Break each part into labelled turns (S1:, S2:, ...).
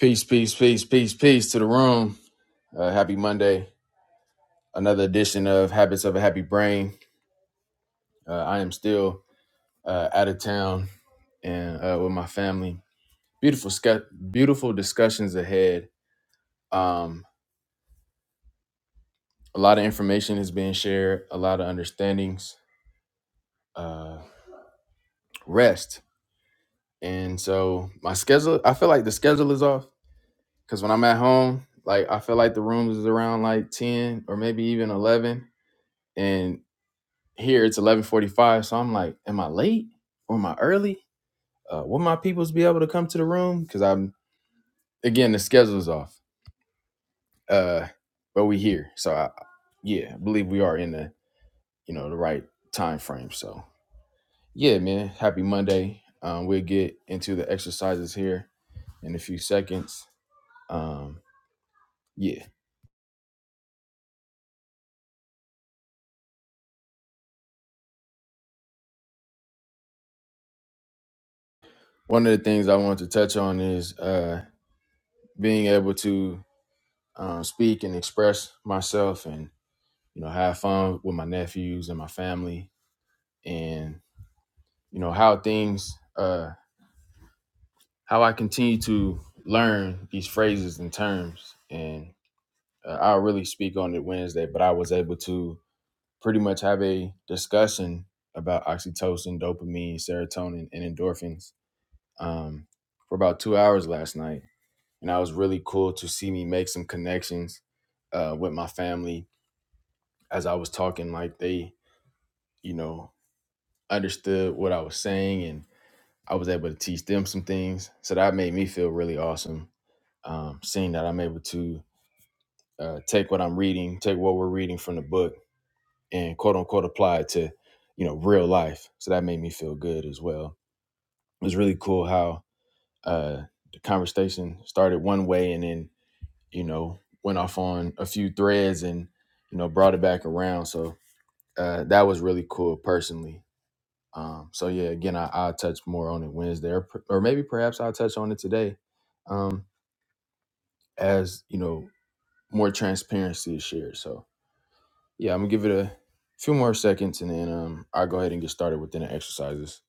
S1: Peace, peace, peace, peace, peace to the room. Uh, happy Monday. Another edition of Habits of a Happy Brain. Uh, I am still uh, out of town and uh, with my family. Beautiful, scu- beautiful discussions ahead. Um, a lot of information is being shared, a lot of understandings, uh, rest. And so my schedule, I feel like the schedule is off because when I'm at home, like I feel like the room is around like 10 or maybe even 11 and here it's 11:45, so I'm like, am I late or am I early? Uh, will my peoples be able to come to the room? Because I'm again the schedule's off. Uh, but we here, so I, yeah, I believe we are in the you know the right time frame. So yeah, man, happy Monday. Um, we'll get into the exercises here in a few seconds. Um, yeah, one of the things I want to touch on is uh, being able to um, speak and express myself and. you know, have fun with my nephews and my family and, you know, how things, uh, how I continue to learn these phrases and terms. And uh, I'll really speak on it Wednesday, but I was able to pretty much have a discussion about oxytocin, dopamine, serotonin, and endorphins um, for about two hours last night. And that was really cool to see me make some connections uh, with my family as I was talking, like they, you know, understood what I was saying and. I was able to teach them some things. So that made me feel really awesome. Um, seeing that I'm able to uh, take what I'm reading, take what we're reading from the book, and quote unquote apply it to, you know, real life. So that made me feel good as well. It was really cool how uh, the conversation started one way and then, you know, went off on a few threads and, you know, brought it back around. So uh, that was really cool personally. Um, so yeah, again, I, I'll touch more on it Wednesday, or, per- or maybe perhaps I'll touch on it today, um, as you know, more transparency is shared. So yeah, I'm gonna give it a few more seconds, and then um, I'll go ahead and get started within the exercises.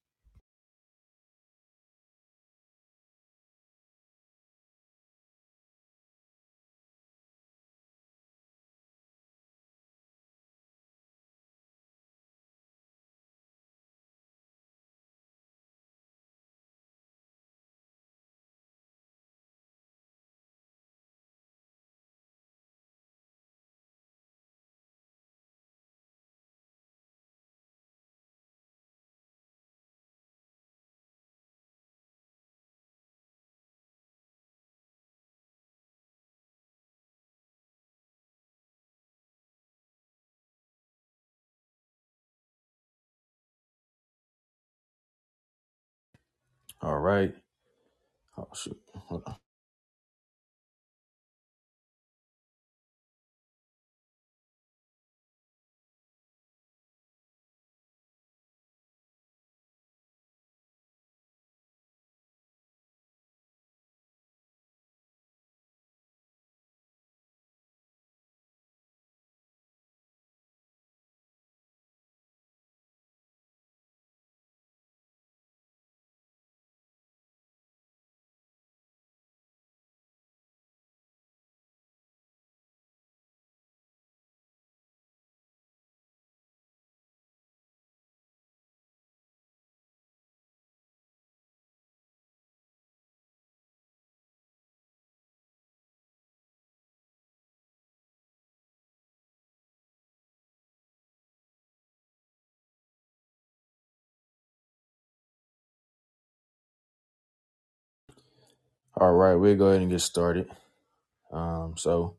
S1: All right. Oh shoot. Hold on. All right, we'll go ahead and get started. Um, so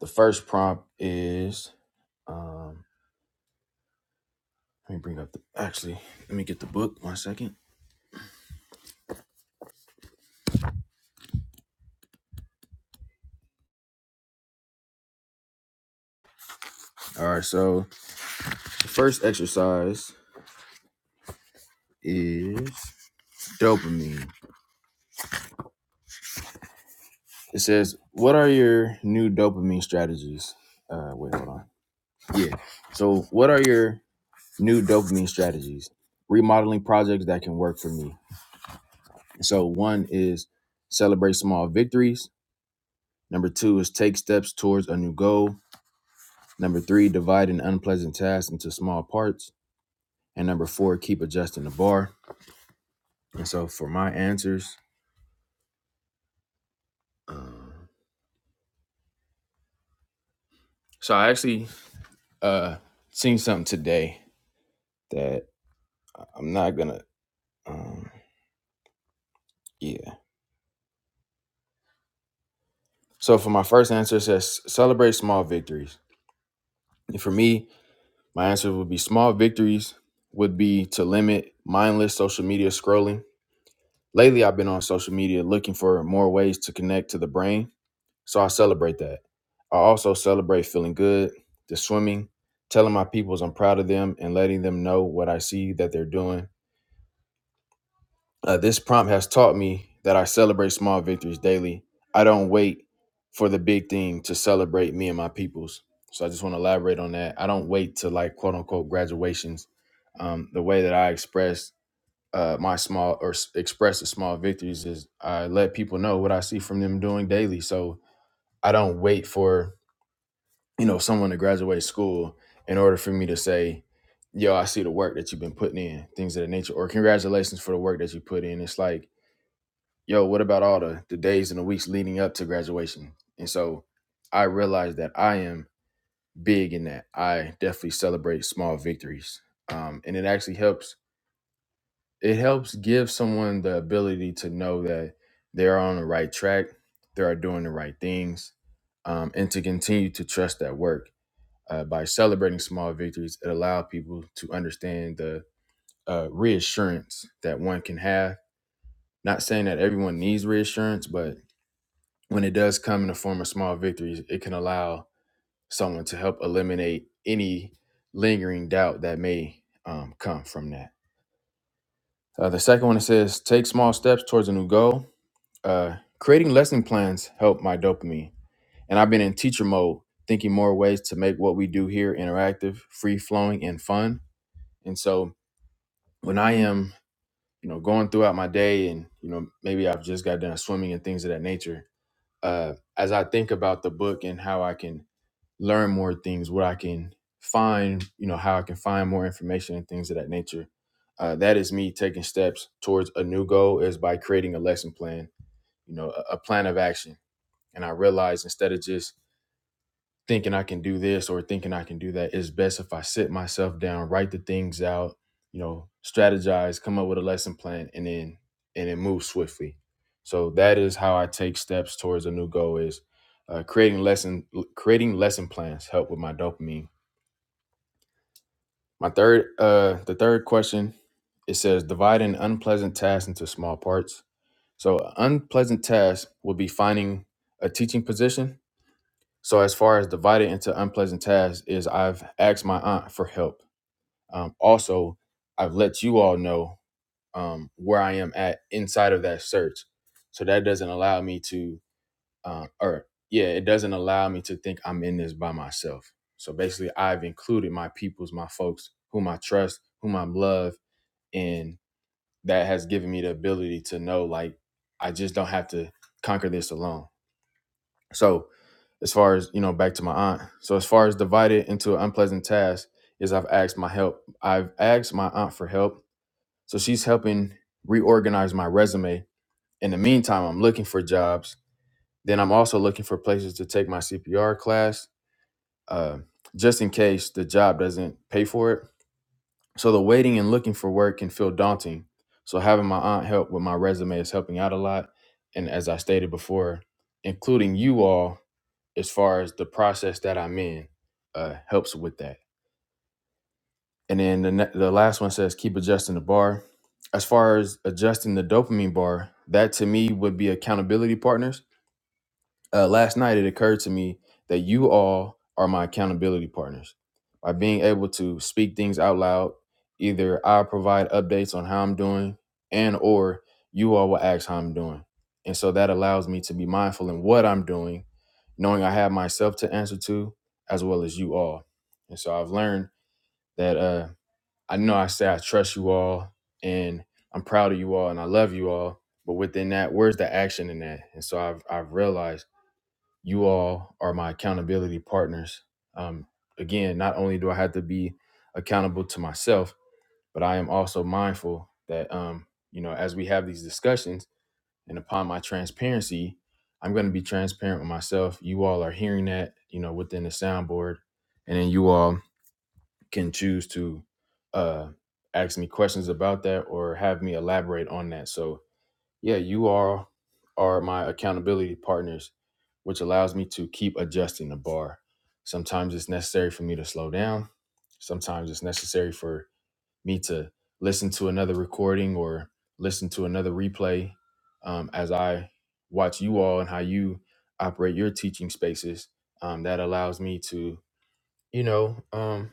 S1: the first prompt is um, let me bring up the actually let me get the book one second. All right, so the first exercise is dopamine. It says, "What are your new dopamine strategies?" Uh, wait, hold on. Yeah. So, what are your new dopamine strategies? Remodeling projects that can work for me. So, one is celebrate small victories. Number two is take steps towards a new goal. Number three, divide an unpleasant task into small parts. And number four, keep adjusting the bar. And so, for my answers, um, so I actually uh seen something today that I'm not gonna. Um, yeah. So for my first answer, it says celebrate small victories. And for me, my answer would be small victories would be to limit mindless social media scrolling. Lately, I've been on social media looking for more ways to connect to the brain. So I celebrate that. I also celebrate feeling good, the swimming, telling my peoples I'm proud of them and letting them know what I see that they're doing Uh, this prompt has taught me that I celebrate small victories daily. I don't wait for the big thing to celebrate me and my peoples. So I just want to elaborate on that. I don't wait to like quote unquote graduations. Um, the way that I express uh, my small or s- express the small victories is I let people know what I see from them doing daily. So I don't wait for you know someone to graduate school in order for me to say, "Yo, I see the work that you've been putting in," things of that nature, or "Congratulations for the work that you put in." It's like yo, what about all the, the days and the weeks leading up to graduation? And so I realized that I am big in that. I definitely celebrate small victories. Um, and it actually helps, it helps give someone the ability to know that they're on the right track, they are doing the right things, um, and to continue to trust that work. Uh, by celebrating small victories, it allows people to understand the uh, reassurance that one can have. Not saying that everyone needs reassurance, but when it does come in the form of small victories, it can allow someone to help eliminate any lingering doubt that may um, come from that. Uh, the second one it says, take small steps towards a new goal. Uh, creating lesson plans help my dopamine, and I've been in teacher mode, thinking more ways to make what we do here interactive, free flowing, and fun. And so when I am, you know, going throughout my day, and you know, maybe I've just got done swimming and things of that nature. Uh, as I think about the book and how I can learn more things, what I can find, you know, how I can find more information and things of that nature. Uh, that is me taking steps towards a new goal is by creating a lesson plan, you know, a, a plan of action. And I realized instead of just thinking I can do this or thinking I can do that. It's best if I sit myself down, write the things out, you know, strategize, come up with a lesson plan, and then and then move swiftly. So that is how I take steps towards a new goal is uh, creating lesson creating lesson plans help with my dopamine. My third uh the third question it says divide an unpleasant task into small parts. So unpleasant task would be finding a teaching position so as far as divided into unpleasant tasks is I've asked my aunt for help. Um, also, I've let you all know um, where I am at inside of that search. So that doesn't allow me to, uh, or yeah, it doesn't allow me to think I'm in this by myself. So basically, I've included my peoples, my folks, whom I trust, whom I love, and that has given me the ability to know like I just don't have to conquer this alone so as far as you know back to my aunt so as far as divided into an unpleasant task is i've asked my help i've asked my aunt for help so she's helping reorganize my resume in the meantime i'm looking for jobs then i'm also looking for places to take my cpr class uh, just in case the job doesn't pay for it so the waiting and looking for work can feel daunting so having my aunt help with my resume is helping out a lot and as i stated before including you all as far as the process that I'm in uh, helps with that. And then the, ne- the last one says keep adjusting the bar. As far as adjusting the dopamine bar, that to me would be accountability partners uh, last night it occurred to me that you all are my accountability partners. By being able to speak things out loud, either I provide updates on how I'm doing and or you all will ask how I'm doing. And so that allows me to be mindful in what I'm doing, knowing I have myself to answer to as well as you all. And so I've learned that uh, I know I say I trust you all and I'm proud of you all and I love you all, but within that, where's the action in that? And so I've I've realized you all are my accountability partners. Um, again, not only do I have to be accountable to myself, but I am also mindful that, um, you know, as we have these discussions and upon my transparency, I'm going to be transparent with myself. You all are hearing that, you know, within the soundboard. And then you all can choose to uh, ask me questions about that or have me elaborate on that. So, yeah, you are are my accountability partners, which allows me to keep adjusting the bar. Sometimes it's necessary for me to slow down. Sometimes it's necessary for me to listen to another recording or listen to another replay um, as I watch you all and how you operate your teaching spaces. Um, that allows me to, you know, um,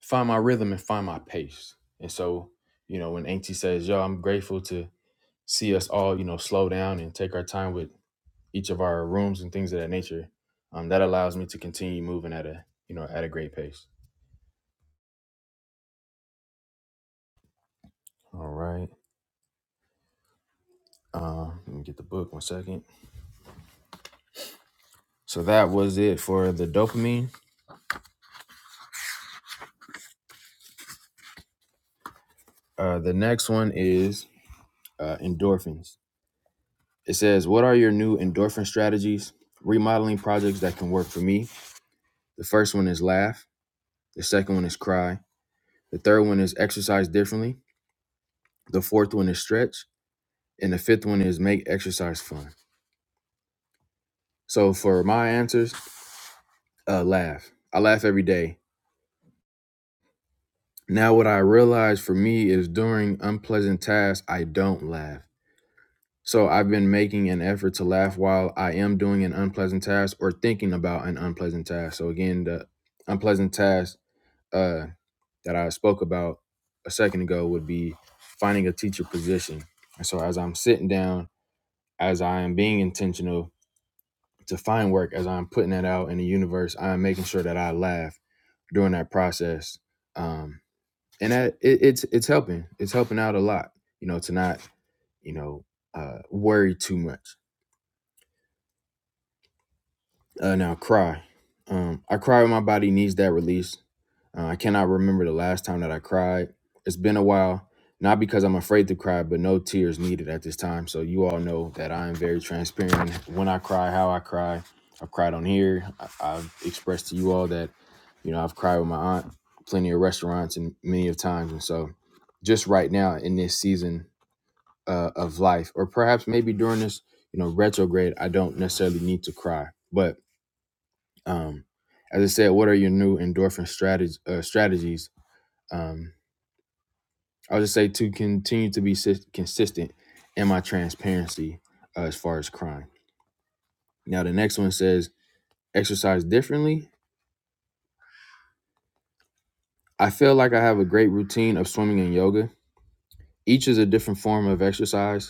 S1: find my rhythm and find my pace. And so, you know, when Auntie says, yo, I'm grateful to see us all, you know, slow down and take our time with each of our rooms and things of that nature. Um, that allows me to continue moving at a, you know, at a great pace. All right. Uh, let me get the book one second. So that was it for the dopamine. Uh, the next one is uh, endorphins. It says, What are your new endorphin strategies? Remodeling projects that can work for me. The first one is laugh. The second one is cry. The third one is exercise differently. The fourth one is stretch. And the fifth one is make exercise fun. So for my answers, uh, laugh. I laugh every day. Now, what I realize for me is during unpleasant tasks, I don't laugh. So I've been making an effort to laugh while I am doing an unpleasant task or thinking about an unpleasant task. So again, the unpleasant task uh, that I spoke about a second ago would be finding a teacher position. And so as I'm sitting down, as I am being intentional to find work, as I'm putting that out in the universe, I'm making sure that I laugh during that process um and that it, it's it's helping it's helping out a lot you know to not you know uh worry too much Uh, now cry. Um, I cry when my body needs that release. Uh, I cannot remember the last time that I cried. It's been a while, not because I'm afraid to cry, but no tears needed at this time. So you all know that I am very transparent when I cry, how I cry. I've cried on here. I, I've expressed to you all that, you know, I've cried with my aunt plenty of restaurants and many of times. And so just right now in this season uh, of life, or perhaps maybe during this, you know, retrograde, I don't necessarily need to cry. But um, as I said, what are your new endorphin strategy, uh, strategies? Um, I'll just say to continue to be sis- consistent in my transparency uh, as far as crime. Now, the next one says exercise differently. I feel like I have a great routine of swimming and yoga. Each is a different form of exercise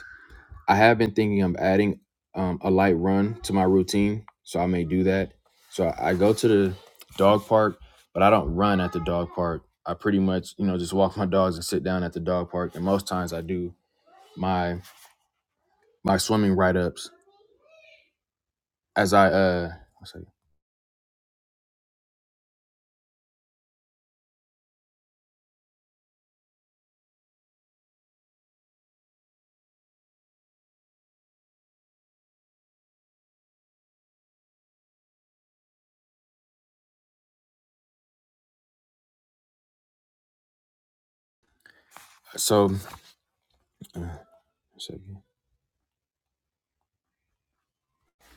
S1: I have been thinking of adding um, a light run to my routine, so I may do that. So I I go to the dog park, but I don't run at the dog park. I pretty much, you know, just walk my dogs and sit down at the dog park. And most times I do my my swimming write ups as I uh. One second. So, uh, one second.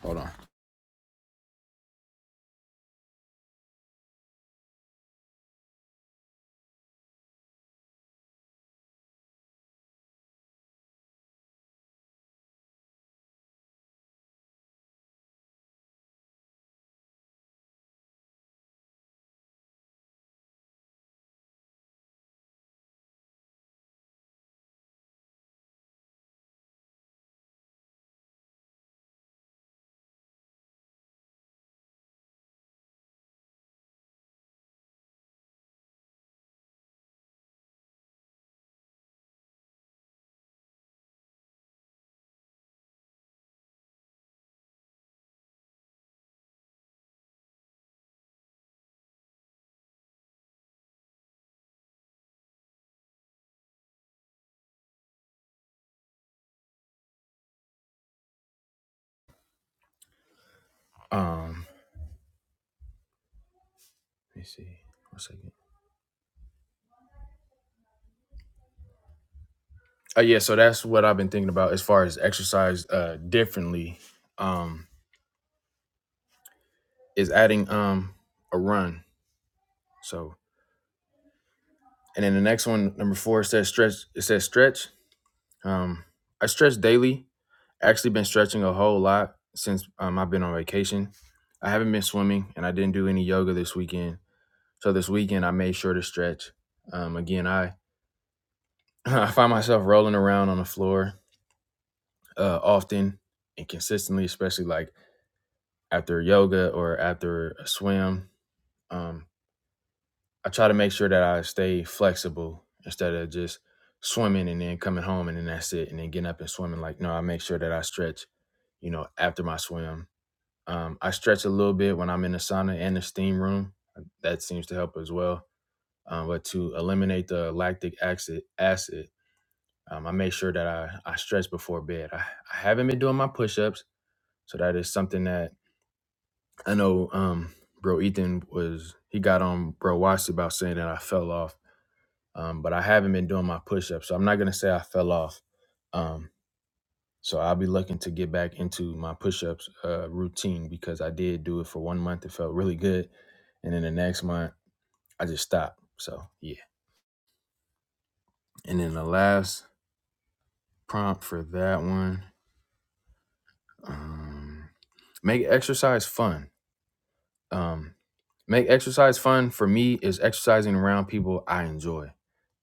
S1: Hold on. Um, let me see. One second. Uh, yeah, so that's what I've been thinking about as far as exercise uh differently. Um, is adding um a run. So And then the next one, number four, it says stretch. It says stretch. Um, I stretch daily. Actually, been stretching a whole lot since um, I've been on vacation. I haven't been swimming, and I didn't do any yoga this weekend. So this weekend, I made sure to stretch. Um, again, I I find myself rolling around on the floor uh, often and consistently, especially like after yoga or after a swim. Um, I try to make sure that I stay flexible instead of just swimming and then coming home and then that's it and then getting up and swimming. Like no, I make sure that I stretch. You know, after my swim, um, I stretch a little bit when I'm in the sauna and the steam room. That seems to help as well. Um, but to eliminate the lactic acid, acid, um, I make sure that I, I stretch before bed. I, I haven't been doing my push-ups, so that is something that I know. Um, bro, Ethan was he got on bro Watts about saying that I fell off um, but I haven't been doing my push-ups. So I'm not gonna say I fell off. Um, so I'll be looking to get back into my push-ups uh, routine because I did do it for one month. It felt really good, and then the next month I just stopped. So yeah. And then the last prompt for that one, um, make exercise fun. Um, make exercise fun for me is exercising around people I enjoy.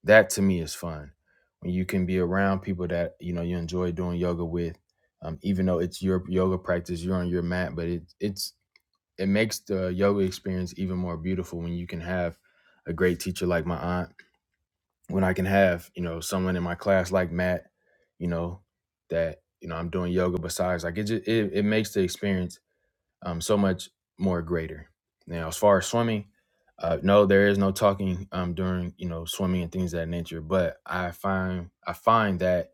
S1: That to me is fun. When you can be around people that you know you enjoy doing yoga with, um, even though it's your yoga practice, you're on your mat, but it it's it makes the yoga experience even more beautiful when you can have a great teacher like my aunt. When I can have you know someone in my class like Matt, you know that you know I'm doing yoga besides, like it just it, it makes the experience um, so much more greater. Now, as far as swimming, uh, no, there is no talking um, during you know swimming and things of that nature. But I find I find that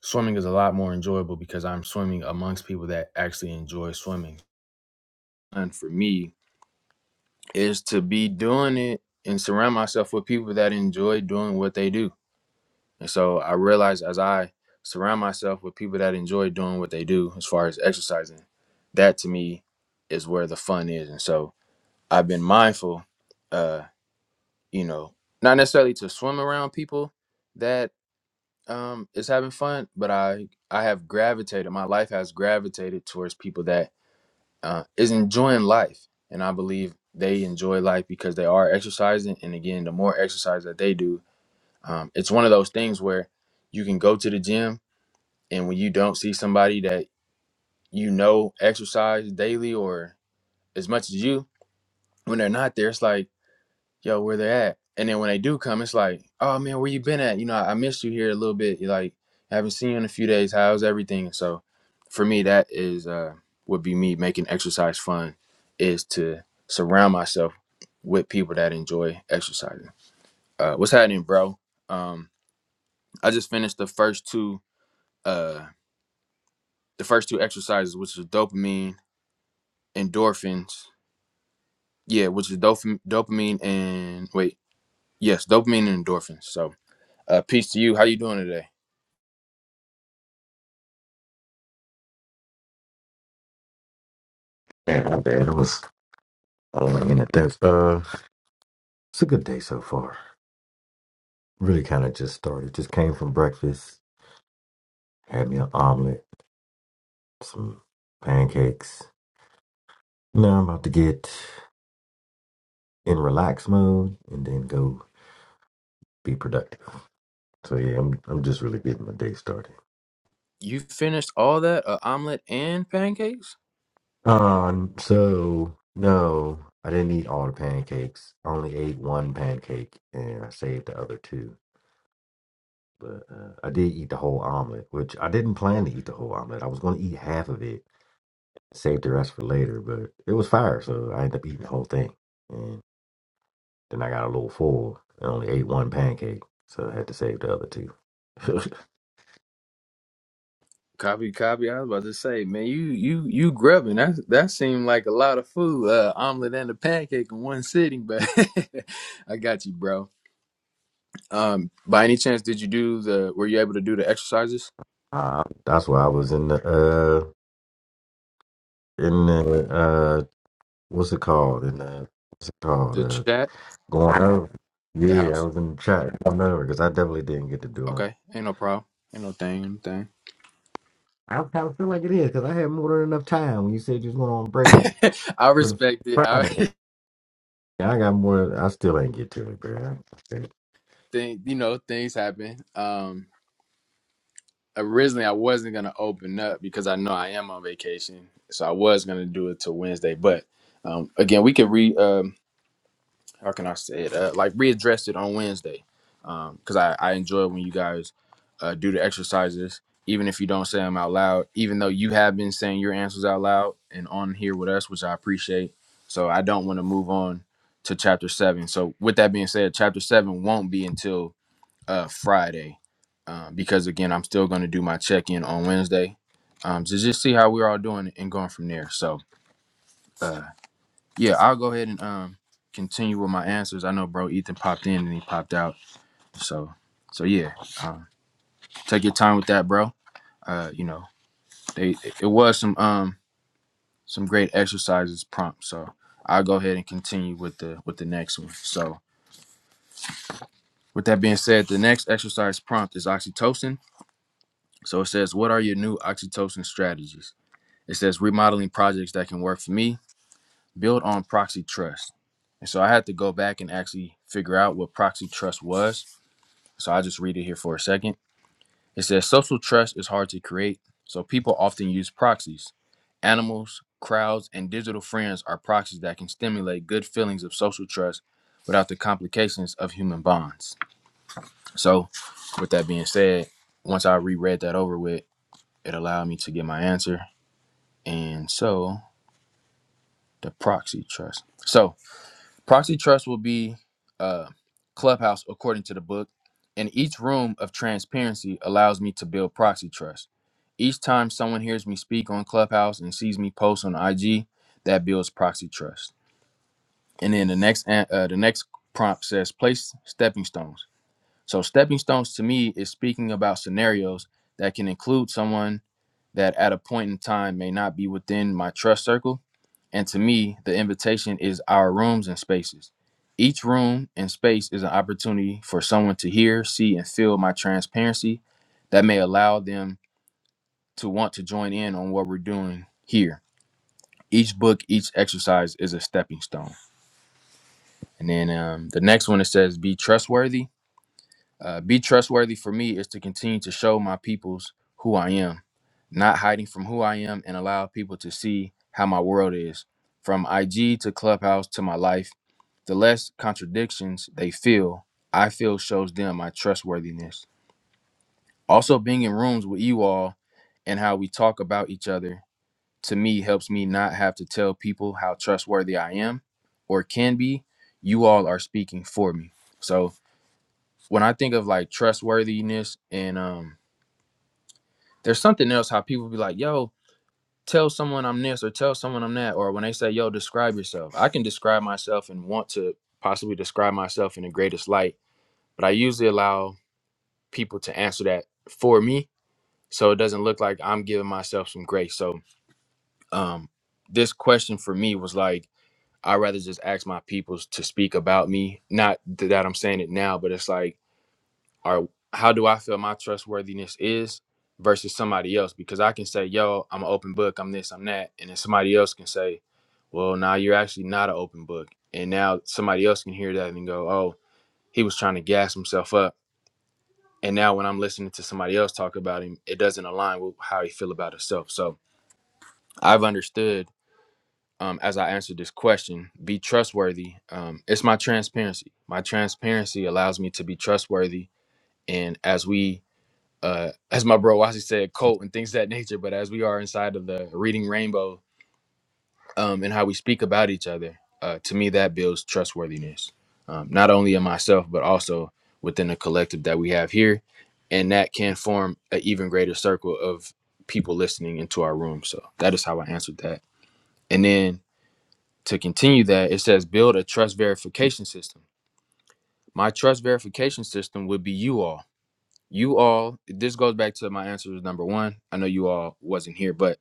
S1: swimming is a lot more enjoyable because I'm swimming amongst people that actually enjoy swimming. And for me, is to be doing it and surround myself with people that enjoy doing what they do. And so I realize as I surround myself with people that enjoy doing what they do, as far as exercising, that to me is where the fun is. And so I've been mindful, uh, you know, not necessarily to swim around people that um is having fun, but I I have gravitated. My life has gravitated towards people that uh, is enjoying life, and I believe they enjoy life because they are exercising. And again, the more exercise that they do, um, it's one of those things where you can go to the gym, and when you don't see somebody that you know exercise daily or as much as you, when they're not there, it's like yo, where they at? And then when they do come, it's like, oh man, where you been at? You know, I, I missed you here a little bit. You Like, haven't seen you in a few days. How's everything? So, for me, that is uh, would be me making exercise fun, is to surround myself with people that enjoy exercising. Uh, what's happening, bro? Um, I just finished the first two, uh, the first two exercises, which is dopamine, endorphins. Yeah, which is dopam- dopamine and wait, yes, dopamine and endorphins. So Uh, peace to you. How you doing today?
S2: Man, my bad. It was only a minute. That's uh, it's a good day so far. Really, kind of just started. Just came from breakfast. Had me an omelet, some pancakes. Now I'm about to get in relax mode and then go be productive. So yeah, I'm I'm just really getting my day started.
S1: You finished all that uh, omelet and pancakes?
S2: Um, so no, I didn't eat all the pancakes. I only ate one pancake and I saved the other two. But uh, I did eat the whole omelet, which I didn't plan to eat the whole omelet. I was going to eat half of it Saved the rest for later, but it was fire, so I ended up eating the whole thing. And then I got a little full and only ate one pancake, so I had to save the other two.
S1: Copy, copy. I was about to say, man, you you you grubbing. That that seemed like a lot of food. Uh, omelet and a pancake in one sitting, but I got you, bro. Um, by any chance, did you do the? Were you able to do the exercises,
S2: uh, that's why I was in the uh in the uh what's it called? In the what's it called?
S1: the
S2: Uh,
S1: chat,
S2: going over.
S1: the
S2: Yeah, I
S1: house?
S2: was in the chat going over because I definitely didn't get to do them.
S1: Okay, ain't no problem. Ain't no thing, ain't no
S2: I kind of feel like it is because I had more than enough time when you said you was going on break
S1: thing. I
S2: for the
S1: respect it. I
S2: Friday. Yeah, I got more. I still ain't get to it, bro.
S1: think you know things happen. Um, originally I wasn't gonna open up because I know I am on vacation, so I was gonna do it till Wednesday. But um, again, we could re um, how can I say it? Uh, like readdress it on Wednesday because I I enjoy when you guys uh, do the exercises, even if you don't say them out loud. Even though you have been saying your answers out loud and on here with us, which I appreciate. So I don't want to move on to chapter seven. So with that being said, chapter seven won't be until uh, Friday um, because again, I'm still going to do my check in on Wednesday um, to just see how we're all doing and going from there. So uh, yeah, I'll go ahead and um, continue with my answers. I know, bro, Ethan popped in and he popped out. So so yeah, um, take your time with that, bro. Uh, you know, they it was some um some great exercises prompt. So I'll go ahead and continue with the with the next one. So with that being said, the next exercise prompt is oxytocin So it says, What are your new oxytocin strategies? It says, Remodeling projects that can work for me, build on proxy trust. And so I had to go back and actually figure out what proxy trust was. So i just read it here for a second. It says, Social trust is hard to create, so people often use proxies. Animals, crowds, and digital friends are proxies that can stimulate good feelings of social trust without the complications of human bonds. So, with that being said, once I reread that over with, it allowed me to get my answer and so the proxy trust. So proxy trust will be uh, clubhouse according to the book, and each room of transparency allows me to build proxy trust. Each time someone hears me speak on Clubhouse and sees me post on IG, that builds proxy trust. And then the next an- uh, the next prompt says place stepping stones. So stepping stones to me is speaking about scenarios that can include someone that at a point in time may not be within my trust circle. And to me, the invitation is our rooms and spaces. Each room and space is an opportunity for someone to hear, see, and feel my transparency that may allow them to want to join in on what we're doing here. Each book, each exercise is a stepping stone. And then um, the next one it says, be trustworthy Uh, be trustworthy for me is to continue to show my peoples who I am, not hiding from who I am and allow people to see how my world is. From IG to Clubhouse to my life, the less contradictions they feel, I feel shows them my trustworthiness. Also, being in rooms with you all and how we talk about each other to me helps me not have to tell people how trustworthy I am or can be. You all are speaking for me. So, when I think of like trustworthiness and um there's something else how people be like, yo, tell someone I'm this or tell someone I'm that or when they say, yo, describe yourself. I can describe myself and want to possibly describe myself in the greatest light, but I usually allow people to answer that for me so it doesn't look like I'm giving myself some grace. So um this question for me was like I'd rather just ask my peoples to speak about me. Not th- that I'm saying it now, but it's like or how do I feel my trustworthiness is versus somebody else? Because I can say, yo, I'm an open book, I'm this, I'm that. And then somebody else can say, well, now you're actually not an open book. And now somebody else can hear that and go, oh, he was trying to gas himself up. And now when I'm listening to somebody else talk about him, it doesn't align with how he feel about himself. So I've understood um, as I answered this question, be trustworthy. Um, it's my transparency. My transparency allows me to be trustworthy. And as we uh, as my bro Wasi said, cult and things of that nature. But as we are inside of the reading rainbow um, and how we speak about each other, uh, to me that builds trustworthiness, um, not only in myself but also within the collective that we have here, and that can form an even greater circle of people listening into our room. So that is how I answered that. And then to continue that, it says build a trust verification system. My trust verification system would be you all. you all this goes back to my answer was number one i know you all wasn't here but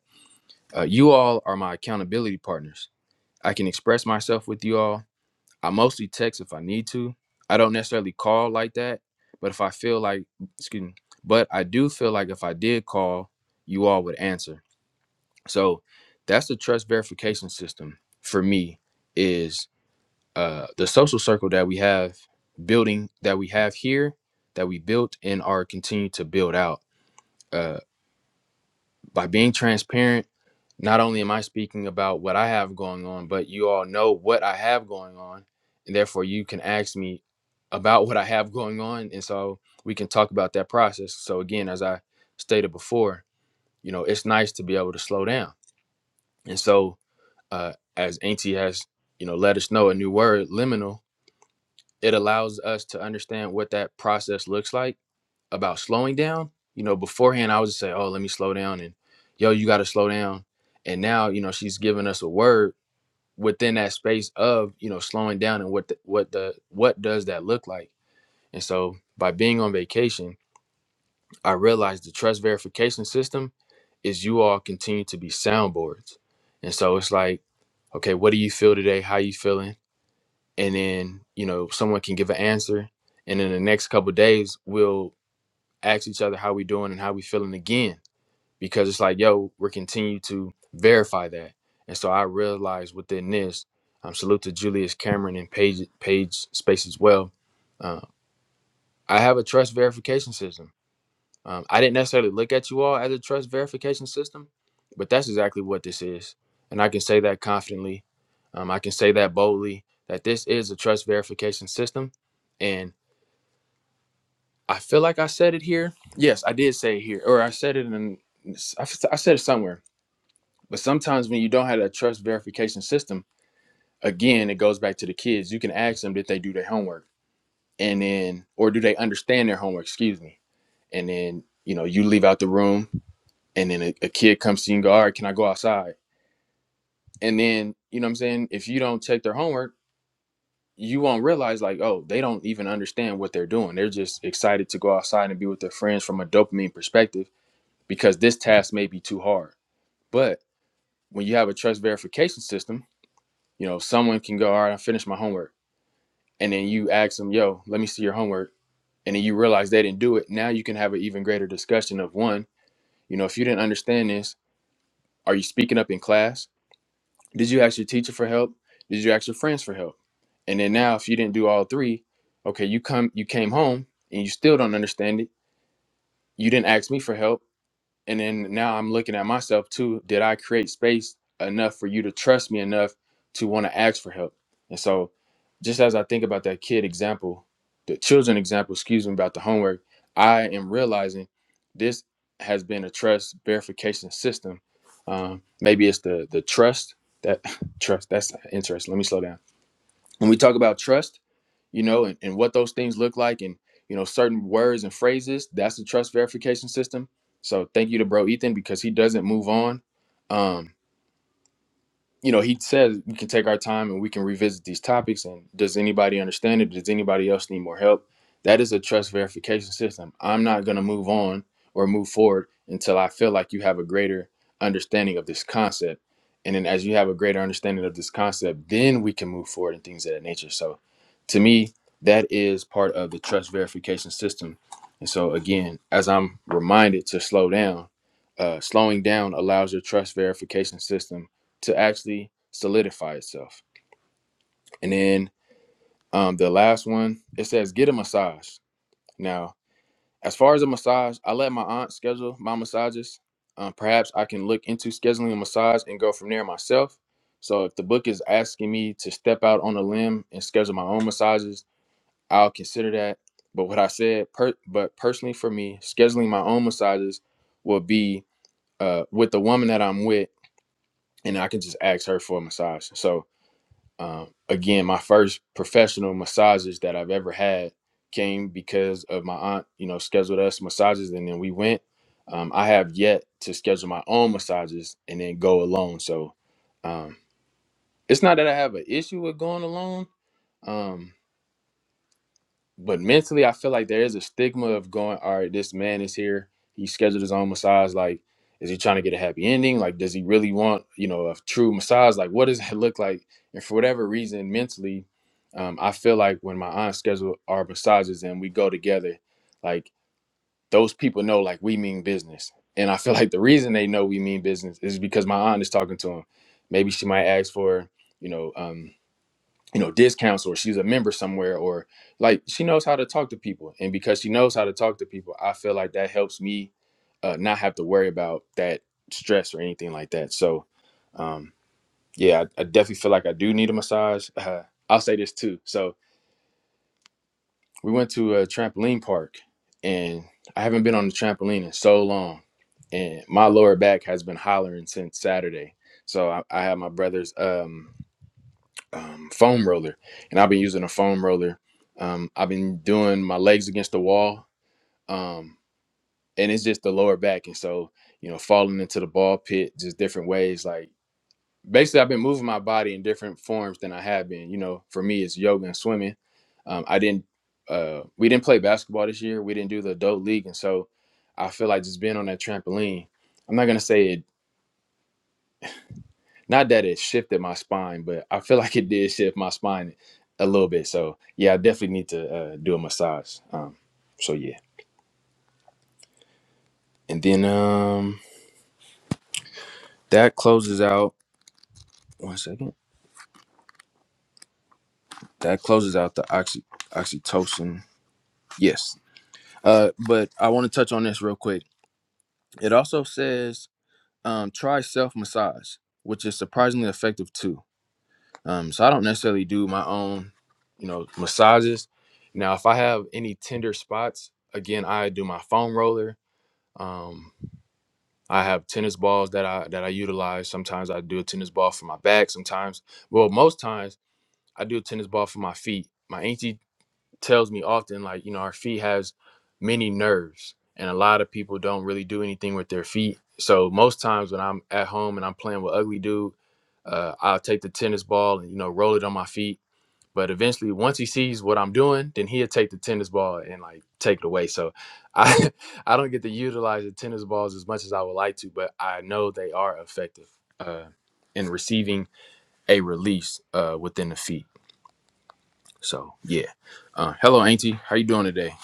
S1: uh, you all are my accountability partners i can express myself with you all i mostly text if i need to i don't necessarily call like that but if i feel like excuse me but i do feel like if i did call you all would answer so that's the trust verification system for me is uh, the social circle that we have building that we have here that we built and are continue to build out Uh, by being transparent, not only am I speaking about what I have going on, but you all know what I have going on. And therefore, you can ask me about what I have going on. And so we can talk about that process. So, again, as I stated before, you know, it's nice to be able to slow down. And so, uh, as Auntie has, you know, let us know a new word, liminal, it allows us to understand what that process looks like about slowing down, you know, beforehand I would just say, "Oh, let me slow down," and "Yo, you got to slow down." And now, you know, she's giving us a word within that space of you know slowing down and what the, what the what does that look like? And so, by being on vacation, I realized the trust verification system is you all continue to be soundboards. And so it's like, okay, what do you feel today? How you feeling? And then, you know, someone can give an answer. And in the next couple of days, we'll ask each other how we doing and how we feeling again because it's like, yo, we're continue to verify that. And so I realized within this, um, salute to Julius Cameron and Page Page Space as well. Uh, I have a trust verification system. Um, I didn't necessarily look at you all as a trust verification system, but that's exactly what this is. And I can say that confidently. Um, I can say that boldly that this is a trust verification system. And I feel like I said it here. Yes, I did say it here, or I said it in. I, I said it somewhere But sometimes when you don't have a trust verification system, again, it goes back to the kids. You can ask them, did they do their homework? And then, or do they understand their homework? Excuse me. And then, you know, you leave out the room and then a, a kid comes to you and go, all right, can I go outside? And then, you know what I'm saying? If you don't check their homework, you won't realize like, oh, they don't even understand what they're doing. They're just excited to go outside and be with their friends from a dopamine perspective because this task may be too hard. But when you have a trust verification system, You know, someone can go, all right, I finished my homework. And then you ask them, yo, let me see your homework. And then you realize they didn't do it. Now you can have an even greater discussion of one, you know, if you didn't understand this, are you speaking up in class? Did you ask your teacher for help? Did you ask your friends for help? And then now if you didn't do all three, okay, you come you came home and you still don't understand it. You didn't ask me for help And then now I'm looking at myself too. Did I create space enough for you to trust me enough to want to ask for help? And so, just as I think about that kid example, the children example, excuse me, about the homework, I am realizing this has been a trust verification system. Um, maybe it's the the trust that trust. That's interesting. Let me slow down. When we talk about trust you know, and, and what those things look like and, you know, certain words and phrases. That's the trust verification system. So thank you to bro Ethan because he doesn't move on. Um, you know, he says we can take our time and we can revisit these topics. And does anybody understand it? Does anybody else need more help? That is a trust verification system. I'm not going to move on or move forward until I feel like you have a greater understanding of this concept. And then as you have a greater understanding of this concept, then we can move forward and things of that nature. So to me, that is part of the trust verification system. And so again, as I'm reminded to slow down, uh, slowing down allows your trust verification system to actually solidify itself. And then um, the last one, it says get a massage. Now, as far as a massage, I let my aunt schedule my massages. Um, perhaps I can look into scheduling a massage and go from there myself. So if the book is asking me to step out on a limb and schedule my own massages, I'll consider that. But what I said, per- but personally for me, scheduling my own massages will be uh, with the woman that I'm with, and I can just ask her for a massage. So Um, again, my first professional massages that I've ever had came because of my aunt, you know, scheduled us massages and then we went. Um, I have yet to schedule my own massages and then go alone. So um, it's not that I have an issue with going alone. Um, but mentally, I feel like there is a stigma of going, all right, this man is here. He scheduled his own massage. Like, is he trying to get a happy ending? Like, does he really want, you know, a true massage? Like, what does it look like? And for whatever reason, mentally, um, I feel like when my aunt scheduled our massages and we go together, like those people know, like we mean business. And I feel like the reason they know we mean business is because my aunt is talking to him. Maybe she might ask for, you know, um, you know discounts or she's a member somewhere or like she knows how to talk to people and because she knows how to talk to people i feel like that helps me uh, not have to worry about that stress or anything like that so um, yeah I, I definitely feel like i do need a massage uh, i'll say this too so we went to a trampoline park and i haven't been on the trampoline in so long and my lower back has been hollering since saturday so i, I had my brother's um, um, foam roller, and I've been using a foam roller. Um, I've been doing my legs against the wall, um, and it's just the lower back, and so you know, falling into the ball pit, just different ways. Like basically, I've been moving my body in different forms than I have been. You know, for me, it's yoga and swimming. Um, I didn't, uh, we didn't play basketball this year. We didn't do the adult league, and so I feel like just being on that trampoline. I'm not gonna say it Not that it shifted my spine, but I feel like it did shift my spine a little bit. So yeah, I definitely need to uh, do a massage. Um, so yeah, and then um, that closes out. One second. That closes out the oxy oxytocin. Yes. Uh, but I want to touch on this real quick. It also says um, try self massage, which is surprisingly effective too. Um, so I don't necessarily do my own, you know, massages. Now, if I have any tender spots, again, I do my foam roller. Um, I have tennis balls that I that I utilize. Sometimes I do a tennis ball for my back. Sometimes, well, most times I do a tennis ball for my feet. My auntie tells me often, like, you know, our feet has many nerves, and a lot of people don't really do anything with their feet. So most times when I'm at home and I'm playing with Ugly Dude, uh, I'll take the tennis ball and you know roll it on my feet but eventually, once he sees what I'm doing, then he'll take the tennis ball and like take it away. So I I don't get to utilize the tennis balls as much as I would like to, but I know they are effective uh, in receiving a release uh, within the feet. So yeah. Uh, hello, Auntie. How you doing today?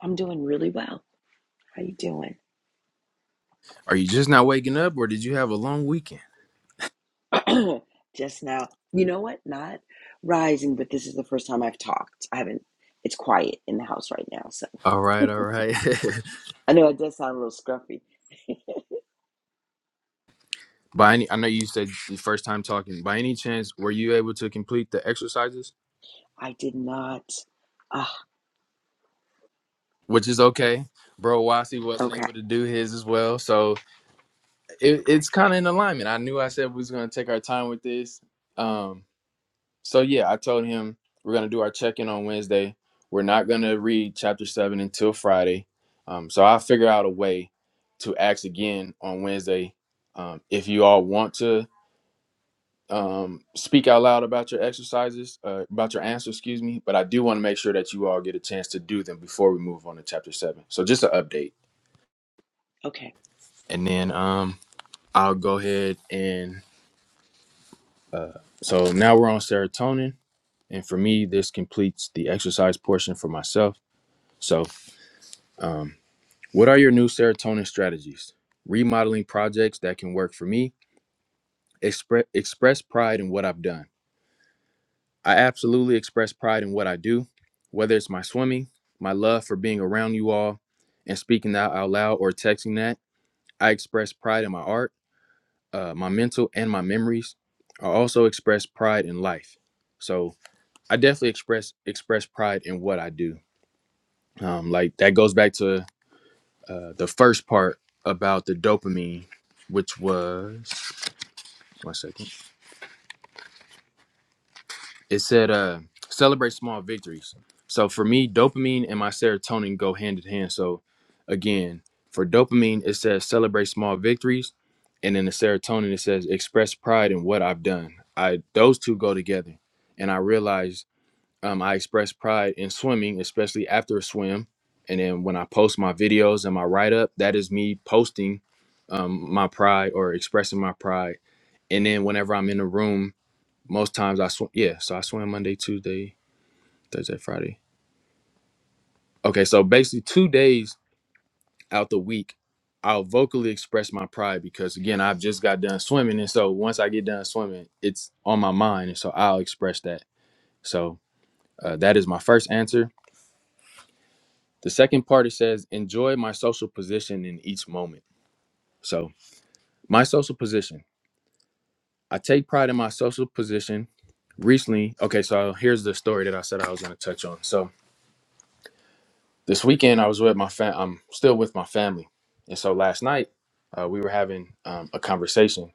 S3: I'm doing really well. How you doing?
S1: Are you just not waking up, or did you have a long weekend?
S3: Just now. You know what? Not rising, but this is the first time I've talked. I haven't. It's quiet in the house right now, so
S1: All right, all right.
S3: I know it does sound a little scruffy.
S1: by any, I know you said the first time talking. By any chance, were you able to complete the exercises?
S3: I did not. Ah,
S1: which is okay. Bro, Wasi wasn't
S3: okay,
S1: able to do his as well, so it,
S3: okay,
S1: it's kind of in alignment. I knew I said we was gonna take our time with this. Um, so yeah, I told him we're gonna do our check-in on Wednesday. We're not gonna read chapter seven until Friday. Um, so I'll figure out a way to ask again on Wednesday. Um, if you all want to um, speak out loud about your exercises, uh, about your answers, excuse me. But I do want to make sure that you all get a chance to do them before we move on to chapter seven. So just an update.
S3: okay.
S1: and then um I'll go ahead and uh so now we're on serotonin and for me this completes the exercise portion for myself. So um what are your new serotonin strategies? Remodeling projects that can work for me. Express express pride in what I've done. I absolutely express pride in what I do, whether it's my swimming, my love for being around you all and speaking that out loud or texting that. I express pride in my art uh, my mental and my memories. I also express pride in life. So I definitely express express pride in what I do. Um, like that goes back to uh, the first part about the dopamine, which was one second. It said, uh, celebrate small victories. So for me, dopamine and my serotonin go hand in hand. So again, for dopamine, it says celebrate small victories. And then the serotonin, it says express pride in what I've done. I those two go together. And I realized um, I express pride in swimming, especially after a swim. And then when I post my videos and my write up, that is me posting um, my pride or expressing my pride. And then whenever I'm in a room most times I swim. Yeah, so I swim Monday, Tuesday, Thursday, Friday. Okay, so basically two days out the week, I'll vocally express my pride because again, I've just got done swimming, and so once I get done swimming, it's on my mind, and so I'll express that. So uh, that is my first answer. The second part it says, enjoy my social position in each moment. So my social position, I take pride in my social position recently okay so here's the story that i said i was going to touch on so this weekend I was with my fam. I'm still with my family, and so last night uh, we were having um, a conversation,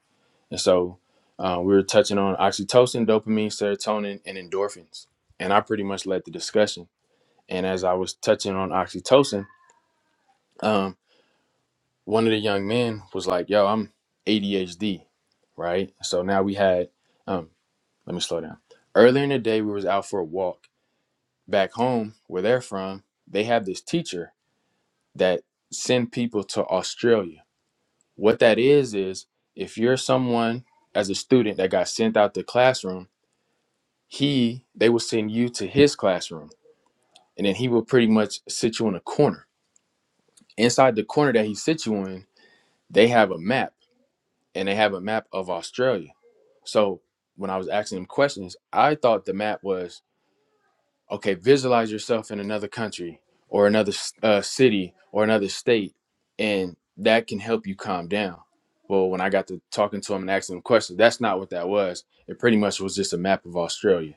S1: and so uh, we were touching on oxytocin, dopamine, serotonin, and endorphins, and I pretty much led the discussion. And as I was touching on oxytocin, um, one of the young men was like, "Yo, I'm ADHD, right?" So now we had. Um, let me slow down. Earlier in the day, we was out for a walk back home where they're from. They have this teacher that send people to Australia. What that is is if you're someone as a student that got sent out the classroom, he they will send you to his classroom and then he will pretty much sit you in a corner. Inside the corner that he sits you in, they have a map and they have a map of Australia. So when I was asking him questions, I thought the map was okay, visualize yourself in another country or another uh, city or another state, and that can help you calm down. Well, when I got to talking to him and asking him questions, that's not what that was. It pretty much was just a map of Australia.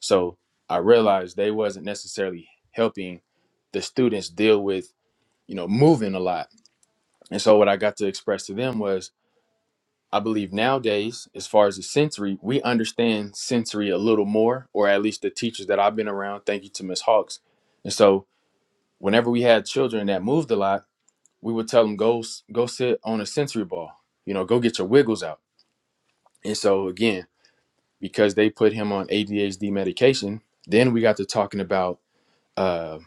S1: So I realized they wasn't necessarily helping the students deal with, you know, moving a lot. And so what I got to express to them was I believe nowadays, as far as the sensory, we understand sensory a little more, or at least the teachers that I've been around. Thank you to Miss Hawks. And so, whenever we had children that moved a lot, we would tell them go s- go sit on a sensory ball. You know, go get your wiggles out. And so again, because they put him on ADHD medication, then we got to talking about uh,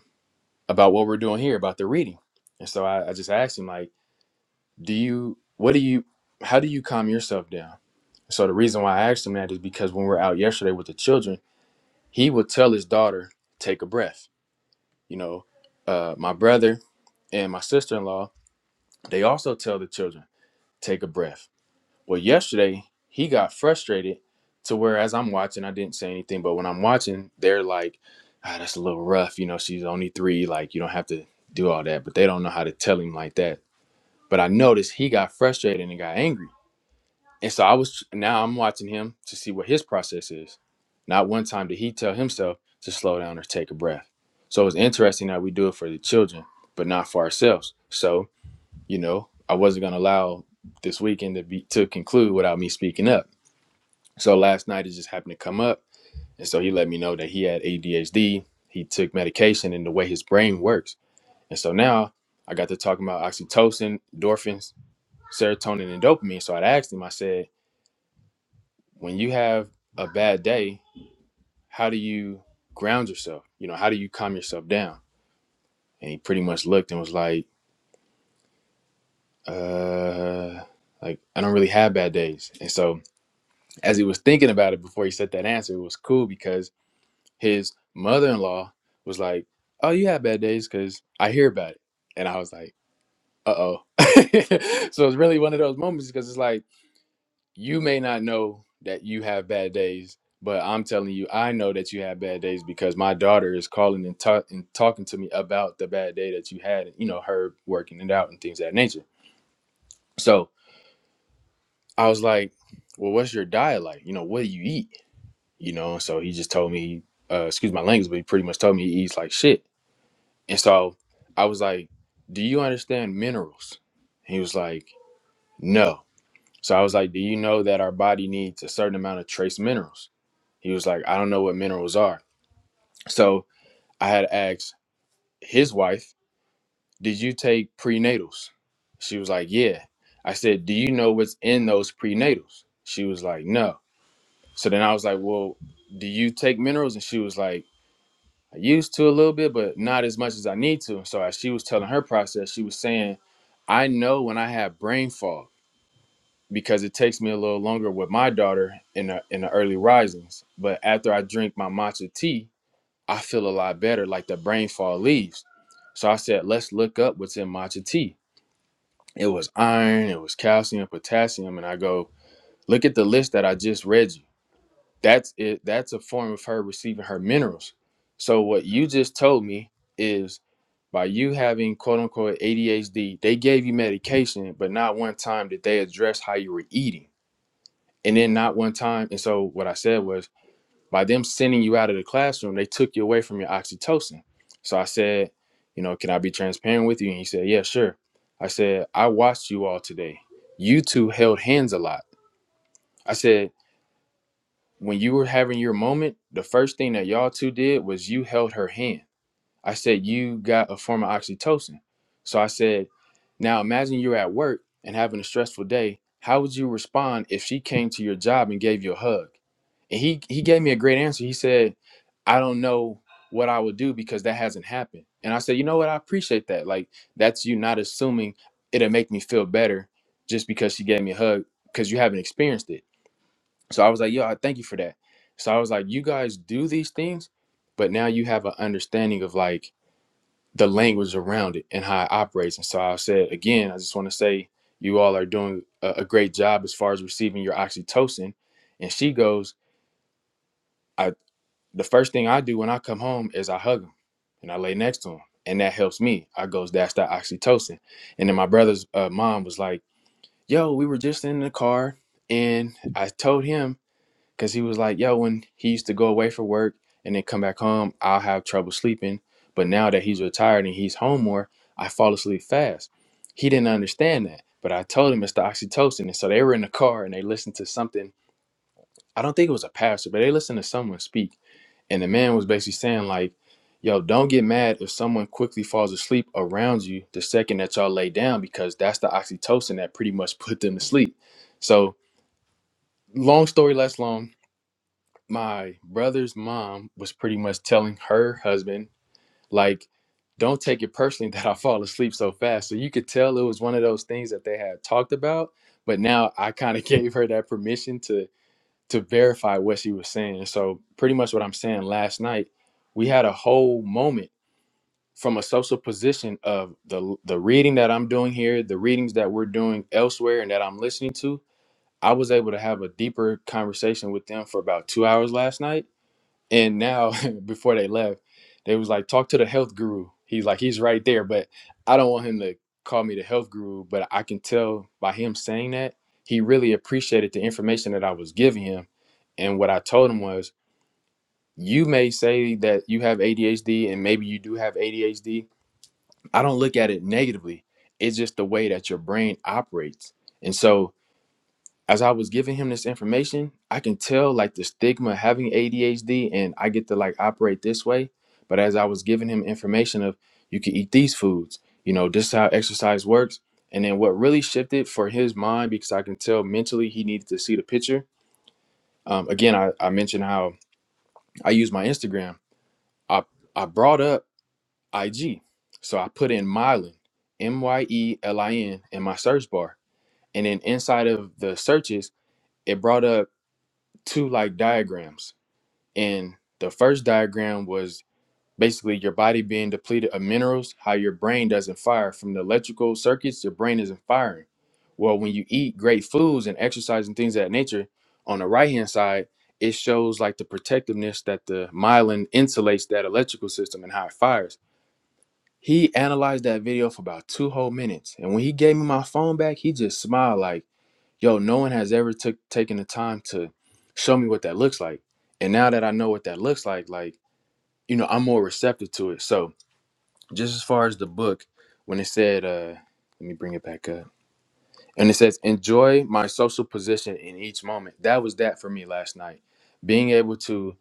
S1: about what we're doing here about the reading. And so I, I just asked him like, do you what do you how do you calm yourself down? So the reason why I asked him that is because when we were out yesterday with the children, he would tell his daughter, "Take a breath." You know, uh, my brother and my sister-in-law, they also tell the children, "Take a breath." Well, yesterday he got frustrated to where as I'm watching, I didn't say anything, but when I'm watching, they're like, "Ah, that's a little rough." You know, she's only three. Like, you don't have to do all that, but they don't know how to tell him like that. But I noticed he got frustrated and got angry. And so I was now I'm watching him to see what his process is. Not one time did he tell himself to slow down or take a breath. So it was interesting that we do it for the children, but not for ourselves. So, you know, I wasn't gonna allow this weekend to be to conclude without me speaking up. So last night it just happened to come up. And so he let me know that he had ADHD. He took medication and the way his brain works. And so now I got to talking about oxytocin, endorphins, serotonin, and dopamine. So I asked him, I said, when you have a bad day, how do you ground yourself? You know, how do you calm yourself down? And he pretty much looked and was like, uh, like I don't really have bad days. And so as he was thinking about it before he said that answer, it was cool because his mother-in-law was like, "Oh, you have bad days because I hear about it." And I was like, "Uh oh." so it's really one of those moments because it's like you may not know that you have bad days, but I'm telling you, I know that you have bad days because my daughter is calling and, ta- and talking to me about the bad day that you had, and you know, her working it out and things of that nature. So I was like, well, what's your diet like? You know, what do you eat? You know, so he just told me, uh, excuse my language, but he pretty much told me he eats like shit. And so I was like, do you understand minerals? He was like, no. So I was like, Do you know that our body needs a certain amount of trace minerals? He was like, I don't know what minerals are. So I had asked his wife, Did you take prenatals? She was like, Yeah. I said, Do you know what's in those prenatals? She was like, No. So then I was like, Well, do you take minerals? And she was like, I used to a little bit, but not as much as I need to. So as she was telling her process, she was saying, I know when I have brain fog. because it takes me a little longer with my daughter in the in the early risings. But after I drink my matcha tea, I feel a lot better, like the brain fog leaves. So I said, let's look up what's in matcha tea. It was iron, it was calcium, potassium, and I go, look at the list that I just read you. That's it. That's a form of her receiving her minerals. So what you just told me is by you having quote unquote ADHD, they gave you medication, but not one time did they address how you were eating and then not one time. And so what I said was, by them sending you out of the classroom, they took you away from your oxytocin. So I said, you know, can I be transparent with you? And he said, yeah, sure. I said, I watched you all today. You two held hands a lot. I said, when you were having your moment, the first thing that y'all two did was you held her hand. I said, you got a form of oxytocin. So I said, now imagine you're at work and having a stressful day. How would you respond if she came to your job and gave you a hug? And he he gave me a great answer. He said, I don't know what I would do because that hasn't happened. And I said, you know what? I appreciate that. Like that's you not assuming it'll make me feel better just because she gave me a hug because you haven't experienced it. So I was like, yo, I thank you for that. So I was like, you guys do these things, but now you have an understanding of like the language around it and how it operates. And so I said again, I just want to say you all are doing a, a great job as far as receiving your oxytocin. And she goes, I the first thing I do when I come home is I hug him and I lay next to him. And that helps me. I goes, that's that oxytocin. And then my brother's uh, mom was like, yo, we were just in the car and I told him Cause he was like, yo, when he used to go away for work and then come back home, I'll have trouble sleeping. But now that he's retired and he's home more, I fall asleep fast. He didn't understand that. But I told him it's the oxytocin. And so they were in the car and they listened to something. I don't think it was a pastor, but they listened to someone speak. And the man was basically saying, like, yo, don't get mad if someone quickly falls asleep around you the second that y'all lay down, because that's the oxytocin that pretty much put them to sleep. So long story less long my brother's mom was pretty much telling her husband like don't take it personally that i fall asleep so fast so you could tell it was one of those things that they had talked about but now i kind of gave her that permission to to verify what she was saying so pretty much what i'm saying last night we had a whole moment from a social position of the the reading that i'm doing here the readings that we're doing elsewhere and that i'm listening to i was able to have a deeper conversation with them for about two hours last night and now, before they left, they was like, talk to the health guru. He's like, he's right there, but I don't want him to call me the health guru. But I can tell by him saying that he really appreciated the information that I was giving him. And what I told him was, you may say that you have ADHD, and maybe you do have ADHD. I don't look at it negatively. It's just the way that your brain operates. And so, as I was giving him this information, I can tell like the stigma of having ADHD and I get to like operate this way. But as I was giving him information of you can eat these foods, you know, this is how exercise works. And then what really shifted for his mind, because I can tell mentally he needed to see the picture. Um, again, I, I mentioned how I use my Instagram. I, I brought up IG. So I put in myelin, M Y E L I N, in my search bar. And then inside of the searches, it brought up two like diagrams and the first diagram was basically your body being depleted of minerals how your brain doesn't fire from the electrical circuits your brain isn't firing well when you eat great foods and exercise and things of that nature on the right hand side it shows like the protectiveness that the myelin insulates that electrical system and how it fires he analyzed that video for about two whole minutes and when he gave me my phone back he just smiled like yo, no one has ever took taken the time to show me what that looks like. And now that I know what that looks like, like, you know, I'm more receptive to it. So just as far as the book, when it said, uh, let me bring it back up. And it says, enjoy my social position in each moment. That was that for me last night. Being able to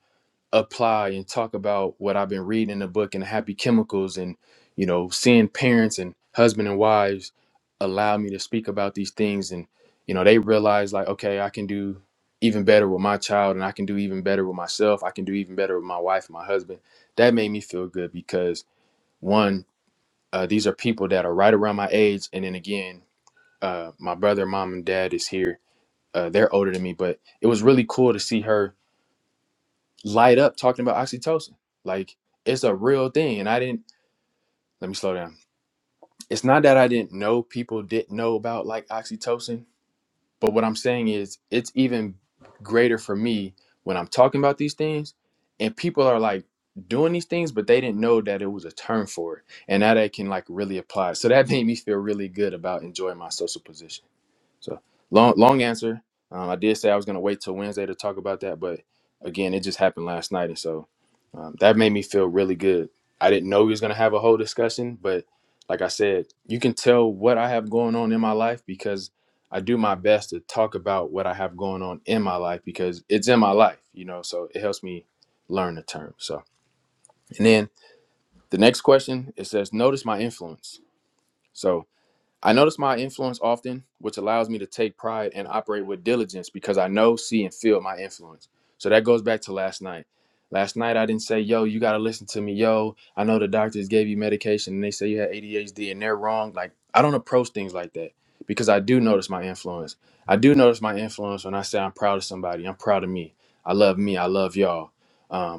S1: apply and talk about what I've been reading in the book and happy chemicals and you know seeing parents and husband and wives allow me to speak about these things and you know they realize like okay I can do even better with my child and I can do even better with myself I can do even better with my wife and my husband that made me feel good because one uh, these are people that are right around my age and then again uh, my brother mom and dad is here uh, they're older than me but it was really cool to see her light up talking about oxytocin. Like it's a real thing. And I didn't let me slow down. It's not that I didn't know people didn't know about like oxytocin, but what I'm saying is it's even greater for me when I'm talking about these things and people are like doing these things, but they didn't know that it was a term for it. And now they can like really apply. it. So that made me feel really good about enjoying my social position. So long, long answer. Um, I did say I was gonna wait till Wednesday to talk about that, but again, it just happened last night, and so um, that made me feel really good. I didn't know we was gonna have a whole discussion, but like I said, you can tell what I have going on in my life because I do my best to talk about what I have going on in my life because it's in my life, you know. So it helps me learn the term. So, and then the next question it says, notice my influence. So. I notice my influence often, which allows me to take pride and operate with diligence because I know, see, and feel my influence. So that goes back to last night. Last night I didn't say, yo, you gotta listen to me, yo. I know the doctors gave you medication and they say you had ADHD and they're wrong. Like I don't approach things like that because I do notice my influence. I do notice my influence when I say I'm proud of somebody. I'm proud of me. I love me. I love y'all. Um,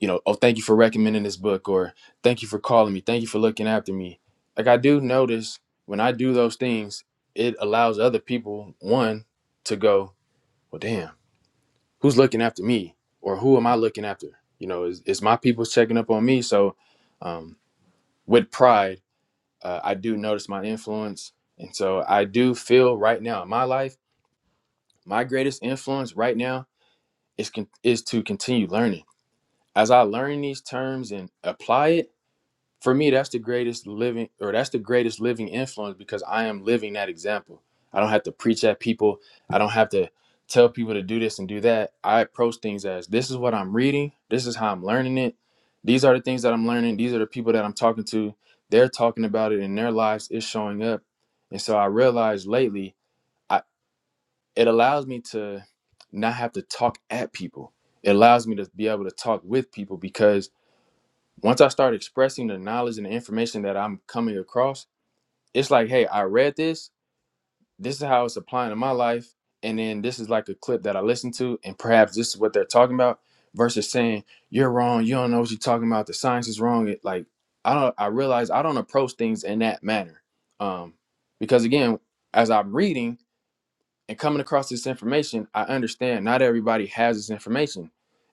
S1: you know, oh, thank you for recommending this book, or thank you for calling me, thank you for looking after me. Like I do notice when I do those things, it allows other people one to go, well, damn, who's looking after me, or who am I looking after? You know, is, is my people checking up on me? So, um, with pride, uh, I do notice my influence, and so I do feel right now in my life, my greatest influence right now is con- is to continue learning. As I learn these terms and apply it for me that's the greatest living or that's the greatest living influence because i am living that example i don't have to preach at people i don't have to tell people to do this and do that i approach things as this is what i'm reading this is how i'm learning it these are the things that i'm learning these are the people that i'm talking to they're talking about it in their lives it's showing up and so i realized lately I, it allows me to not have to talk at people it allows me to be able to talk with people because once I start expressing the knowledge and the information that I'm coming across, it's like, hey, I read this. This is how it's applying to my life. And then this is like a clip that I listened to, and perhaps this is what they're talking about. Versus saying you're wrong, you don't know what you're talking about. The science is wrong. It like I don't. I realize I don't approach things in that manner, um, because again, as I'm reading, and coming across this information, I understand not everybody has this information.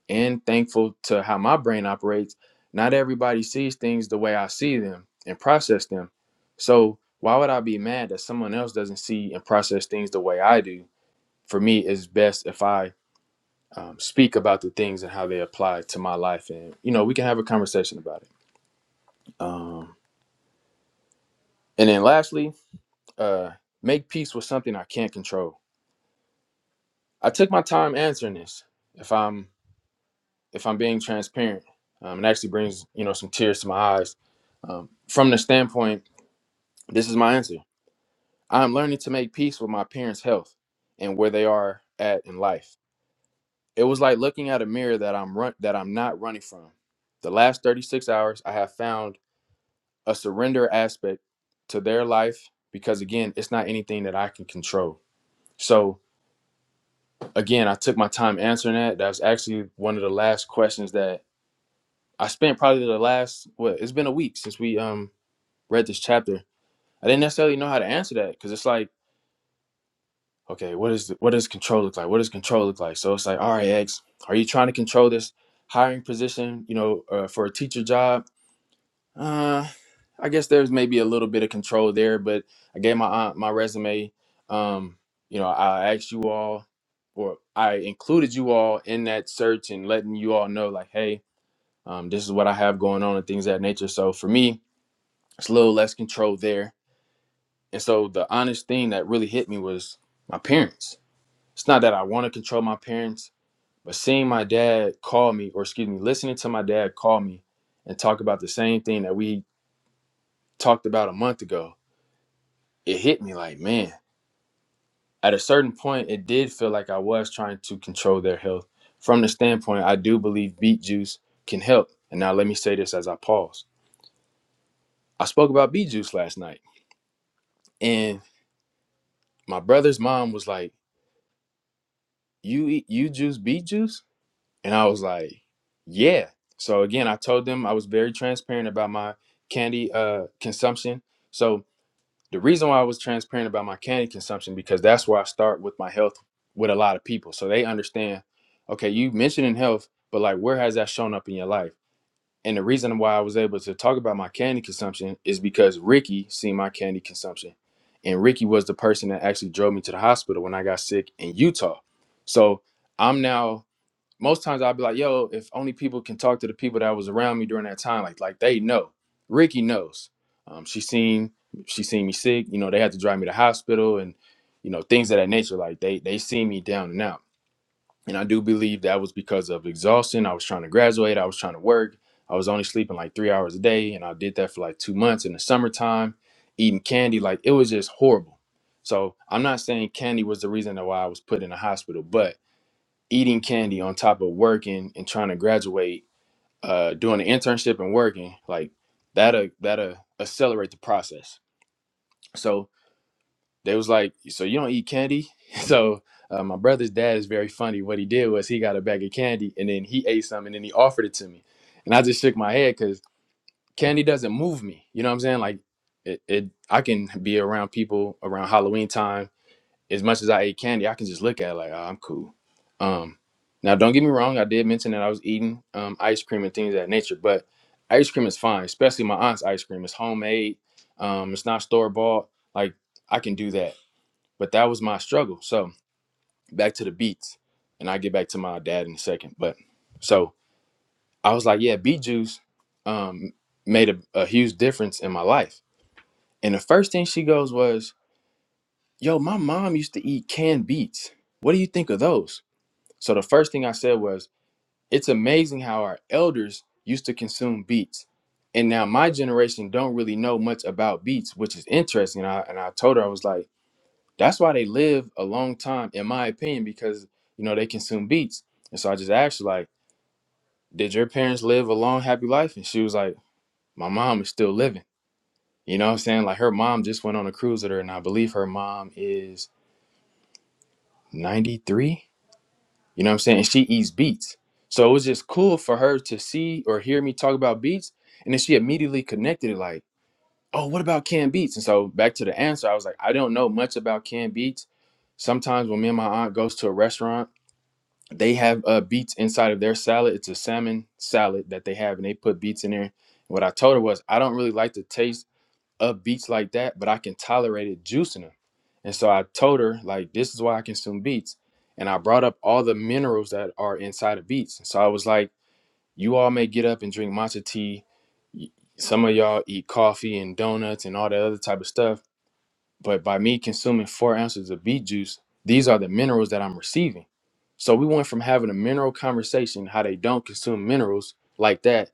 S1: And thankful to how my brain operates, not everybody sees things the way I see them and process them. So why would I be mad that someone else doesn't see and process things the way I do? For me, it's best if I um, speak about the things and how they apply to my life, and you know we can have a conversation about it. Um, and then lastly, uh, make peace with something I can't control. I took my time answering this. If I'm if I'm being transparent, um, it actually brings you know some tears to my eyes. Um, from the standpoint, this is my answer. I am learning to make peace with my parents' health and where they are at in life. It was like looking at a mirror that I'm run- that I'm not running from. The last 36 hours, I have found a surrender aspect to their life because again, it's not anything that I can control. So again, I took my time answering that. That was actually one of the last questions that I spent probably the last what it's been a week since we um read this chapter. I didn't necessarily know how to answer that because it's like, okay, what is the, what does control look like? What does control look like? So it's like, all right, X, are you trying to control this hiring position? You know, uh, for a teacher job? Uh, I guess there's maybe a little bit of control there, but I gave my aunt my resume. Um, you know, I asked you all, or I included you all in that search and letting you all know, like, hey, um, this is what I have going on and things of that nature. So for me, It's a little less control there. And so the honest thing that really hit me was my parents. It's not that I want to control my parents, but seeing my dad call me, or excuse me, listening to my dad call me and talk about the same thing that we talked about a month ago, it hit me like, man, at a certain point, it did feel like I was trying to control their health. From the standpoint, I do believe beet juice can help. And now let me say this as I pause. I spoke about beet juice last night, and my brother's mom was like, you eat you juice beet juice and i was like yeah so again i told them i was very transparent about my candy uh consumption so the reason why i was transparent about my candy consumption because that's where i start with my health with a lot of people so they understand okay you mentioning health but like where has that shown up in your life and the reason why I was able to talk about my candy consumption is because Ricky seen my candy consumption. And Ricky was the person that actually drove me to the hospital when I got sick in Utah. So I'm now most times I'll be like, yo, if only people can talk to the people that was around me during that time, like like they know. Ricky knows. Um, she seen she seen me sick, you know, they had to drive me to the hospital and you know, things of that nature. Like they they see me down now. And I do believe that was because of exhaustion. I was trying to graduate, I was trying to work. I was only sleeping like three hours a day. And I did that for like two months in the summertime, eating candy. Like it was just horrible. So I'm not saying candy was the reason why I was put in the hospital, but eating candy on top of working and trying to graduate, uh, doing an internship and working, like that'll that'll accelerate the process. So they was like, "So you don't eat candy?" So uh, my brother's dad is very funny. What he did was he got a bag of candy and then he ate some and then he offered it to me, and I just shook my head because candy doesn't move me. You know what I'm saying? Like it, it, I can be around people around Halloween time. As much as I ate candy, I can just look at it like, "Oh, I'm cool." Um, now, don't get me wrong. I did mention that I was eating um, ice cream and things of that nature, but ice cream is fine, especially my aunt's ice cream. It's homemade. Um, it's not store bought. Like I can do that but that was my struggle. So back to the beats, and I get back to my dad in a second. But so I was like, yeah, beet juice um, made a, a huge difference in my life. And the first thing she goes was, yo, my mom used to eat canned beets. What do you think of those? So the first thing I said was, it's amazing how our elders used to consume beets. And now my generation don't really know much about beets, which is interesting. And I, and I told her, I was like, That's why they live a long time, in my opinion, because you know they consume beats. And so I just asked her, like, did your parents live a long, happy life? And she was like, my mom is still living. You know what I'm saying? Like her mom just went on a cruise with her, and I believe her mom is 93. You know what I'm saying? And she eats beats. So it was just cool for her to see or hear me talk about beats. And then she immediately connected it, like, oh, what about canned beats? And so back to the answer, I was like, I don't know much about canned beats sometimes when me and my aunt goes to a restaurant they have uh beets inside of their salad. It's a salmon salad that they have, and they put beets in there. What I told her was, I don't really like the taste of beets like that, but I can tolerate it juicing them. And so I told her, like, this is why I consume beets. And I brought up all the minerals that are inside of beets. So I was like, you all may get up and drink matcha tea. Y- Some of y'all eat coffee and donuts and all that other type of stuff but by me consuming four ounces of beet juice, these are the minerals that I'm receiving. So we went from having a mineral conversation, how they don't consume minerals like that,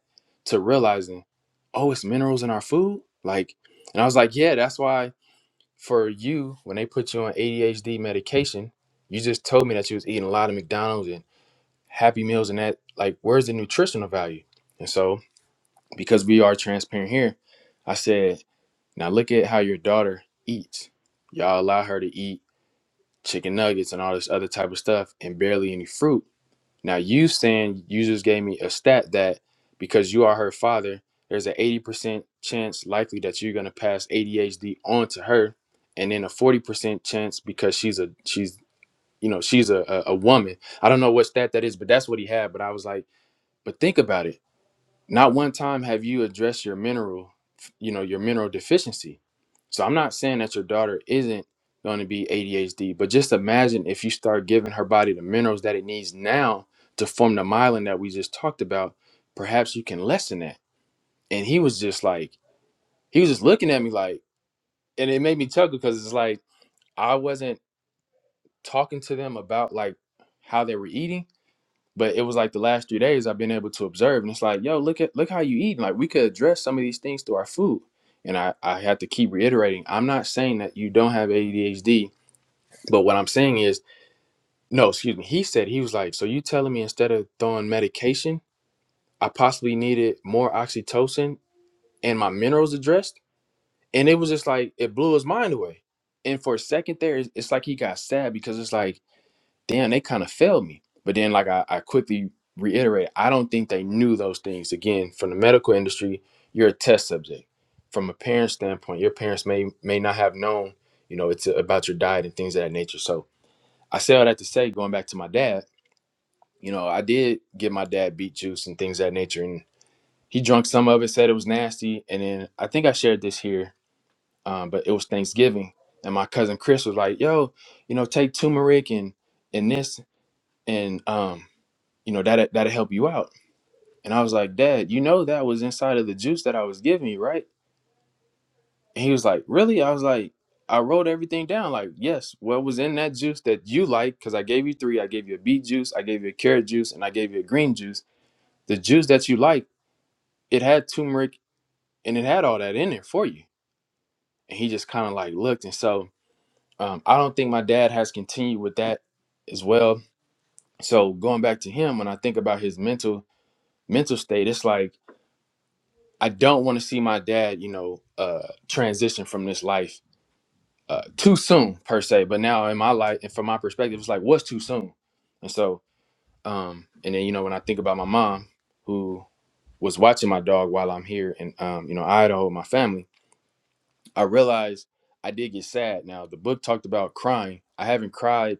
S1: to realizing, oh, it's minerals in our food. Like, and I was like, yeah, that's why for you, when they put you on ADHD medication, you just told me that you was eating a lot of McDonald's and Happy Meals and that. Like, where's the nutritional value? And so, because we are transparent here, I said, now look at how your daughter eats. Y'all allow her to eat chicken nuggets and all this other type of stuff and barely any fruit. Now you saying you just gave me a stat that because you are her father, there's an 80% chance likely that you're gonna pass ADHD on to her, and then a 40% chance because she's a she's you know she's a, a a woman. I don't know what stat that is, but that's what he had. But I was like, but think about it not one time have you addressed your mineral, you know, your mineral deficiency. So I'm not saying that your daughter isn't going to be ADHD, but just imagine if you start giving her body the minerals that it needs now to form the myelin that we just talked about, perhaps you can lessen that. And he was just like, he was just looking at me like, and it made me chuckle because it's like I wasn't talking to them about like how they were eating. But it was like the last three days I've been able to observe, and it's like, yo, look at look how you eat. Like we could address some of these things through our food. And I I had to keep reiterating, I'm not saying that you don't have ADHD, but what I'm saying is, no, excuse me. He said he was like, so you telling me instead of throwing medication, I possibly needed more oxytocin and my minerals addressed, and it was just like it blew his mind away. And for a second there, it's it's like he got sad because it's like damn, they kind of failed me. But then, like I, I quickly reiterate, I don't think they knew those things. Again, from the medical industry, you're a test subject. From a parent standpoint, your parents may may not have known, you know, it's about your diet and things of that nature. So I say all that to say, going back to my dad, you know, I did give my dad beet juice and things of that nature, and he drank some of it, said it was nasty, and then I think I shared this here, um, but it was Thanksgiving, and my cousin Chris was like, "Yo, you know, take turmeric and and this." And um, you know, that that'll help you out. And I was like, Dad, you know that was inside of the juice that I was giving you, right? And he was like, Really? I was like, I wrote everything down. Like, yes, what was in that juice that you like? Because I gave you three. I gave you a beet juice, I gave you a carrot juice, and I gave you a green juice. The juice that you like, it had turmeric and it had all that in there for you. And he just kind of like looked. And so um, I don't think my dad has continued with that as well. So going back to him, when I think about his mental mental state, it's like I don't want to see my dad, you know, uh, transition from this life uh, too soon per se. But now in my life and from my perspective, it's like what's too soon, and so um, and then you know when I think about my mom who was watching my dog while I'm here in um, you know Idaho with my family, I realized I did get sad. Now the book talked about crying. I haven't cried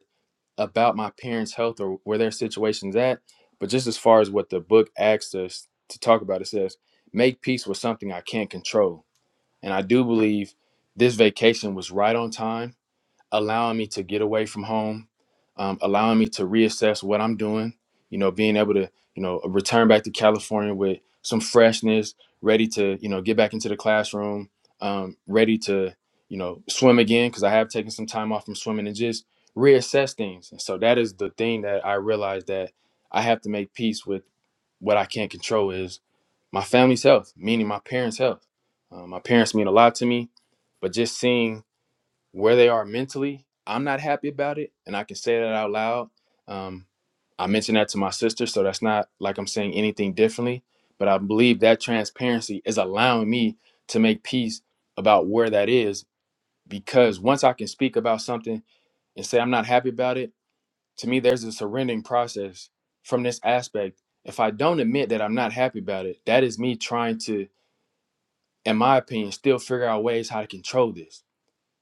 S1: about my parents' health or where their situation's at, but just as far as what the book asked us to talk about, it says make peace with something I can't control and I do believe this vacation was right on time, allowing me to get away from home, um, allowing me to reassess what I'm doing, you know, being able to, you know, return back to California with some freshness, ready to, you know, get back into the classroom, um, ready to, you know, swim again, because I have taken some time off from swimming and just reassess things. And so that is the thing that I realized that I have to make peace with what I can't control is my family's health, meaning my parents' health. Uh, my parents mean a lot to me, but just seeing where they are mentally, I'm not happy about it, and I can say that out loud. Um, I mentioned that to my sister, so that's not like I'm saying anything differently, but I believe that transparency is allowing me to make peace about where that is because once I can speak about something and say I'm not happy about it, to me there's a surrendering process from this aspect if i don't admit that i'm not happy about it that is me trying to in my opinion still figure out ways how to control this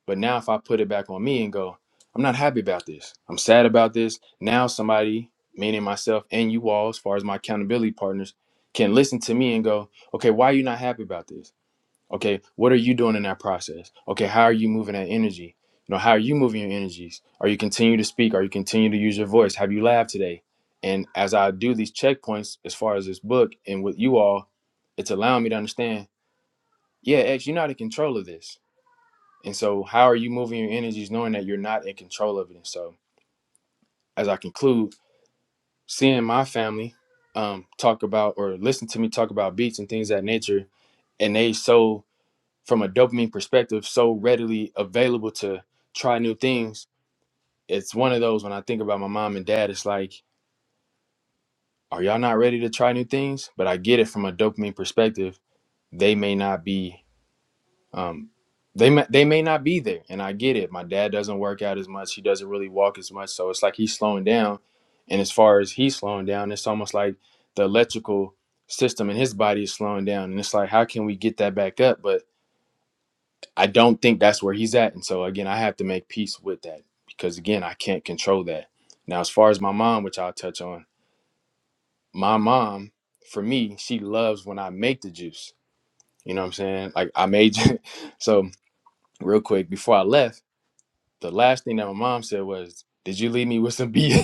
S1: but now if i put it back on me and go i'm not happy about this i'm sad about this now somebody meaning myself and you all as far as my accountability partners can listen to me and go okay why are you not happy about this Okay, what are you doing in that process? Okay, how are you moving that energy? You know, how are you moving your energies? Are you continue to speak? Are you continue to use your voice? Have you laughed today? And as I do these checkpoints as far as this book and with you all, it's allowing me to understand, yeah, X, you're not in control of this. And so how are you moving your energies knowing that you're not in control of it? And so as I conclude, seeing my family um, talk about or listen to me talk about beats and things of that nature, and they so from a dopamine perspective so readily available to try new things it's one of those when i think about my mom and dad it's like are y'all not ready to try new things but i get it from a dopamine perspective they may not be um they may, they may not be there and i get it my dad doesn't work out as much he doesn't really walk as much so it's like he's slowing down and as far as he's slowing down it's almost like the electrical system in his body is slowing down and it's like how can we get that back up but I don't think that's where he's at. And so again, I have to make peace with that because again, I can't control that. Now, as far as my mom, which I'll touch on, my mom, for me, she loves when I make the juice. You know what I'm saying? Like I made so real quick before I left, the last thing that my mom said was, Did you leave me with some beet?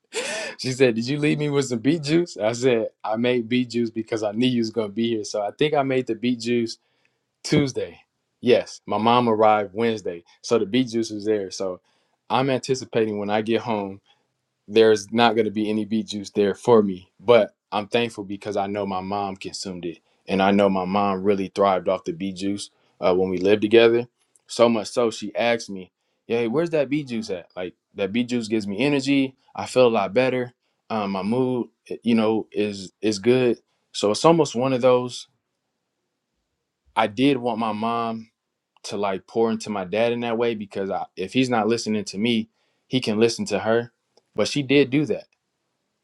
S1: she said, Did you leave me with some beet juice? I said, I made beet juice because I knew you was gonna be here. So I think I made the beet juice Tuesday. Yes, my mom arrived Wednesday, so the beet juice was there. So I'm anticipating when I get home, there's not going to be any beet juice there for me. But I'm thankful because I know my mom consumed it, and I know my mom really thrived off the beet juice uh, when we lived together. So much so, she asked me, "Hey, where's that beet juice at? Like that beet juice gives me energy. I feel a lot better. Um, my mood, eh, you know, is is good. So it's almost one of those. I did want my mom." to like pour into my dad in that way because I, if he's not listening to me, he can listen to her. But she did do that.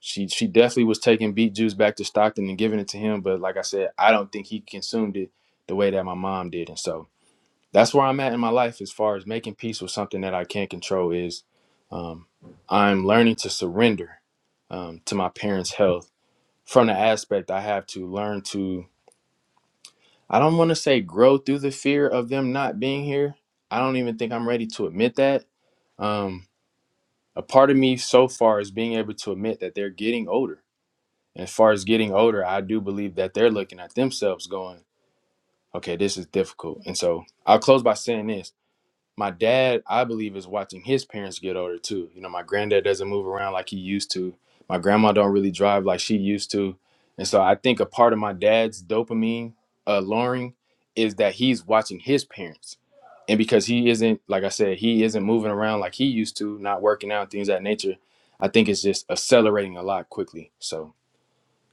S1: She she definitely was taking beet juice back to Stockton and giving it to him. But like I said, I don't think he consumed it the way that my mom did. And so that's where I'm at in my life as far as making peace with something that I can't control is um, I'm learning to surrender um, to my parents' health from the aspect I have to learn to I don't want to say grow through the fear of them not being here. I don't even think I'm ready to admit that. Um, a part of me so far is being able to admit that they're getting older. And As far as getting older, I do believe that they're looking at themselves going, okay, this is difficult. And so I'll close by saying this my dad i believe is watching his parents get older too you know my granddad doesn't move around like he used to my grandma don't really drive like she used to and so i think a part of my dad's dopamine uh, lowering is that he's watching his parents and because he isn't like i said he isn't moving around like he used to not working out things of that nature i think it's just accelerating a lot quickly so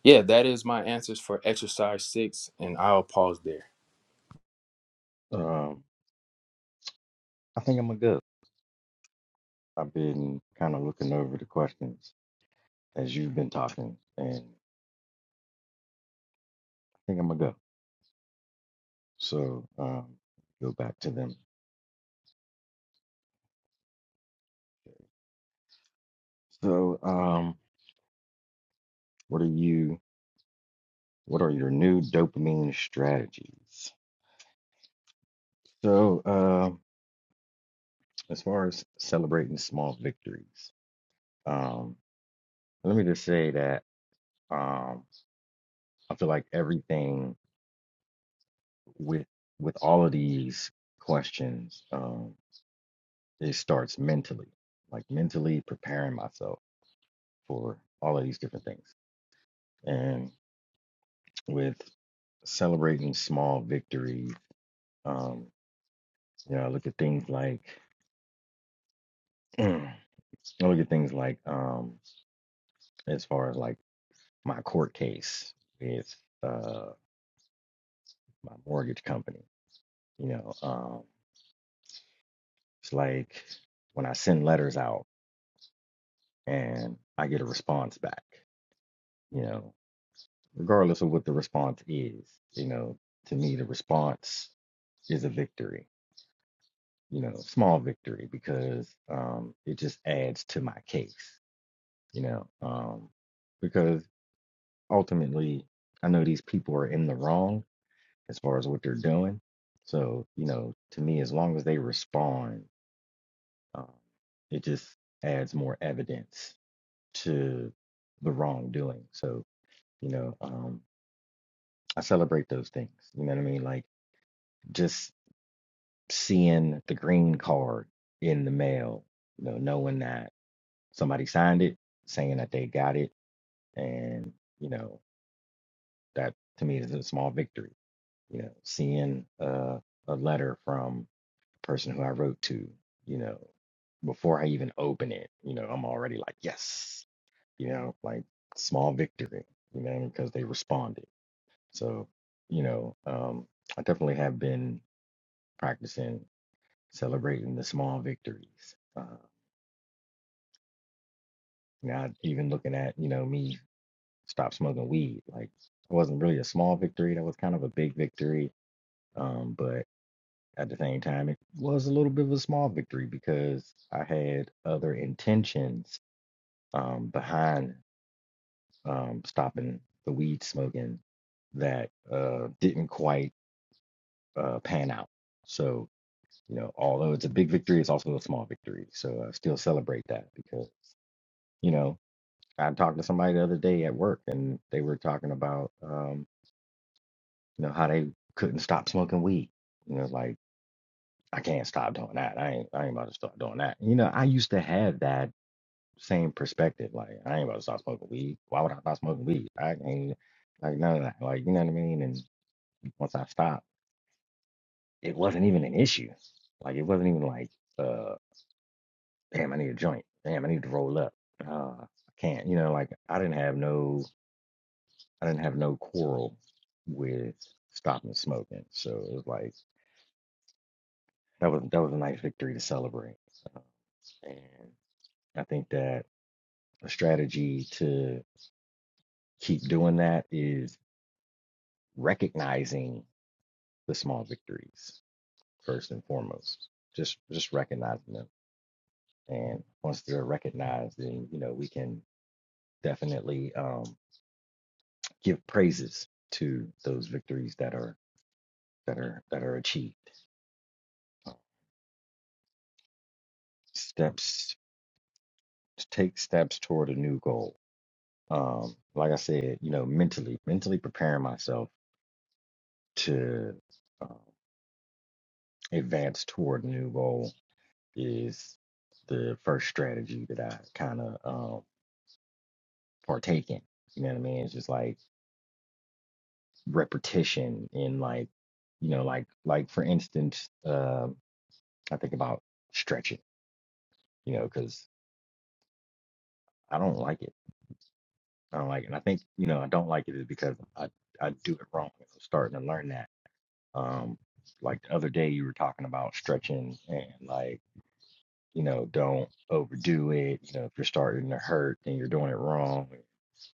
S1: yeah that is my answers for exercise six and i'll pause there
S2: Um, I think I'm good. I've been kind of looking over the questions as you've been talking, and I think I'm gonna go. So um, go back to them. So um, what are you? What are your new dopamine strategies? So um as far as celebrating small victories, um, let me just say that um, I feel like everything with with all of these questions, um, it starts mentally, like mentally preparing myself for all of these different things. And with celebrating small victories, um, you know, I look at things like I look at things like um, as far as like my court case with uh, my mortgage company. You know, um, it's like when I send letters out and I get a response back. You know, regardless of what the response is, you know, to me the response is a victory you know, small victory because um, it just adds to my case, you know, um, because ultimately I know these people are in the wrong as far as what they're doing. So, you know, to me, as long as they respond, um, it just adds more evidence to the wrongdoing. So, you know, um, I celebrate those things. You know what I mean? Like just seeing the green card in the mail, you know, knowing that Somebody signed it saying that they got it, and you know that to me is a small victory. You know, seeing uh, a letter from the person who I wrote to, you know, before I even open it, you know, I'm already like yes, you know, like small victory, you know, because they responded. So you know, um, I definitely have been practicing celebrating the small victories. Uh, now, even looking at you know me stop smoking weed. Like it wasn't really a small victory. That was kind of a big victory. Um, but at the same time, it was a little bit of a small victory because I had other intentions um, behind um, stopping the weed smoking that uh, didn't quite uh, pan out. So, you know, although it's a big victory, it's also a small victory. So I still celebrate that because, you know, I talked to somebody the other day at work and they were talking about um. You know how they couldn't stop smoking weed. You know, like I can't stop doing that. I ain't I ain't about to stop doing that. You know, I used to have that same perspective. Like I ain't about to stop smoking weed. Why would I stop smoking weed? I ain't like none of that. Like you know what I mean. And once I stopped, it wasn't even an issue. Like it wasn't even like uh damn I need a joint. Damn I need to roll up. Uh, I can't. You know, like I didn't have no I didn't have no quarrel with stopping smoking. So it was like that was that was a nice victory to celebrate. So, and I think that a strategy to keep doing that is recognizing the small victories first and foremost. Just just recognizing them, and once they're recognized, then you know we can definitely um, give praises to those victories that are that are that are achieved. Steps take steps toward a new goal. Um, like I said, you know, mentally mentally preparing myself to um, advance toward a new goal is the first strategy that I kind of um, partake in. You know what I mean? It's just like repetition in like, you know, like like for instance, um, I think about stretching. You know, because I don't like it. I don't like it. And I think you know I don't like it is because I I do it wrong. I'm starting to learn that. Um, like the other day you were talking about stretching and like you know, don't overdo it. You know, if you're starting to hurt, then you're doing it wrong.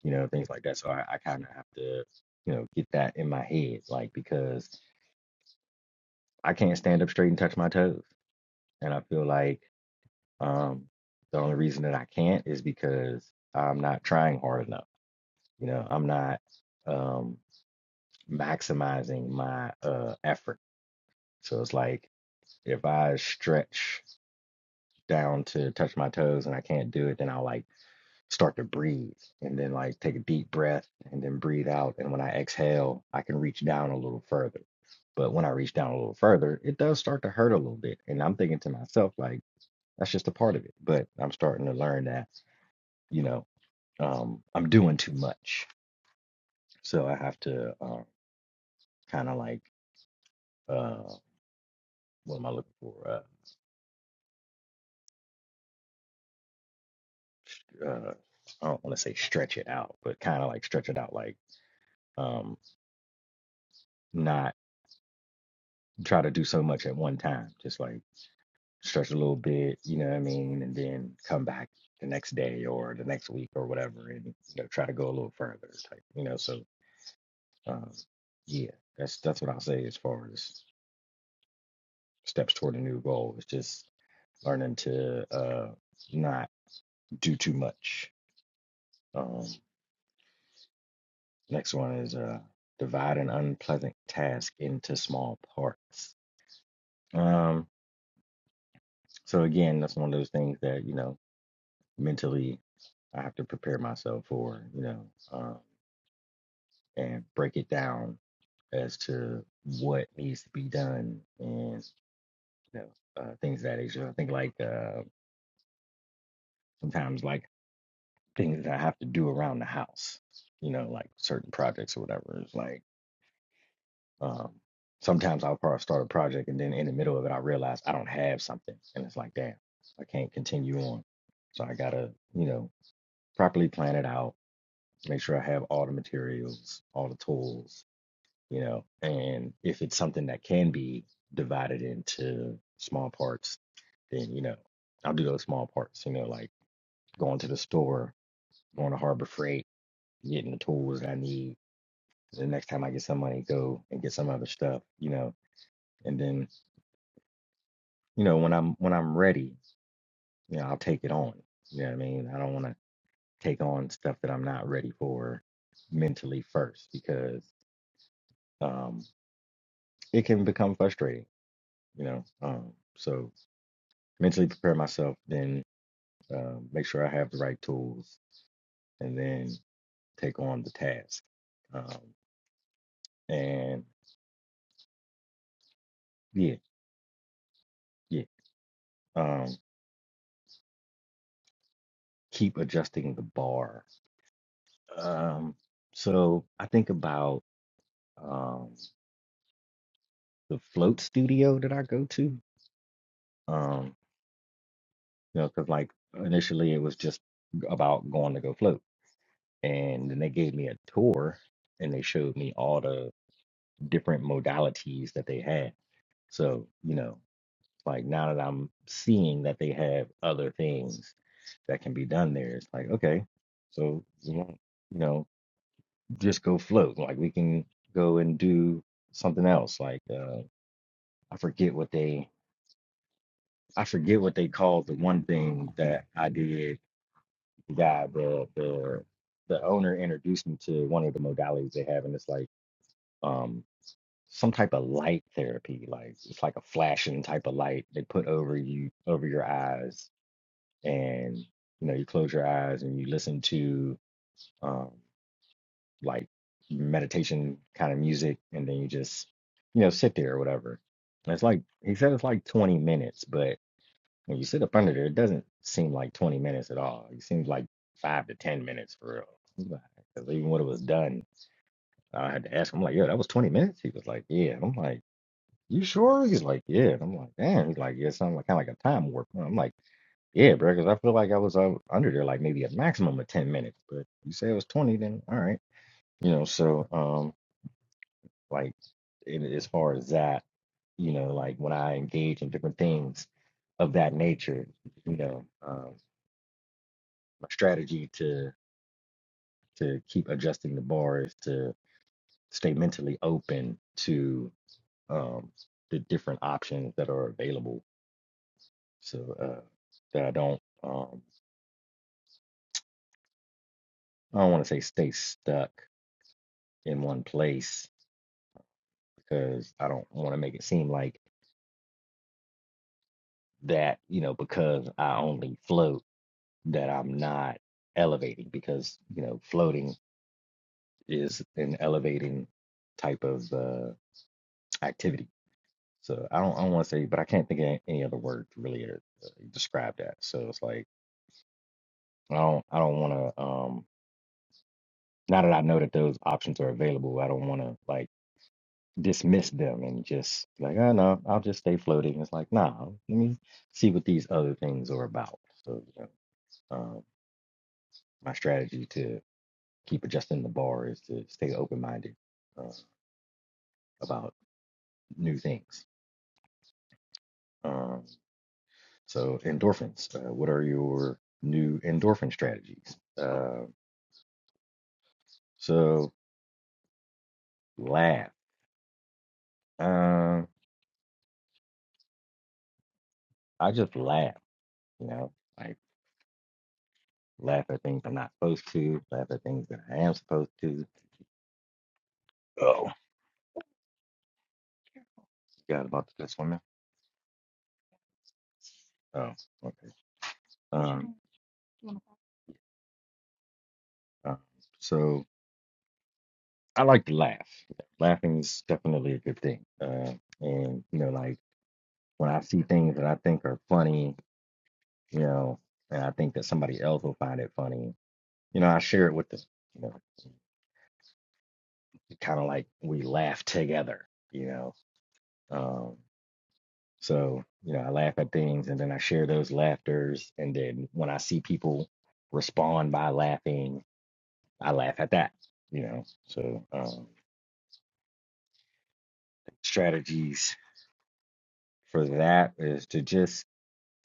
S2: You know, things like that. So I, I kind of have to, you know, get that in my head, like because I can't stand up straight and touch my toes, and I feel like um, the only reason that I can't is because I'm not trying hard enough. You know, I'm not um, maximizing my uh, effort. So it's like if I stretch down to touch my toes and I can't do it, then I'll like start to breathe and then like take a deep breath and then breathe out. And when I exhale, I can reach down a little further. But when I reach down a little further, it does start to hurt a little bit. And I'm thinking to myself, like, that's just a part of it. But I'm starting to learn that, you know, um, I'm doing too much. So I have to uh, kind of like, uh, what am I looking for? Uh, uh, I don't want to say stretch it out, but kind of like stretch it out, like um, not try to do so much at one time. Just like stretch a little bit, you know what I mean, and then come back the next day or the next week or whatever, and you know try to go a little further, type, you know. So, um, yeah, that's that's what I'll say as far as steps toward a new goal. It's just learning to uh, not do too much. Um, next one is uh, divide an unpleasant task into small parts. Um, so again, that's one of those things that you know mentally I have to prepare myself for, you know. um, and break it down as to what needs to be done and you know uh, things that nature. I think like uh, sometimes like things that I have to do around the house, you know, like certain projects or whatever. It's like um, sometimes I'll probably start a project and then in the middle of it I realize I don't have something, and it's like damn, I can't continue on. So I gotta you know properly plan it out, make sure I have all the materials, all the tools, you know, and if it's something that can be divided into small parts, then, you know, I'll do those small parts, you know, like going to the store, going to Harbor Freight, getting the tools that I need. The next time I get some money, go and get some other stuff, you know, and then, you know, when I'm when I'm ready, you know, I'll take it on. You know what I mean? I don't want to take on stuff that I'm not ready for mentally first because um it can become frustrating, you know. Um so mentally prepare myself, then uh, make sure I have the right tools, and then take on the task. Um, and yeah, yeah, um, keep adjusting the bar. Um, so I think about um, the float studio that I go to, um, you know, because like initially it was just about going to go float, and then they gave me a tour and they showed me all the different modalities that they had. So, you know, Like now that I'm seeing that they have other things that can be done there, it's like, okay, so you know, you know, just go float. Like we can go and do something else. Like uh, I forget what they I forget what they called the one thing that I did. The guy, the the the owner introduced me to one of the modalities they have, and it's like um some type of light therapy like it's like a flashing type of light they put over you over your eyes and you know you close your eyes and you listen to um, like meditation kind of music and then you just you know sit there or whatever And it's like he said it's like 20 minutes but when you sit up under there it doesn't seem like 20 minutes at all it seems like five to 10 minutes for real I was like, 'Cause even when it was done I had to ask him I'm like yo that was 20 minutes he was like yeah And I'm like you sure he's like yeah and I'm like damn he's like yeah it sounds like kind of like a time warp And I'm like yeah, bro, because I feel like I was uh, under there like maybe a maximum of 10 minutes, but you say it was 20, then all right. You know, so um like in, as far as that, you know, like when I engage in different things of that nature, you know, um my strategy to to keep adjusting the bar is to stay mentally open to um the different options that are available. So uh that I don't um I don't want to say stay stuck in one place because I don't want to make it seem like that, you know, because I only float that I'm not elevating because, you know, floating is an elevating type of uh, activity. So I don't, I don't want to say, but I can't think of any any other word to really uh, describe that. So it's like, I don't, I don't want to, um, now that I know that those options are available, I don't want to like dismiss them and just like, oh no, I'll just stay floating. It's like, nah, let me see what these other things are about. So, you know. Um, my strategy to keep adjusting the bar is to stay open minded uh, about new things. Um, so, endorphins, uh, what are your new endorphin strategies? Uh, so, laugh. Um, I just laugh, you know, like laugh at things I'm not supposed to, laugh at things that I am supposed to. Oh, forgot about the swimming. Oh, okay. Um, uh, so, I like to laugh. Laughing is definitely a good thing. Uh, and you know, like when I see things that I think are funny, you know, and I think that somebody else will find it funny, you know, I share it with them. You know, kind of like we laugh together. You know, um, so you know, I laugh at things, and then I share those laughters, and then when I see people respond by laughing, I laugh at that. You know, so um, strategies for that is to just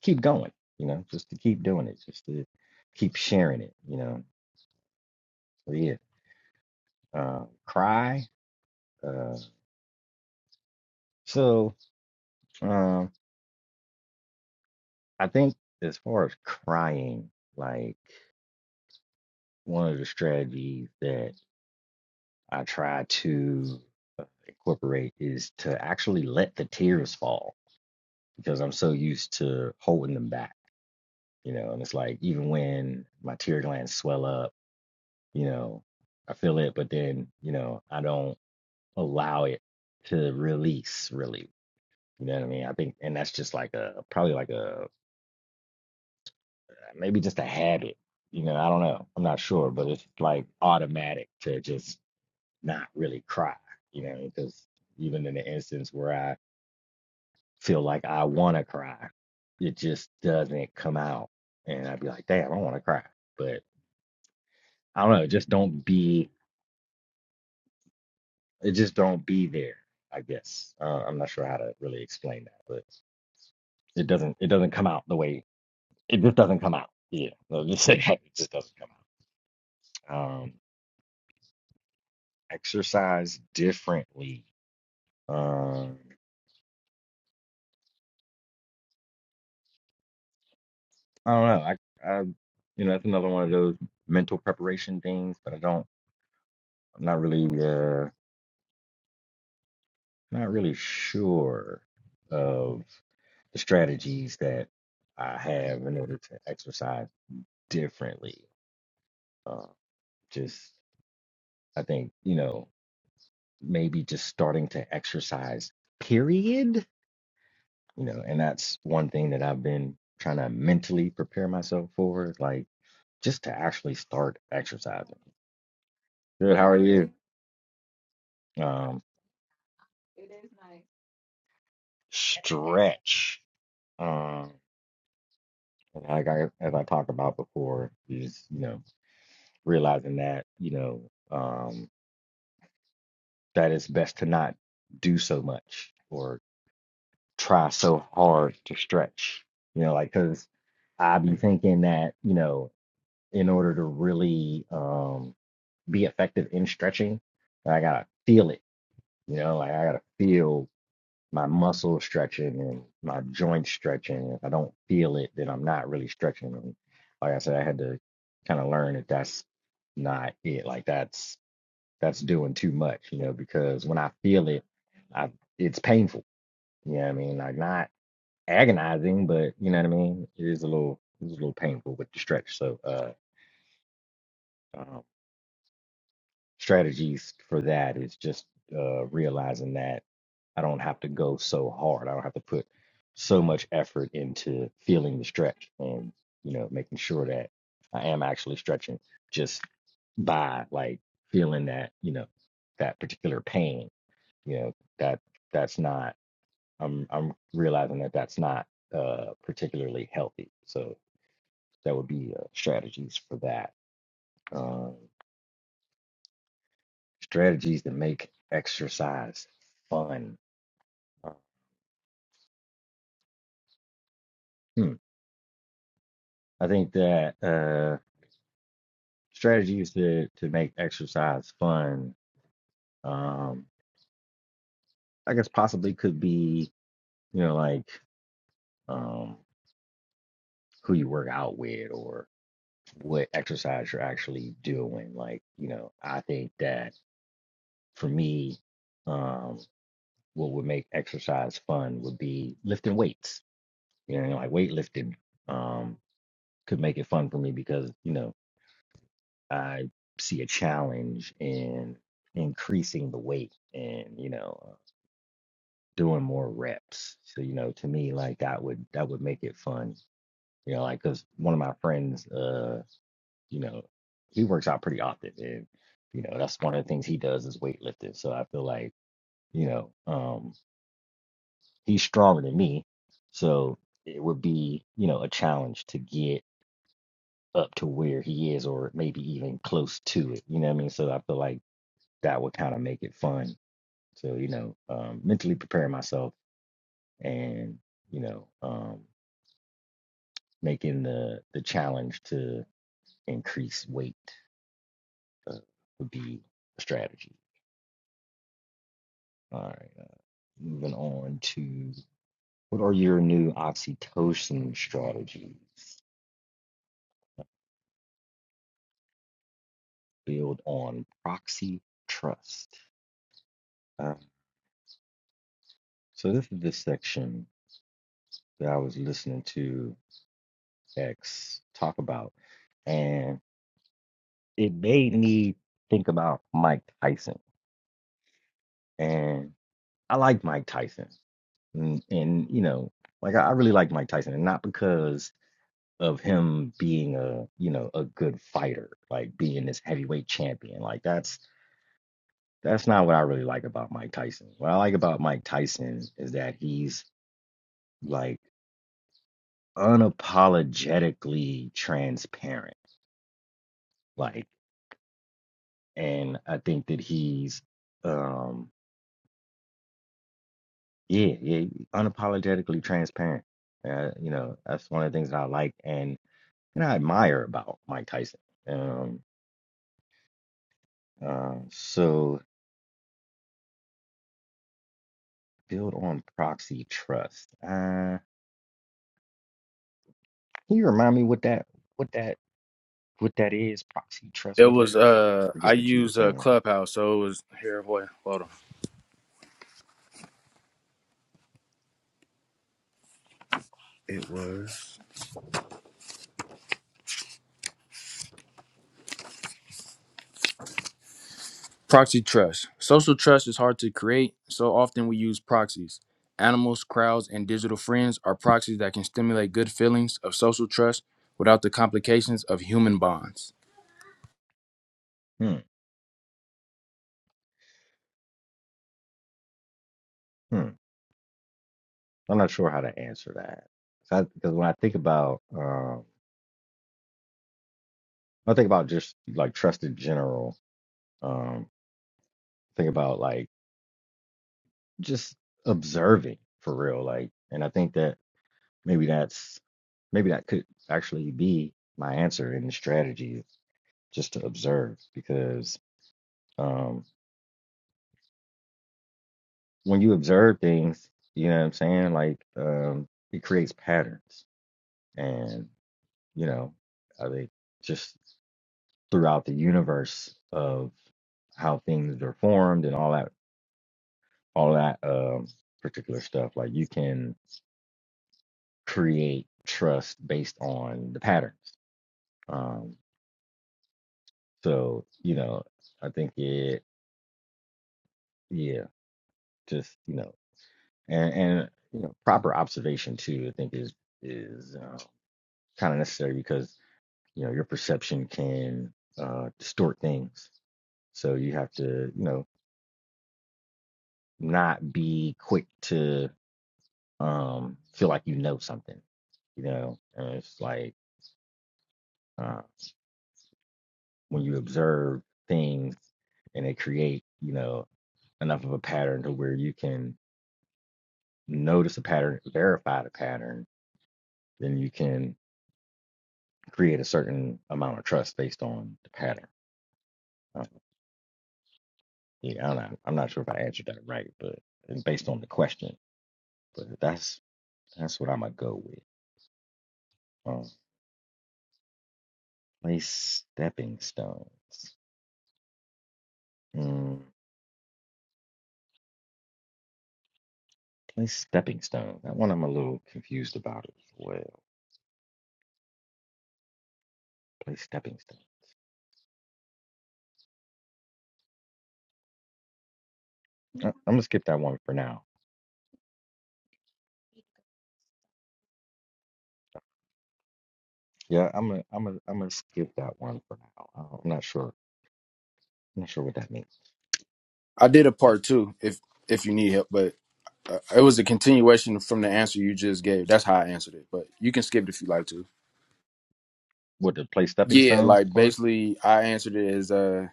S2: keep going, you know, just to keep doing it, just to keep sharing it, you know. So yeah, uh, cry. Uh, so um, I think as far as crying, like one of the strategies that I try to uh, incorporate is to actually let the tears fall because I'm so used to holding them back, you know. And it's like even when my tear glands swell up, you know, I feel it, but then you know I don't allow it to release really you know what i mean i think and that's just like a probably like a maybe just a habit you know i don't know i'm not sure but it's like automatic to just not really cry you know because even in the instance where i feel like i want to cry it just doesn't come out and i'd be like damn i want to cry but i don't know It just don't be it just don't be there i guess uh, i'm not sure how to really explain that but it doesn't it doesn't come out the way It just doesn't come out. Yeah, let's just say that. it just doesn't come out. Um, exercise differently. Um, I don't know. I, I, you know, that's another one of those mental preparation things, but I don't. I'm not really, uh, not really sure of the strategies that I have in order to exercise differently. Uh, just, I think, you know, maybe just starting to exercise. Period you know, and that's one thing that I've been trying to mentally prepare myself for, like just to actually start exercising. Good, how are you? Um, stretch. Um, and like I, as I talked about before, is you know realizing that you know um, that it's best to not do so much or try so hard to stretch. You know, like because I be thinking that you know in order to really um be effective in stretching, I gotta feel it. You know, like I gotta feel my muscle stretching and my joint stretching. If I don't feel it, then I'm not really stretching. And like I said, I had to kind of learn that that's not it. Like that's that's doing too much, you know, because when I feel it, I it's painful. You know what I mean? Like not agonizing, but you know what I mean? It is a little it's a little painful with the stretch. So uh um, strategies for that is just uh, realizing that I don't have to go so hard. I don't have to put so much effort into feeling the stretch and you know making sure that I am actually stretching just by like feeling that you know that particular pain. You know that that's not. I'm I'm realizing that that's not uh, particularly healthy. So that would be uh, strategies for that. Um, strategies that make exercise fun. Hmm. I think that uh, strategies to, to make exercise fun, um, I guess possibly could be, you know, like um, who you work out with or what exercise you're actually doing. Like, you know, I think that for me, um, what would make exercise fun would be lifting weights, you know, like weightlifting um, could make it fun for me because, you know, I see a challenge in increasing the weight and you know doing more reps. So you know, to me, like that would that would make it fun. You know, like because one of my friends, uh, you know, he works out pretty often, and you know that's one of the things he does is weightlifting. So I feel like you know um, he's stronger than me, so it would be you know a challenge to get up to where he is or maybe even close to it. You know what I mean? So I feel like that would kind of make it fun So, you know, um, mentally preparing myself and, you know, um, making the the challenge to increase weight uh, would be a strategy. All right. Moving on to what are your new oxytocin strategies? Build on proxy trust. Uh, so this is the section that I was listening to X talk about, and it made me think about Mike Tyson. And I like Mike Tyson, and, and you know, like I, I really like Mike Tyson, and not because of him being a you know a good fighter, like being this heavyweight champion. Like that's that's not what I really like about Mike Tyson. What I like about Mike Tyson is that he's like unapologetically transparent. Like, and I think that he's um yeah yeah unapologetically transparent. Uh, you know that's one of the things that I like, and. and I admire about Mike Tyson. Um, uh, so build on proxy trust. Uh, can you remind me what that what that what that is? Proxy trust,
S1: it
S2: what that
S1: was
S2: is? I
S1: uh i
S2: forget what you were
S1: use uh,
S2: saying.
S1: clubhouse so it was here boy hold on It was. Proxy trust. Social trust is hard to create, so often we use proxies. Animals, crowds, and digital friends are proxies that can stimulate good feelings of social trust without the complications of human bonds.
S2: Hmm. Hmm. I'm not sure how to answer that. So because when I think about um, I think about just like trust in general. Um, think about like just observing for real. Like, and I think that maybe that's maybe that could actually be my answer in the strategies just to observe because um, when you observe things, you know what I'm saying, like um, it creates patterns. And, you know, I think just throughout the universe of how things are formed and all that, all that um, particular stuff, like you can create trust based on the patterns. Um, so, you know, I think it, yeah, just, you know. and and you know proper observation too i think is is uh, kind of necessary because you know your perception can uh, distort things so you have to you know not be quick to um feel like you know something you know and it's like uh, when you observe things and they create you know enough of a pattern to where you can notice a pattern verify the pattern then you can create a certain amount of trust based on the pattern Uh, yeah, I'm not, I'm not sure if I answered that right, but it's based on the question. But that's that's what I'm gonna go with. Um, place stepping stones. Mm, place stepping stones. That one I'm a little confused about as well. Place stepping stones. I, I'm gonna skip that one for now. Yeah, I'm gonna I'm gonna I'm gonna skip that one for now. I I'm not sure. I'm not sure what that means.
S1: I did a
S2: Uh,
S1: part two, if if you need help, but uh, it was a continuation from the answer you just gave. That's how I answered it, but you can skip it if you like to.
S2: what the place stepping
S1: Yeah,
S2: stones
S1: like
S2: part?
S1: basically, I answered it as uh,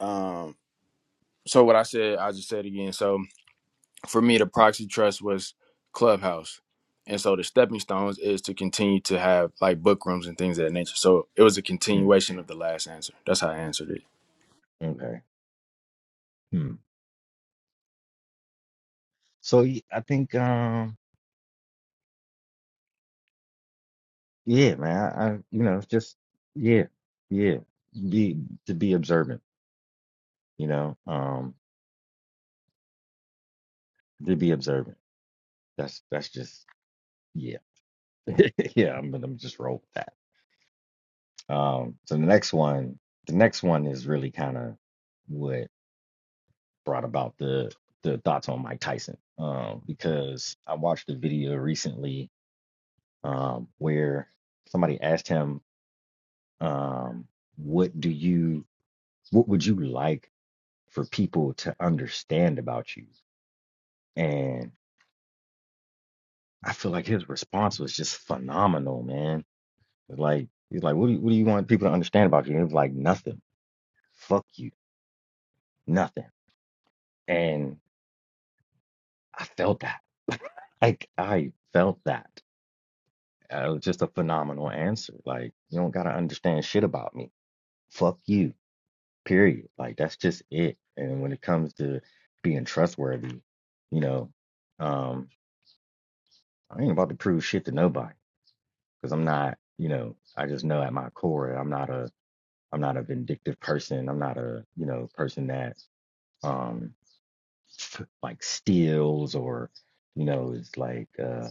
S1: um. So what I said, I just said again. So. for me, the proxy trust was Clubhouse. And so the stepping stones is to continue to have like book rooms and things of that nature. So it was a
S2: Mm,
S1: continuation of the last answer. That's how I answered it.
S2: okay. Hmm. So y- I think. Um. Yeah, man. I, I you know, just yeah, yeah. Be to be observant, you know. Um, to be observant. That's that's just yeah. yeah, I'm gonna just roll with that. Um, so the next one, the next one is really kind of what brought about the the thoughts on Mike Tyson. Um, because I watched a video recently, um, where somebody asked him, um, what do you what would you like? for people to understand about you. And I feel like his response was just phenomenal, man. Like he's like, what do you, what do you want people to understand about you? And it was like nothing. Fuck you, nothing. And I felt that. Like I felt that. Uh, It was just a phenomenal answer. Like you don't gotta understand shit about me. Fuck you. Period. Like that's just it. And when it comes to being trustworthy, you know, um, I ain't about to prove shit to nobody. because I'm not, you know, I just know at my core I'm not a I'm not a vindictive person. I'm not a, you know, person that um like steals or, you know, is like uh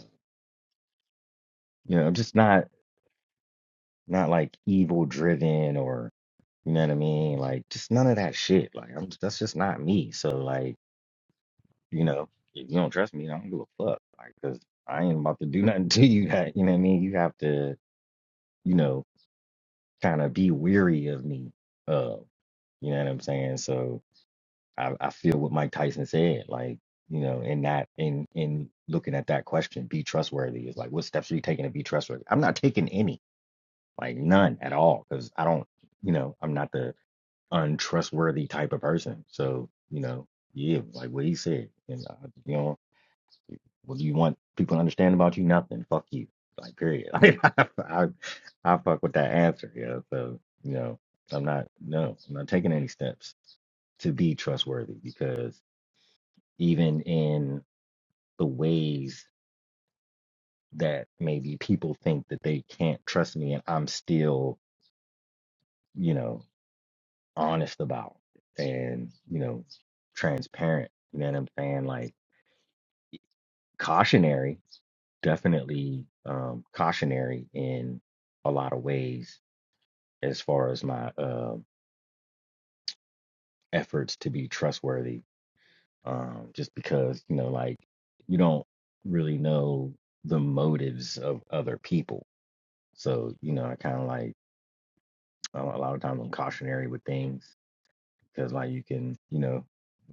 S2: you know, I'm just not not like evil driven or you know what I mean? Like just none of that shit. Like I'm that's just not me. So like, you know, if you don't trust me, I don't give a fuck. Like, cause I ain't about to do nothing to you that, you know what I mean? You have to, you know, kind of be weary of me of. You know what I'm saying? So I, I feel what Mike Tyson said, like, you know, in that in in looking at that question, be trustworthy is like what steps are you taking to be trustworthy? I'm not taking any, like none at all, because I don't, you know, I'm not the untrustworthy type of person. So, you know, yeah, like what he said. And uh, you know, what do you want people to understand about you? Nothing. Fuck you. Like period. I I, I fuck with that answer. Yeah. So you know, I'm not no, I'm not taking any steps to be trustworthy because even in the ways that maybe people think that they can't trust me, and I'm still you know honest about it and you know transparent. You know what I'm saying? Like cautionary, definitely um, cautionary in a lot of ways as far as my uh, efforts to be trustworthy. Um, just because you know, like you don't really know the motives of other people, so you know, I kind of like a a lot of times I'm cautionary with things because like you can you know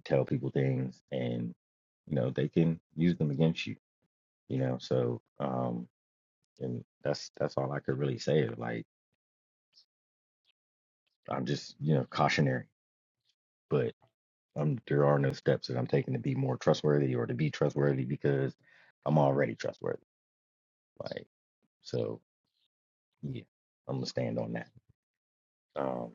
S2: tell people things and you know they can use them against you, you know. So um, and that's that's all I could really say. Like I'm just you know cautionary, but. Um, there are no steps that I'm taking to be more trustworthy or to be trustworthy because I'm already trustworthy. Like, so yeah, I'm gonna stand on that. Um,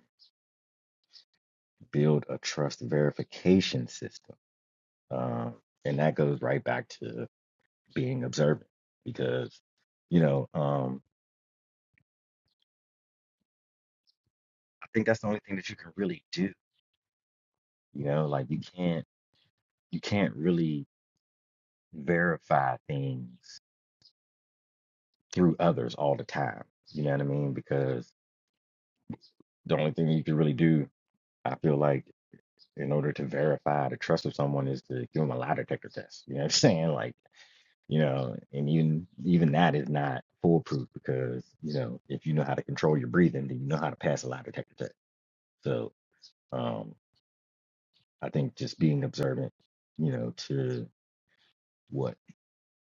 S2: build a trust verification system. Um, and that goes right back to being observant because, you know, um, I think that's the only thing that you can really do. You know, like you can't you can't really verify things through others all the time. You know what I mean? Because the only thing you can really do I feel like in order to verify the trust of someone is to give them a lie detector test. You know what I'm saying? Like, you know, and even even that is not foolproof because, you know, if you know how to control your breathing, then you know how to pass a lie detector test. So um I think just being observant, you know, to what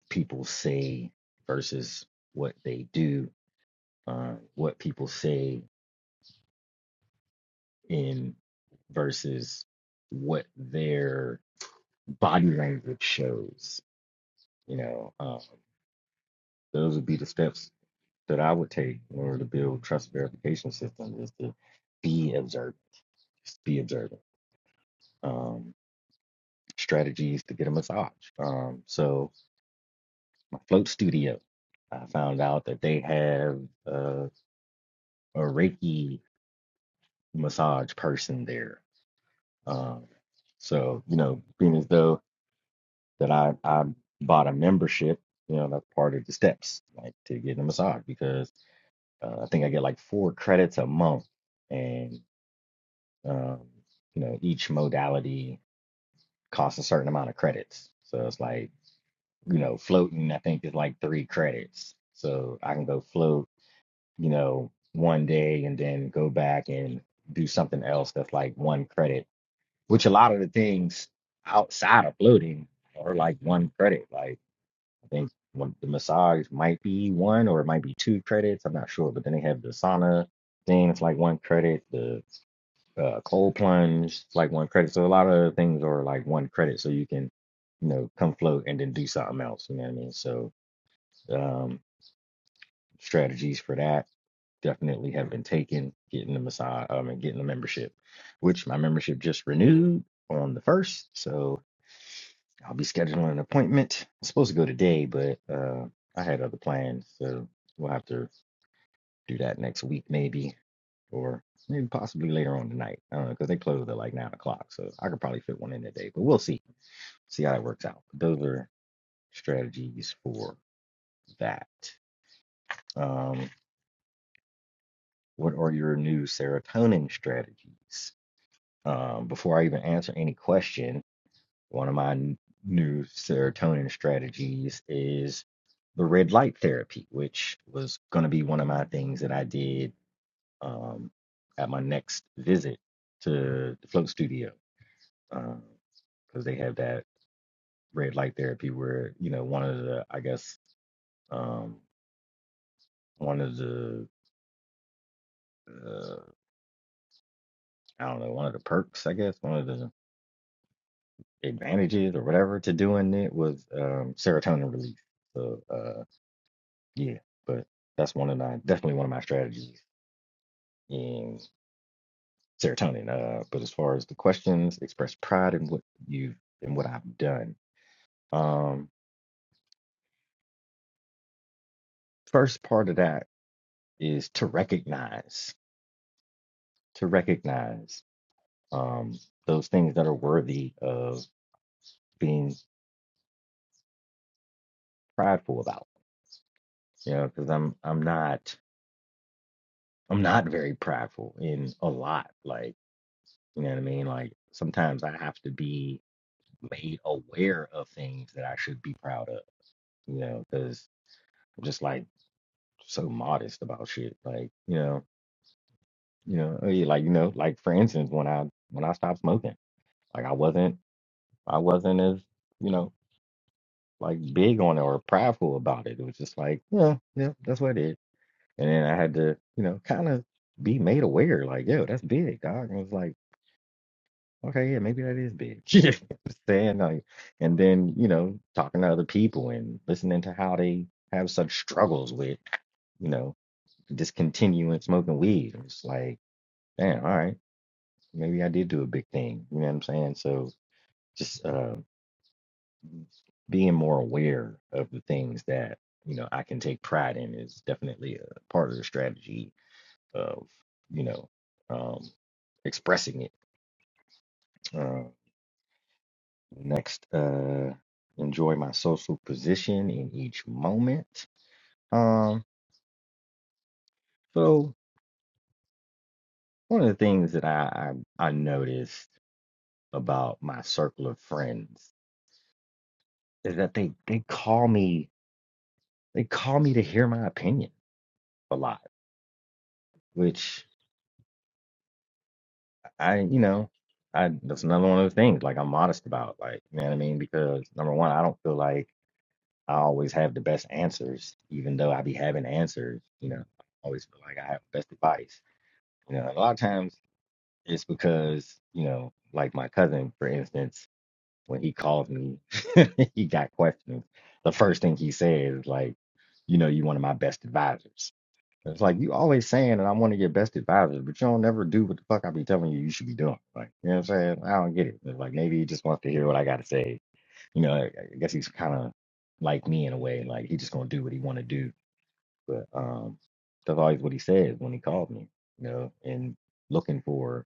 S2: people say versus what they do, uh, what people say in versus what their body language shows, you know. Um Those would be the steps that I would take in order to build trust verification systems is to be observant, just be observant. Um, strategies to get a massage. Um, so my float studio, I found out that they have uh, a Reiki massage person there. Um, so you know, being as though that I I bought a membership, you know, that's part of the steps, like to get a massage because uh, I think I get like four credits a month. And Um, you know, each modality costs a certain amount of credits. So it's like, you know, floating, I think is like three credits. So I can go float, you know, one day and then go back and do something else that's like one credit, which a lot of the things outside of floating are like one credit. Like I think one, the massage might be one or it might be two credits. I'm not sure. But then they have the sauna thing, it's like one credit. The uh, cold plunge, like one credit. So a lot of things are like one credit, so you can, you know, come float and then do something else. You know what I mean? So um, strategies for that definitely have been taken. Getting the massage, I mean, getting the membership, which my membership just renewed on the first, so I'll be scheduling an appointment. I'm supposed to go today, but uh, I had other plans, so we'll have to do that next week maybe. or maybe possibly later on tonight. I don't know because they close at like nine o'clock, so I could probably fit one in today. But we'll see, see how that works out. Those are strategies for that. Um, what are your new serotonin strategies? Um, before I even answer any question, one of my new serotonin strategies is the red light therapy, which was going to be one of my things that I did um, at my next visit to the float studio because they have that red light therapy where you know one of the I guess um, one of the uh, I don't know one of the perks I guess one of the advantages or whatever to doing it was um, serotonin release. So uh, yeah, but that's one of my definitely one of my strategies in serotonin. Uh, but as far as the questions, express pride in what you've in what I've done. Um, first part of that is to recognize to recognize. um, those things that are worthy of being prideful about. You know, because I'm I'm not I'm not very prideful in a lot. Like you know what I mean. Like sometimes I have to be made aware of things that I should be proud of. You know, because I'm just like so modest about shit. Like you know, you know, oh, yeah, like you know, like for instance, when I when I stopped smoking, like I wasn't I wasn't as you know like big on it or prideful about it. It was just like, yeah, yeah, that's what it is And then I had to, you know, kind of be made aware, like, yo, that's big, dog. And I was like, okay, yeah, maybe that is big. You know what I'm Saying like, and then, you know, talking to other people and listening to how they have such struggles with, you know, discontinuing smoking weed. It's like, damn, all right, maybe I did do a big thing. You know what I'm saying? So just uh, being more aware of the things that, you know, I can take pride in is definitely a part of the strategy of you know um, expressing it. Uh, next, uh, enjoy my social position in each moment. Um, so one of the things that I, I I noticed about my circle of friends is that they they call me they call me to hear my opinion a lot, which I you know I that's another one of the things like I'm modest about like you know what I mean because number one I don't feel like I always have the best answers, even though I be having answers. You know, I always feel like I have the best advice. You know, a lot of times it's because you know, like my cousin, for instance, when he calls me, he got questions. The first thing he says is like, you know, you one of my best advisors. And It's like you always saying that I'm one of your best advisors, but you don't never do what the fuck I be telling you you should be doing. Like, you know what I'm saying? I don't get it. It's like maybe he just wants to hear what I got to say you know, I, I guess he's kind of like me in a way. Like he's just gonna do what he want to do. But um, that's always what he says when he called me. You know, and looking for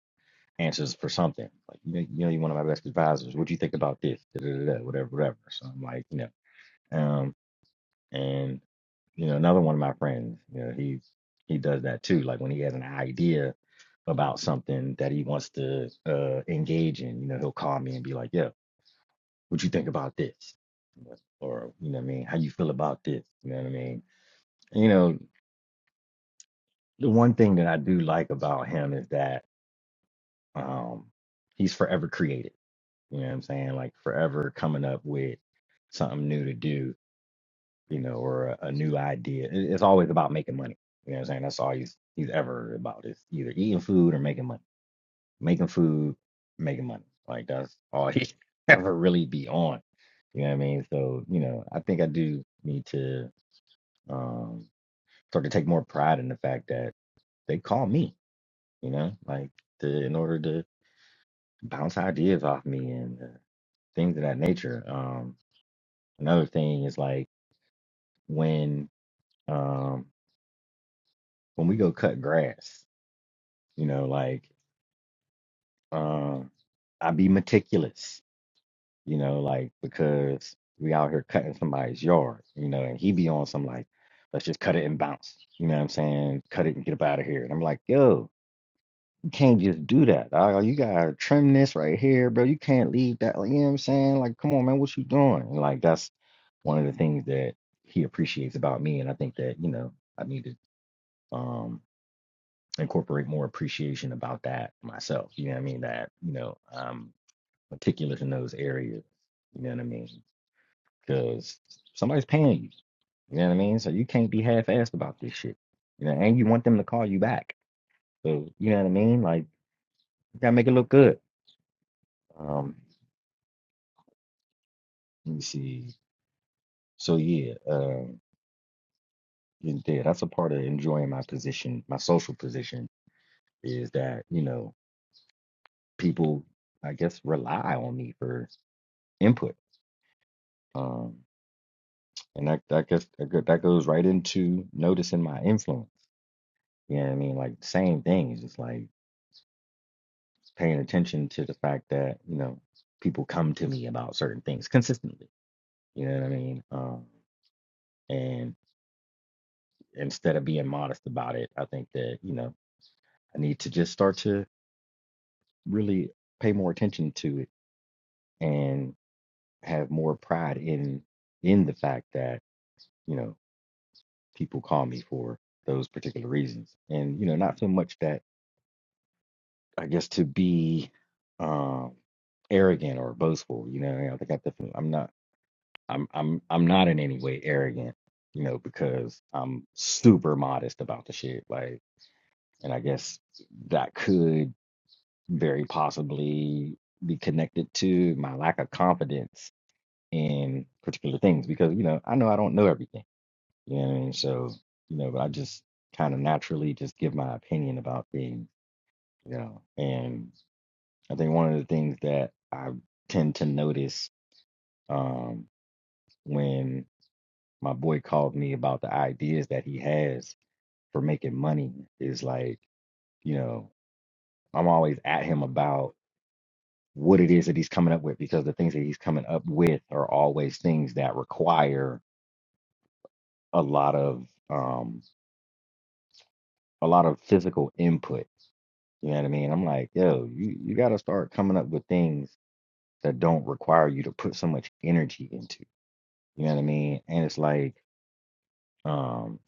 S2: answers for something. Like you know, you know, you're one of my best advisors. What do you think about this? Da, da, da, da, whatever, whatever. So I'm like, you know, um, and you know, another one of my friends. You know, he's he does that too. Like when he has an idea about something that he wants to uh, engage in, you know, he'll call me and be like, "Yo." what you think about this or you know what i mean how you feel about this you know what i mean you know the one thing that i do like about him is that um he's forever creative you know what i'm saying like forever coming up with something new to do you know or a, a new idea It- it's always about making money you know what i'm saying that's all he's he's ever about is either eating food or making money making food making money like that's all he ever really be on you know what i mean so you know i think i do need to um, start to take more pride in the fact that they call me, you know, like to, in order to bounce ideas off me and uh, things of that nature. Um, another thing is like when um, when we go cut grass, you know, like um, I be meticulous, you know, like because we out here cutting somebody's yard, you know, and he be on some like, let's just cut it and bounce, you know what I'm saying? Cut it and get up out of here. And I'm like, yo, can't just do that. Dog. You gotta trim this right here, bro. You can't leave that. Like, you know what I'm saying? Like, come on, man, what you doing? And, like, that's one of the things that he appreciates about me, and I think that you know I need to um incorporate more appreciation about that myself. You know what I mean? That you know I'm meticulous in those areas. You know what I mean? Because somebody's paying you. You know what I mean? So you can't be half-assed about this shit. You know, and you want them to call you back. So you know what I mean? Like, you gotta make it look good. Um, Let me see. So yeah, um, and yeah, that's a part of enjoying my position, my social position, is that you know people, I guess, rely on me for input. Um, and that that guess that go- that goes right into noticing my influence. You know what I mean? Like same things. It's like paying attention to the fact that you know people come to me about certain things consistently. You know what I mean? Um, and instead of being modest about it, I think that you know I need to just start to really pay more attention to it and have more pride in in the fact that you know people call me for those particular reasons and you know not so much that i guess to be um arrogant or boastful you know i think i definitely i'm not i'm i'm i'm not in any way arrogant you know because i'm super modest about the shit like and i guess that could very possibly be connected to my lack of confidence in particular things because you know I know I don't know everything. You know what I mean? So you know, but I just kind of naturally just give my opinion about things. You know, and I think one of the things that I tend to notice um, when my boy called me about the ideas that he has for making money is like, you know, I'm always at him about what it is that he's coming up with because the things that he's coming up with are always things that require a lot of um a lot of physical input. You know what I mean? I'm like, yo, you, you got to start coming up with things that don't require you to put so much energy into. You know what I mean? And it's like, um,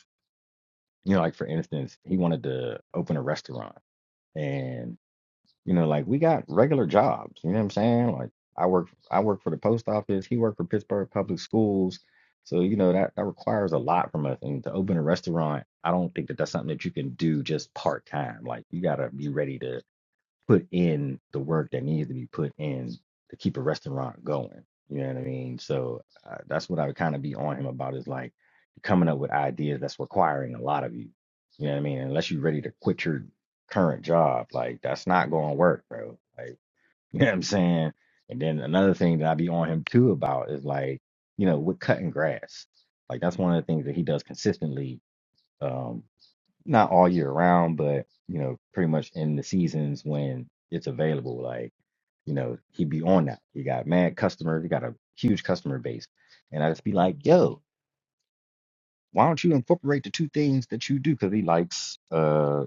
S2: you know, like for instance, he wanted to open a restaurant, and you know, like we got regular jobs. You know what I'm saying? Like I work, I work for the post office. He worked for Pittsburgh Public Schools. So you know that that requires a lot from us. And to open a restaurant, I don't think that that's something that you can do just part time. Like you got to be ready to put in the work that needed to be put in to keep a restaurant going. You know what I mean? So uh, that's what I would kind of be on him about is like coming up with ideas that's requiring a lot of you. You know what I mean? Unless you're ready to quit your current job, like that's not going to work, bro. Like, you know what I'm saying? And then another thing that I'd be on him too about is like, you know, with cutting grass. Like that's one of the things that he does consistently um, not all year round, but you know, pretty much in the seasons when it's available. Like, you know, he'd be on that. He got mad customer, he got a huge customer base. And I just be like, yo, why don't you incorporate the two things that you do? Because he likes uh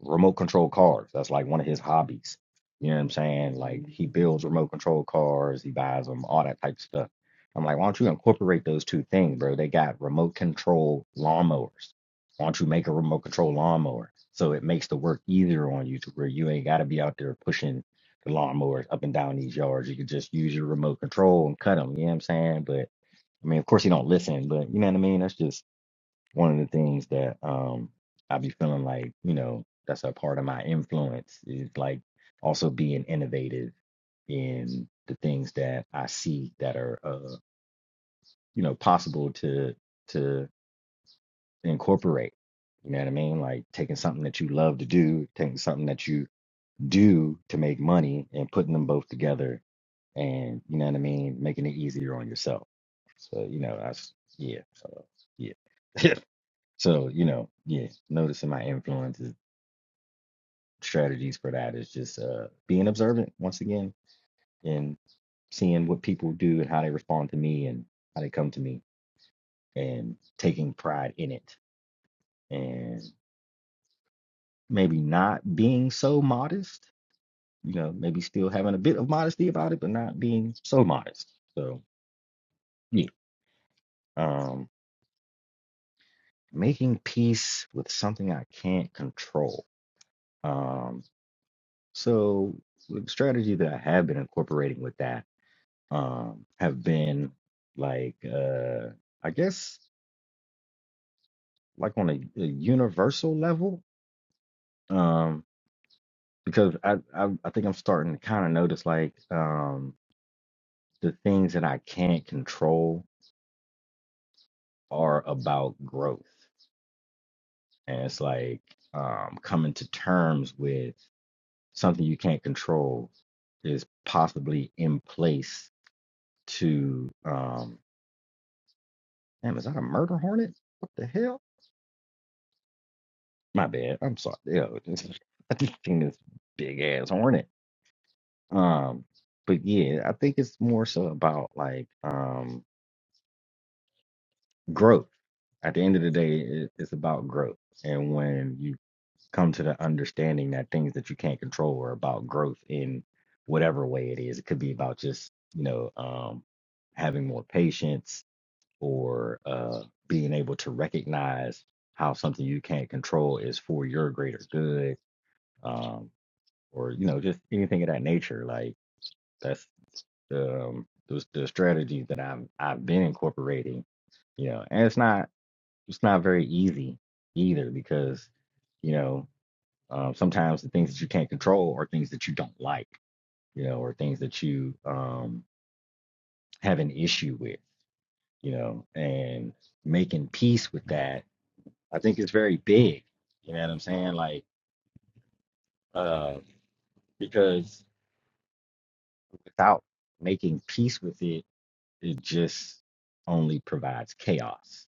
S2: remote control cars. That's like one of his hobbies. You know what I'm saying? Like he builds remote control cars, he buys them, all that type of stuff. I'm like, why don't you incorporate those two things, bro? They got remote control lawnmowers. Why don't you make a remote control lawnmower so it makes the work easier on you to where you ain't got to be out there pushing the lawnmowers up and down these yards. You could just use your remote control and cut them. You know what I'm saying? But I mean, of course, he don't listen, but you know what I mean? That's just one of the things that um I be feeling like, you know, that's a part of my influence is like also being innovative in the things that I see that are uh you know possible to to incorporate. You know what I mean? Like taking something that you love to do, taking something that you do to make money and putting them both together and you know what I mean, making it easier on yourself. So, you know, that's yeah. So yeah. So, you know, yeah, noticing my influences, strategies for that is just uh, being observant once again and seeing what people do and how they respond to me and how they come to me and taking pride in it and maybe not being so modest, you know, maybe still having a bit of modesty about it, but not being so modest. So, yeah, um, making peace with something I can't control. Um, so, the strategy that I have been incorporating with that um, have been like uh, I guess like on a, a universal level um, because I, I I think I'm starting to kind of notice like um, the things that I can't control are about growth and it's like um, coming to terms with something you can't control is possibly in place to um damn is that a murder hornet what the hell My bad. I'm sorry. Yeah, it's- I just seen this big ass hornet. Um, but yeah, I think it's more so about like um growth. At the end of the day, it, it's about growth. And when you come to the understanding that things that you can't control are about growth in whatever way it is, it could be about just you know um having more patience or uh being able to recognize how something you can't control is for your greater good um. or you know just anything of that nature like that's um the, the strategy that i've i've been incorporating you know and it's not it's not very easy either because you know um, sometimes the things that you can't control are things that you don't like you know or things that you um have an issue with you know and making peace with that i think is very big you know what i'm saying like uh because without making peace with it it just only provides chaos.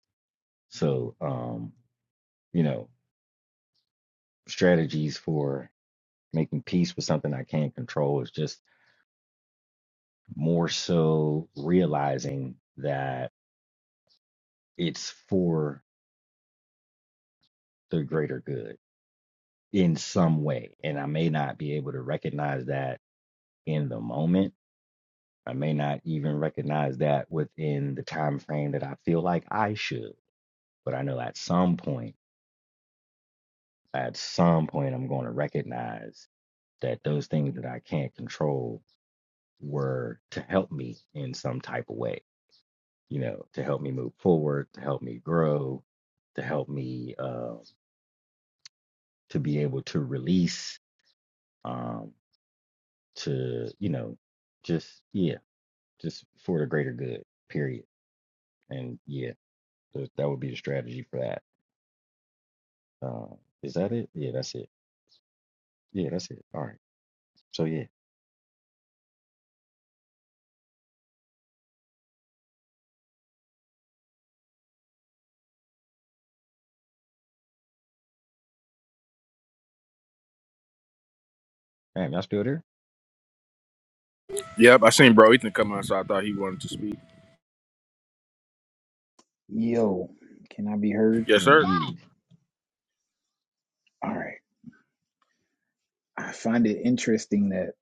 S2: So, um, you know, strategies for making peace with something I can't control is just more so realizing that it's for the greater good in some way. And I may not be able to recognize that in the moment. I may not even recognize that within the time frame that I feel like I should. But I know at some point, at some point, I'm going to recognize that those things that I can't control were to help me in some type of way, you know, to help me move forward, to help me grow, to help me uh, to be able to release, um, to, you know, just, yeah, just for the greater good, period. And yeah, th- that would be the strategy for that. Uh, is that it? Yeah, that's it. Yeah, that's it. All right. So yeah, man, y'all still there?
S1: Yep, I seen bro Ethan come out, so I thought he wanted to speak.
S4: Yo, can I be heard?
S1: Yes, sir.
S2: Indeed.
S4: All right. I find it interesting that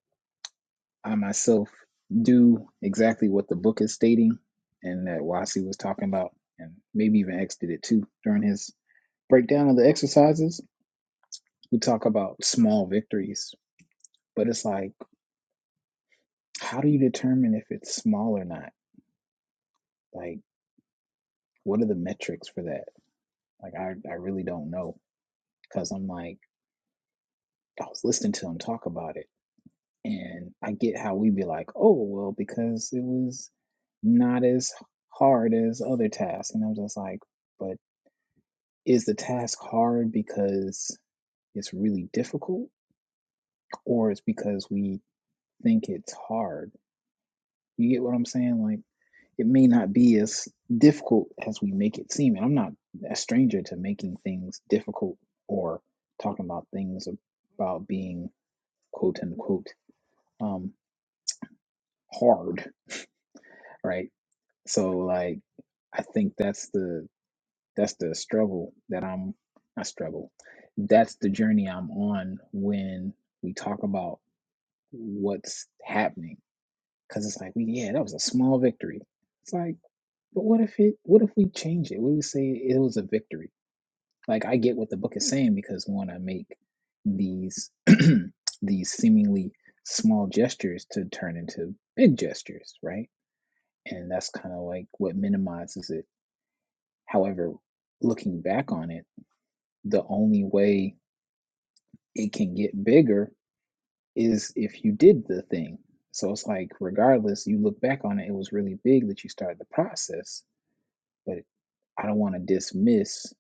S4: I myself do exactly what the book is stating and that Wasi was talking about, and maybe even X did it too during his breakdown of the exercises. We talk about small victories, but it's like, how do you determine if it's small or not? Like, what are the metrics for that? Like, I, I really don't know because I'm like, I was listening to him talk about it And I get how we be like, oh, well, because it was not as hard as other tasks. And I'm just like, but is the task hard because it's really difficult or it's because we think it's hard? You get what I'm saying? Like, it may not be as difficult as we make it seem. And I'm not a stranger to making things difficult or talking about things about being quote unquote um, hard, right? So like I think that's the that's the struggle that I'm I struggle. That's the journey I'm on when we talk about what's happening. Cause it's like, we yeah, that was a small victory. It's like, but what if it what if we change it? What if we say it was a victory? Like I get what the book is saying because we want to make these these seemingly small gestures to turn into big gestures, right? And that's kind of like what minimizes it However, looking back on it, the only way it can get bigger is if you did the thing. So it's like, regardless, you look back on it, it was really big that you started the process, but I don't want to dismiss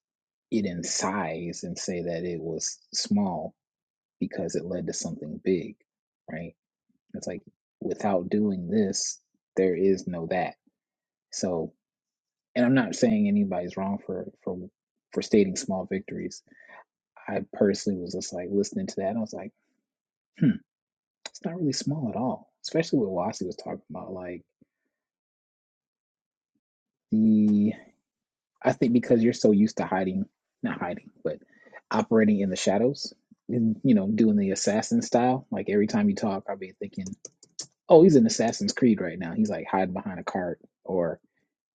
S4: it in size and say that it was small because it led to something big, right? It's like, without doing this, there is no that. So, and I'm not saying anybody's wrong for, for, for stating small victories I personally was just like listening to that. And I was like, hmm, it's not really small at all, especially what Wasi was talking about. Like the, I think because you're so used to hiding, not hiding, but operating in the shadows and, you know, doing the assassin style. Like every time you talk, I'll be thinking, oh, he's in Assassin's Creed right now. He's like hiding behind a cart or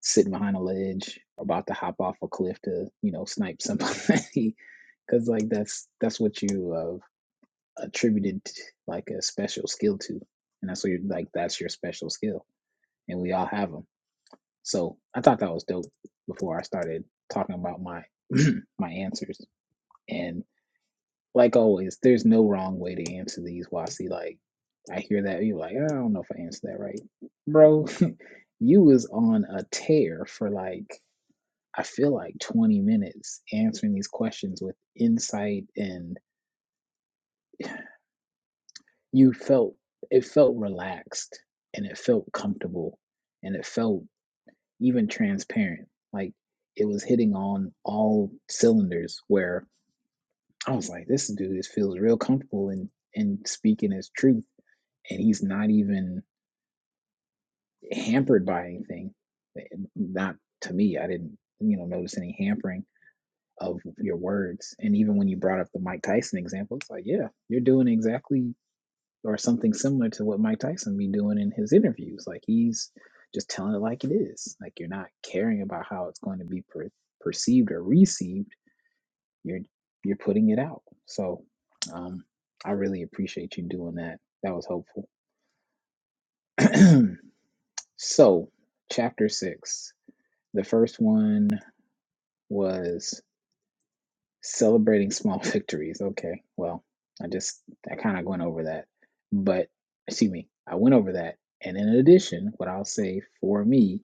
S4: sitting behind a ledge, about to hop off a cliff to, you know, snipe somebody. Cause like that's, that's what you, uh, attributed like a special skill to, and that's what you're like. That's your special skill, and we all have them. So I thought that was dope. Before I started talking about my my answers, and like always, there's no wrong way to answer these. Wasi, like I hear that you're like, I don't know if I answered that right, bro. you was on a tear for like I feel like 20 minutes answering these questions with insight and you felt it felt relaxed and it felt comfortable and it felt even transparent like it was hitting on all cylinders where i was like this dude is feels real comfortable and and speaking his truth and he's not even hampered by anything not to me i didn't you know notice any hampering of your words and even when you brought up the mike tyson example it's like yeah you're doing exactly or something similar to what Mike Tyson be doing in his interviews. Like he's just telling it like it is. Like you're not caring about how it's going to be per- perceived or received. You're you're putting it out. So um, I really appreciate you doing that. That was helpful. so chapter six. The first one was Celebrating small victories. Okay. Well, I just I kind of went over that. But excuse me, I went over that. And in addition, what I'll say for me,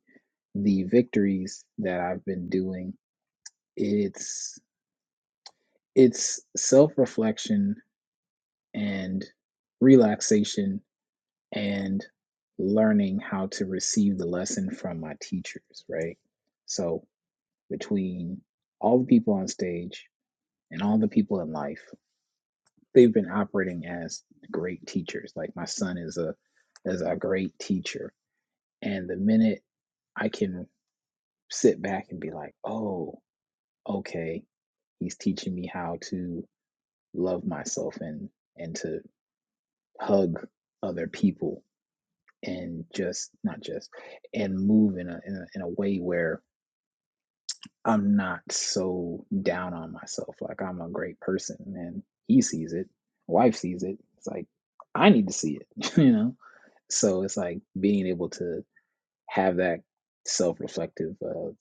S4: the victories that I've been doing, it's it's self-reflection and relaxation and learning how to receive the lesson from my teachers, right? So between all the people on stage and all the people in life, they've been operating as great teachers. Like my son is a is a great teacher. And the minute I can sit back and be like, oh, okay, he's teaching me how to love myself and and to hug other people and just not just and move in a in a, in a way where I'm not so down on myself. Like I'm a great person and he sees it, wife sees it. It's like I need to see it, you know So it's like being able to have that self reflective uh,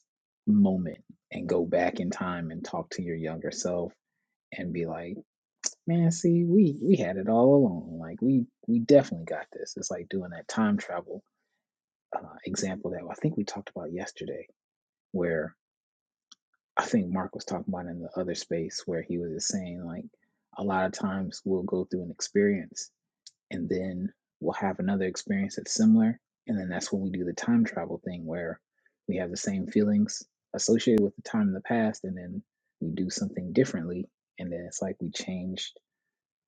S4: moment and go back in time and talk to your younger self and be like, man, see, we we had it all along. Like we we definitely got this. It's like doing that time travel uh, example that I think we talked about yesterday, where I think Mark was talking about in the other space where he was just saying like a lot of times we'll go through an experience and then we'll have another experience that's similar. And then that's when we do the time travel thing where we have the same feelings associated with the time in the past, and then we do something differently. And then it's like we changed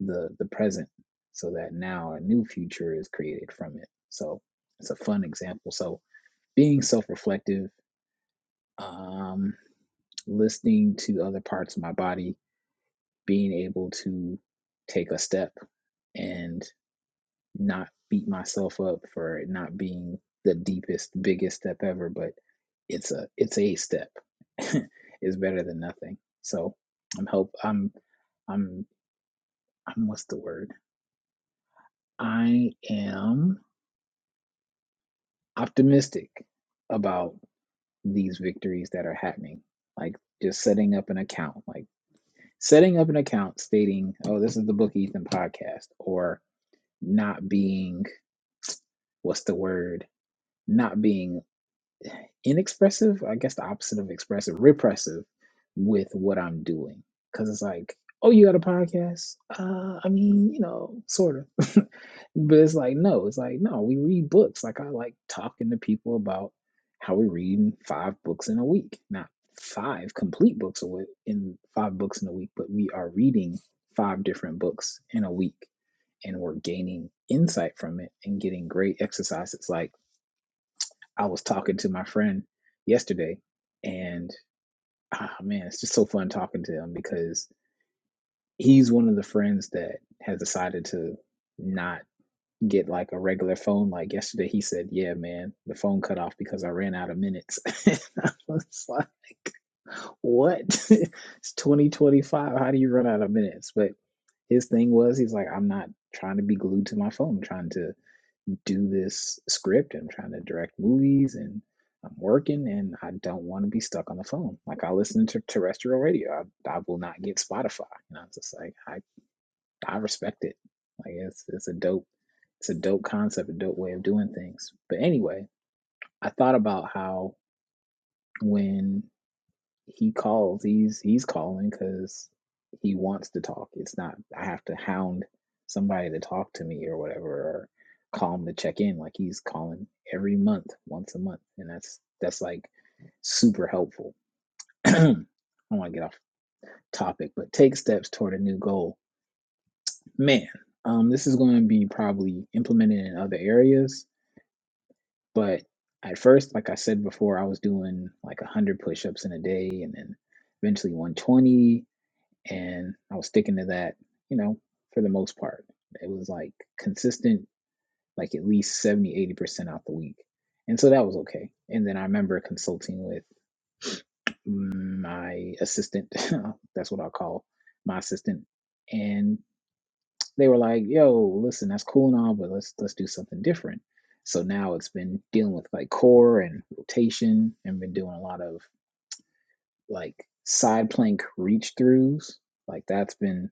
S4: the the present so that now a new future is created from it. So it's a fun example. So being self-reflective, um, listening to other parts of my body, being able to take a step and not beat myself up for it not being the deepest, biggest step ever, but it's a it's a step. it's better than nothing. So I'm hope I'm I'm I'm what's the word? I am optimistic about these victories that are happening. Like just setting up an account, like setting up an account stating, oh, this is the Book Ethan podcast, or not being what's the word? Not being inexpressive, I guess the opposite of expressive, repressive with what I'm doing. Cause it's like, oh, you got a podcast? Uh, I mean, you know, sort of. but it's like, no, it's like, no, we read books. Like I like talking to people about how we read five books in a week, not five complete books a in five books in a week, but we are reading five different books in a week and we're gaining insight from it and getting great exercises. Like I was talking to my friend yesterday, and ah, man, it's just so fun talking to him because he's one of the friends that has decided to not get like a regular phone. Like yesterday, he said, "Yeah, man, the phone cut off because I ran out of minutes." And I was like, "What? it's 2025. How do you run out of minutes?" But his thing was, he's like, "I'm not trying to be glued to my phone. I'm trying to." do this script. I'm trying to direct movies and I'm working and I don't want to be stuck on the phone. Like I listen to terrestrial radio. I, I will not get Spotify. You know, it's just like I, I respect it. Like it's it's a dope it's a dope concept, a dope way of doing things. But anyway, I thought about how when he calls. He's he's calling because he wants to talk. It's not I have to hound somebody to talk to me or whatever, or call him to check in. Like he's calling every month, once a month, and that's that's like super helpful. I don't want to get off topic, but take steps toward a new goal, man. Um, this is going to be probably implemented in other areas, but at first, like I said before, I was doing like 100 push ups in a day and then eventually 120 and I was sticking to that, you know, for the most part. It was like consistent, like at least seventy, eighty percent out the week. And so that was okay. And then I remember consulting with my assistant, that's what I'll call my assistant. And they were like, yo, listen, that's cool and all, but let's let's do something different. So now it's been dealing with like core and rotation and been doing a lot of like side plank reach throughs. Like that's been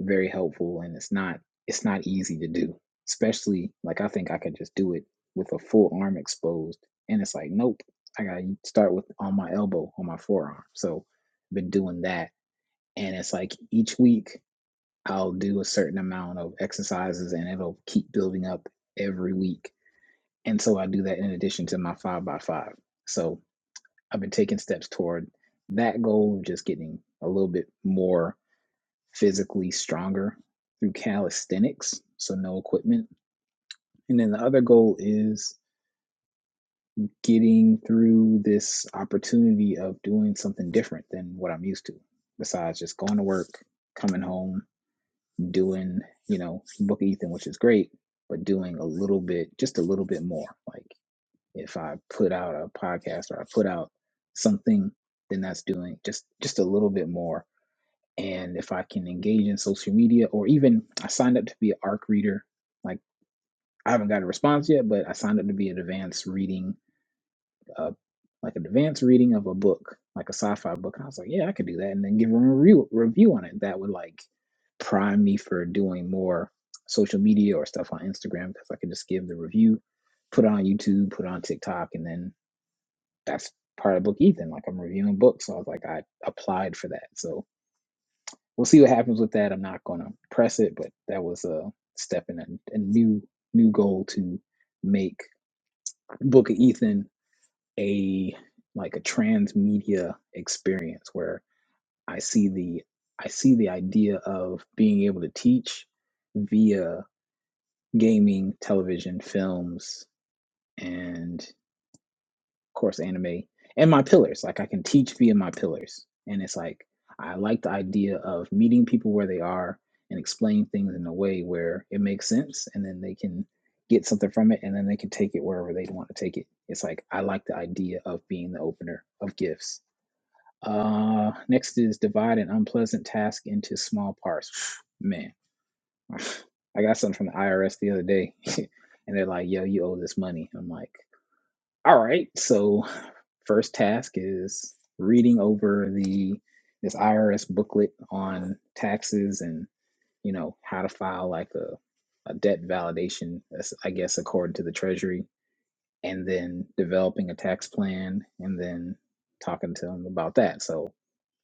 S4: very helpful and it's not it's not easy to do especially like i think i could just do it with a full arm exposed and it's like nope i gotta start with on my elbow on my forearm so been doing that and it's like each week i'll do a certain amount of exercises and it'll keep building up every week and so i do that in addition to my five by five so i've been taking steps toward that goal of just getting a little bit more physically stronger through calisthenics, so no equipment. And then the other goal is getting through this opportunity of doing something different than what I'm used to, besides just going to work, coming home, doing, you know, Book Ethan, which is great, but doing a little bit, just a little bit more. Like if I put out a podcast or I put out something, then that's doing just just a little bit more and if I can engage in social media or even I signed up to be an ARC reader. Like I haven't got a response yet, but I signed up to be an advanced reading, uh, like an advanced reading of a book, like a sci-fi book. And I was like, yeah, I could do that, and then give a review review on it. That would like prime me for doing more social media or stuff on Instagram because I could just give the review, put it on YouTube, put it on TikTok, and then that's part of Book Ethan. Like I'm reviewing books, so I was like, I applied for that, so we'll see what happens with that. I'm not going to press it, but that was a step in a, a new new goal to make Book of Ethan a like a transmedia experience where I see the I see the idea of being able to teach via gaming, television, films, and course anime and my pillars like i can teach via my pillars and it's like i like the idea of meeting people where they are and explaining things in a way where it makes sense and then they can get something from it and then they can take it wherever they want to take it it's like i like the idea of being the opener of gifts uh next is divide an unpleasant task into small parts man i got something from the irs the other day and they're like yo you owe this money i'm like all right. So, first task is reading over the this IRS booklet on taxes and you know how to file like a a debt validation, that's, I guess, according to the Treasury, and then developing a tax plan and then talking to them about that. So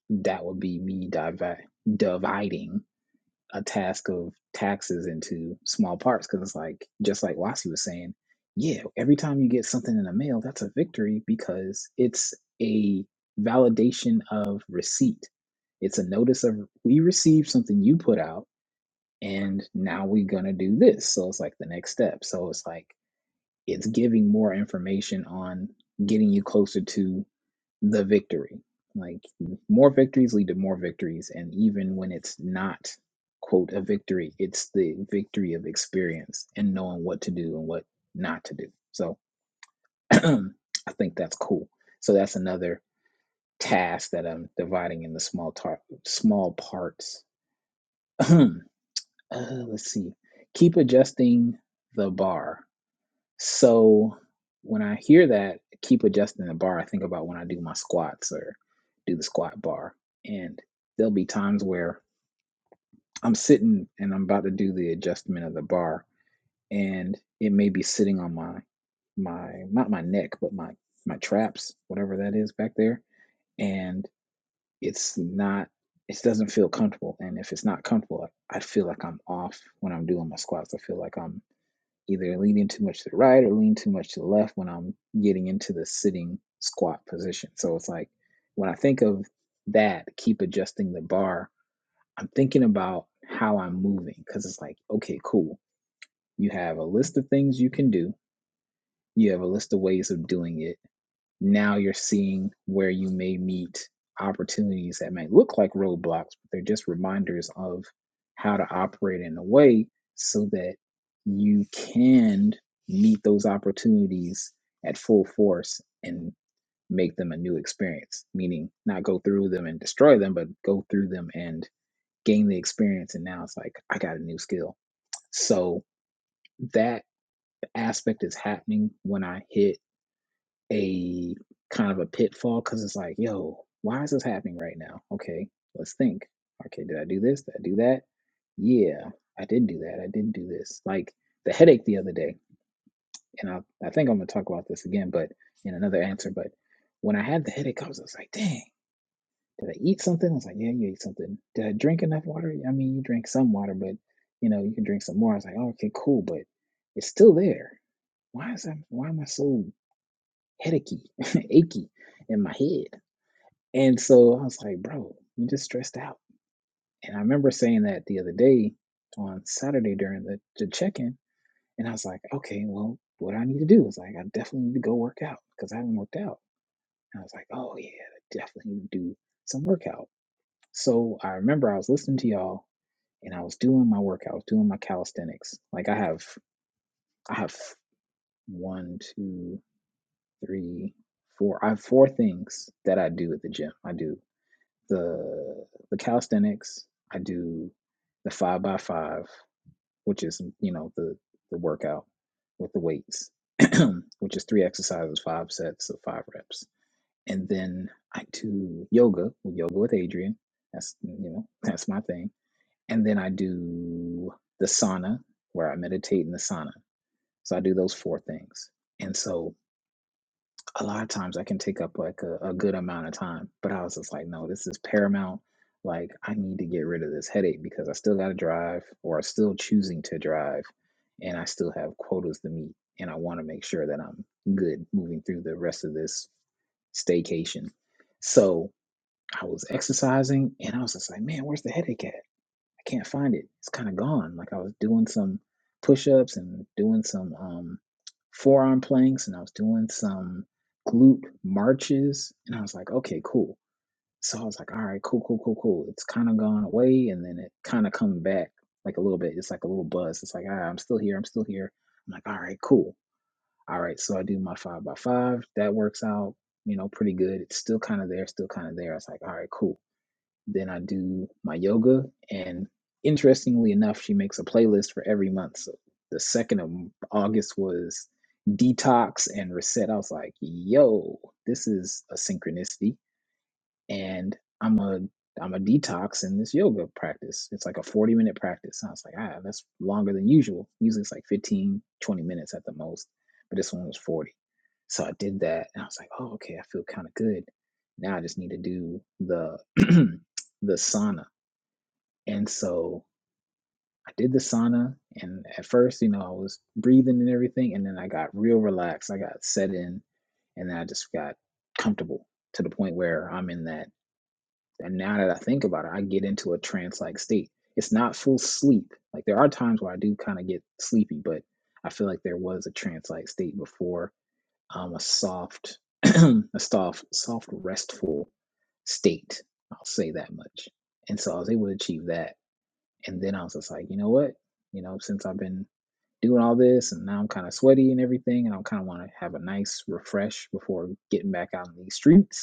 S4: that would be me divi- dividing a task of taxes into small parts because it's like just like Wasi was saying, yeah, every time you get something in the mail, that's a victory because it's a validation of receipt. It's a notice of we received something you put out and now we're gonna do this. So it's like the next step. So it's like it's giving more information on getting you closer to the victory. Like more victories lead to more victories, and even when it's not quote a victory, it's the victory of experience and knowing what to do and what not to do. So I think that's cool. So that's another task that I'm dividing into small tar- small parts. uh, let's see. Keep adjusting the bar So when I hear that, keep adjusting the bar, I think about when I do my squats or do the squat bar. And there'll be times where I'm sitting and I'm about to do the adjustment of the bar and it may be sitting on my my not my neck, but my my traps, whatever that is back there. And it's not it doesn't feel comfortable. And if it's not comfortable, I feel like I'm off when I'm doing my squats. I feel like I'm either leaning too much to the right or lean too much to the left when I'm getting into the sitting squat position. So it's like when I think of that, keep adjusting the bar, I'm thinking about how I'm moving because it's like, okay, cool. You have a list of things you can do, you have a list of ways of doing it now you're seeing where you may meet opportunities that may look like roadblocks, but they're just reminders of how to operate in a way so that you can meet those opportunities at full force and make them a new experience, meaning not go through them and destroy them, but go through them and gain the experience. And now it's like, I got a new skill. So that aspect is happening when I hit a kind of a pitfall because it's like, yo, why is this happening right now? Okay, let's think. Okay, did I do this? Did I do that? Yeah, I did do that. I did do this. Like the headache the other day, and I, I think I'm gonna talk about this again, but in another answer. But when I had the headache, I was just like, dang, did I eat something? I was like, yeah, you ate something. Did I drink enough water? I mean, you drink some water, but you know, you can drink some more. I was like, oh, okay, cool, but it's still there. Why is that? Why am I so headachy, achy in my head. And so I was like, bro, you just stressed out. And I remember saying that the other day on Saturday during the, the check in. And I was like, okay, well, what I need to do is like, I definitely need to go work out because I haven't worked out. And I was like, oh, yeah, I definitely need to do some workout. So I remember I was listening to y'all and I was doing my workout, I was doing my calisthenics. Like I have, I have one, two, three, four. I have four things that I do at the gym. I do the the calisthenics. I do the five by five, which is you know the the workout with the weights, which is three exercises, five sets of five reps, and then I do yoga, yoga with Adrian. That's you know that's my thing, and then I do the sauna where I meditate in the sauna. So I do those four things, and so a lot of times I can take up like a, a good amount of time. But I was just like, no, this is paramount. Like I need to get rid of this headache because I still got to drive or I'm still choosing to drive and I still have quotas to meet. And I want to make sure that I'm good moving through the rest of this staycation. So I was exercising and I was just like, man, where's the headache at? I can't find it. It's kind of gone. Like I was doing some push-ups and doing some um, forearm planks, and I was doing some glute marches, and I was like, okay, cool. So I was like, all right, cool, cool, cool, cool. It's kind of gone away, and then it kind of come back like a little bit. It's like a little buzz. It's like, ah, I'm still here. I'm still here. I'm like, all right, cool. All right, so I do my five by five. That works out, you know, pretty good. It's still kind of there, still kind of there. It's like, all right, cool then I do my yoga. And interestingly enough, she makes a playlist for every month. So the second of August was detox and reset. I was like, yo, this is a synchronicity and I'm a I'm a detox in this yoga practice. It's like a 40 minute practice. And I was like, ah, that's longer than usual. Usually it's like 15, 20 minutes at the most, but this one was 40. So I did that and I was like, oh, okay, I feel kind of good. Now I just need to do the the sauna. And so I did the sauna and at first, you know, I was breathing and everything, and then I got real relaxed. I got set in and then I just got comfortable to the point where I'm in that and now that I think about it, I get into a trance like state. It's not full sleep. Like there are times where I do kind of get sleepy, but I feel like there was a trance like state before um, a soft, a soft, soft, restful state. I'll say that much. And so I was able to achieve that. And then I was just like, you know what? You know, since I've been doing all this and now I'm kind of sweaty and everything, and I kind of want to have a nice refresh before getting back out in these streets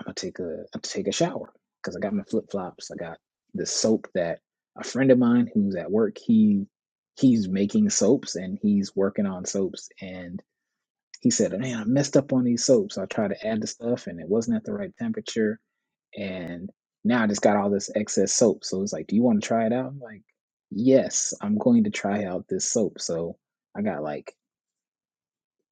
S4: I'm gonna take a I'm gonna take a shower because I got my flip flops. I got the soap that a friend of mine who's at work he he's making soaps and he's working on soaps and he said, "Man, I messed up on these soaps. I tried to add the stuff and it wasn't at the right temperature and now I just got all this excess soap." So it's like, "Do you want to try it out?" I'm like, "Yes, I'm going to try out this soap." So I got like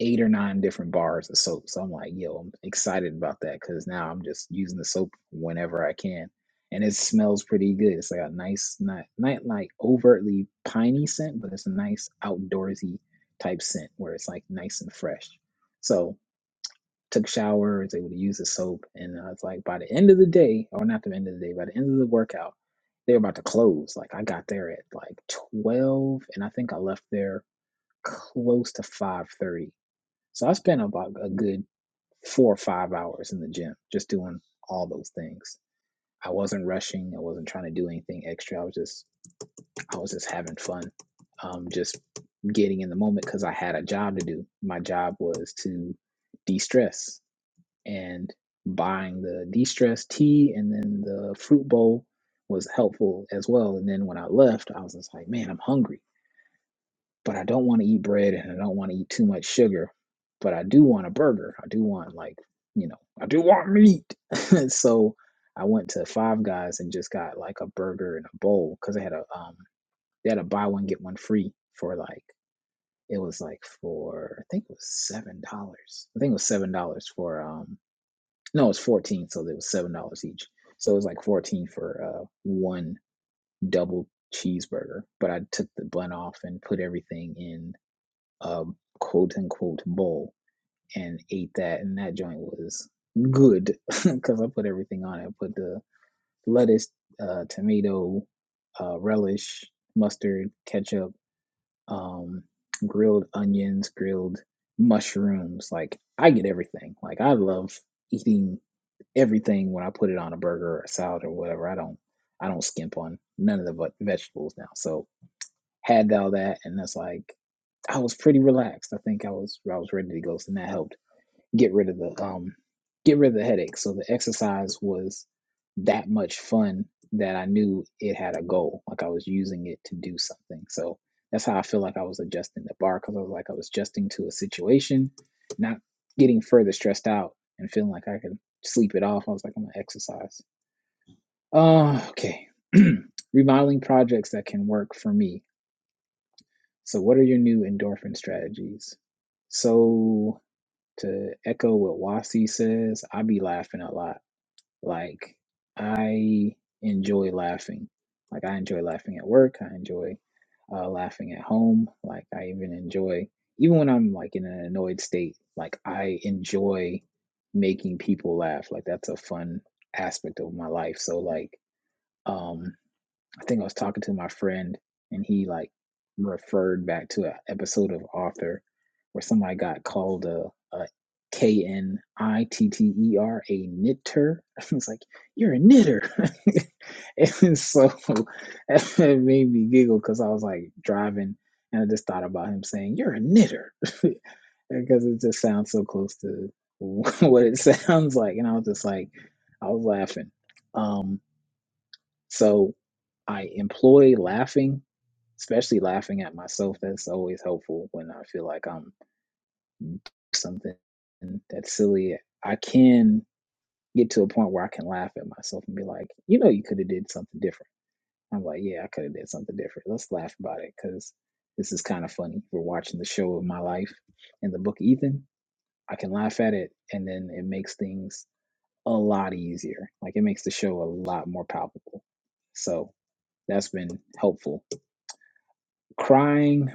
S4: eight or nine different bars of soap. So I'm like, yo, I'm excited about that because now I'm just using the soap whenever I can. And it smells pretty good. It's like a nice, not, not like overtly piney scent, but it's a nice outdoorsy type scent where it's like nice and fresh. So took showers, able to use the soap. And I was like, by the end of the day, or not the end of the day, by the end of the workout, they were about to close. Like I got there at like 12 and I think I left there close to 5:30 so I spent about a good four or five hours in the gym just doing all those things. I wasn't rushing. I wasn't trying to do anything extra. I was just I was just having fun, um, just getting in the moment because I had a job to do. My job was to de-stress and buying the de-stress tea and then the fruit bowl was helpful as well. And then when I left, I was just like, man, I'm hungry but I don't want to eat bread and I don't want to eat too much sugar, but I do want a burger. I do want like, you know, I do want meat. so I went to Five Guys and just got like a burger and a bowl because they had a um they had a buy one get one free for like it was like for I think it was seven dollars. I think it was seven dollars for um no it was fourteen, so it was seven dollars each. So it was like fourteen for uh one double cheeseburger. But I took the bun off and put everything in a quote unquote bowl and ate that, and that joint was good because I put everything on it. I put the lettuce, uh, tomato, uh, relish, mustard, ketchup, um, grilled onions, grilled mushrooms. Like I get everything. Like I love eating everything when I put it on a burger or a salad or whatever. I don't I don't skimp on none of the ve- vegetables now. So had all that, and that's like I was pretty relaxed. I think I was I was ready to go, and that helped get rid of the um get rid of the headache. So the exercise was that much fun that I knew it had a goal, like I was using it to do something. So that's how I feel like I was adjusting the bar because I was like I was adjusting to a situation, not getting further stressed out and feeling like I could sleep it off. I was like I'm gonna exercise. Uh, okay, remodeling projects that can work for me so, what are your new endorphin strategies? So, to echo what Wasi says, I be laughing a lot. Like, I enjoy laughing. Like, I enjoy laughing at work. I enjoy uh, laughing at home. Like, I even enjoy, even when I'm like in an annoyed state, like, I enjoy making people laugh. Like, that's a fun aspect of my life. So, like, um, I think I was talking to my friend and he like referred back to an episode of Author where somebody got called a, a K N I T T E R, a knitter. I was like, you're a knitter. and so it made me giggle because I was like driving and I just thought about him saying, you're a knitter. because it just sounds so close to what it sounds like. And I was just like, I was laughing. Um, so I employ laughing, especially laughing at myself. That's always helpful when I feel like I'm doing something that's silly. I can get to a point where I can laugh at myself and be like, you know, you could have did something different. I'm like, yeah, I could have did something different. Let's laugh about it because this is kind of funny. We're watching the show of my life in the book Ethan. I can laugh at it, and then it makes things a lot easier. Like it makes the show a lot more palpable. So that's been helpful Crying,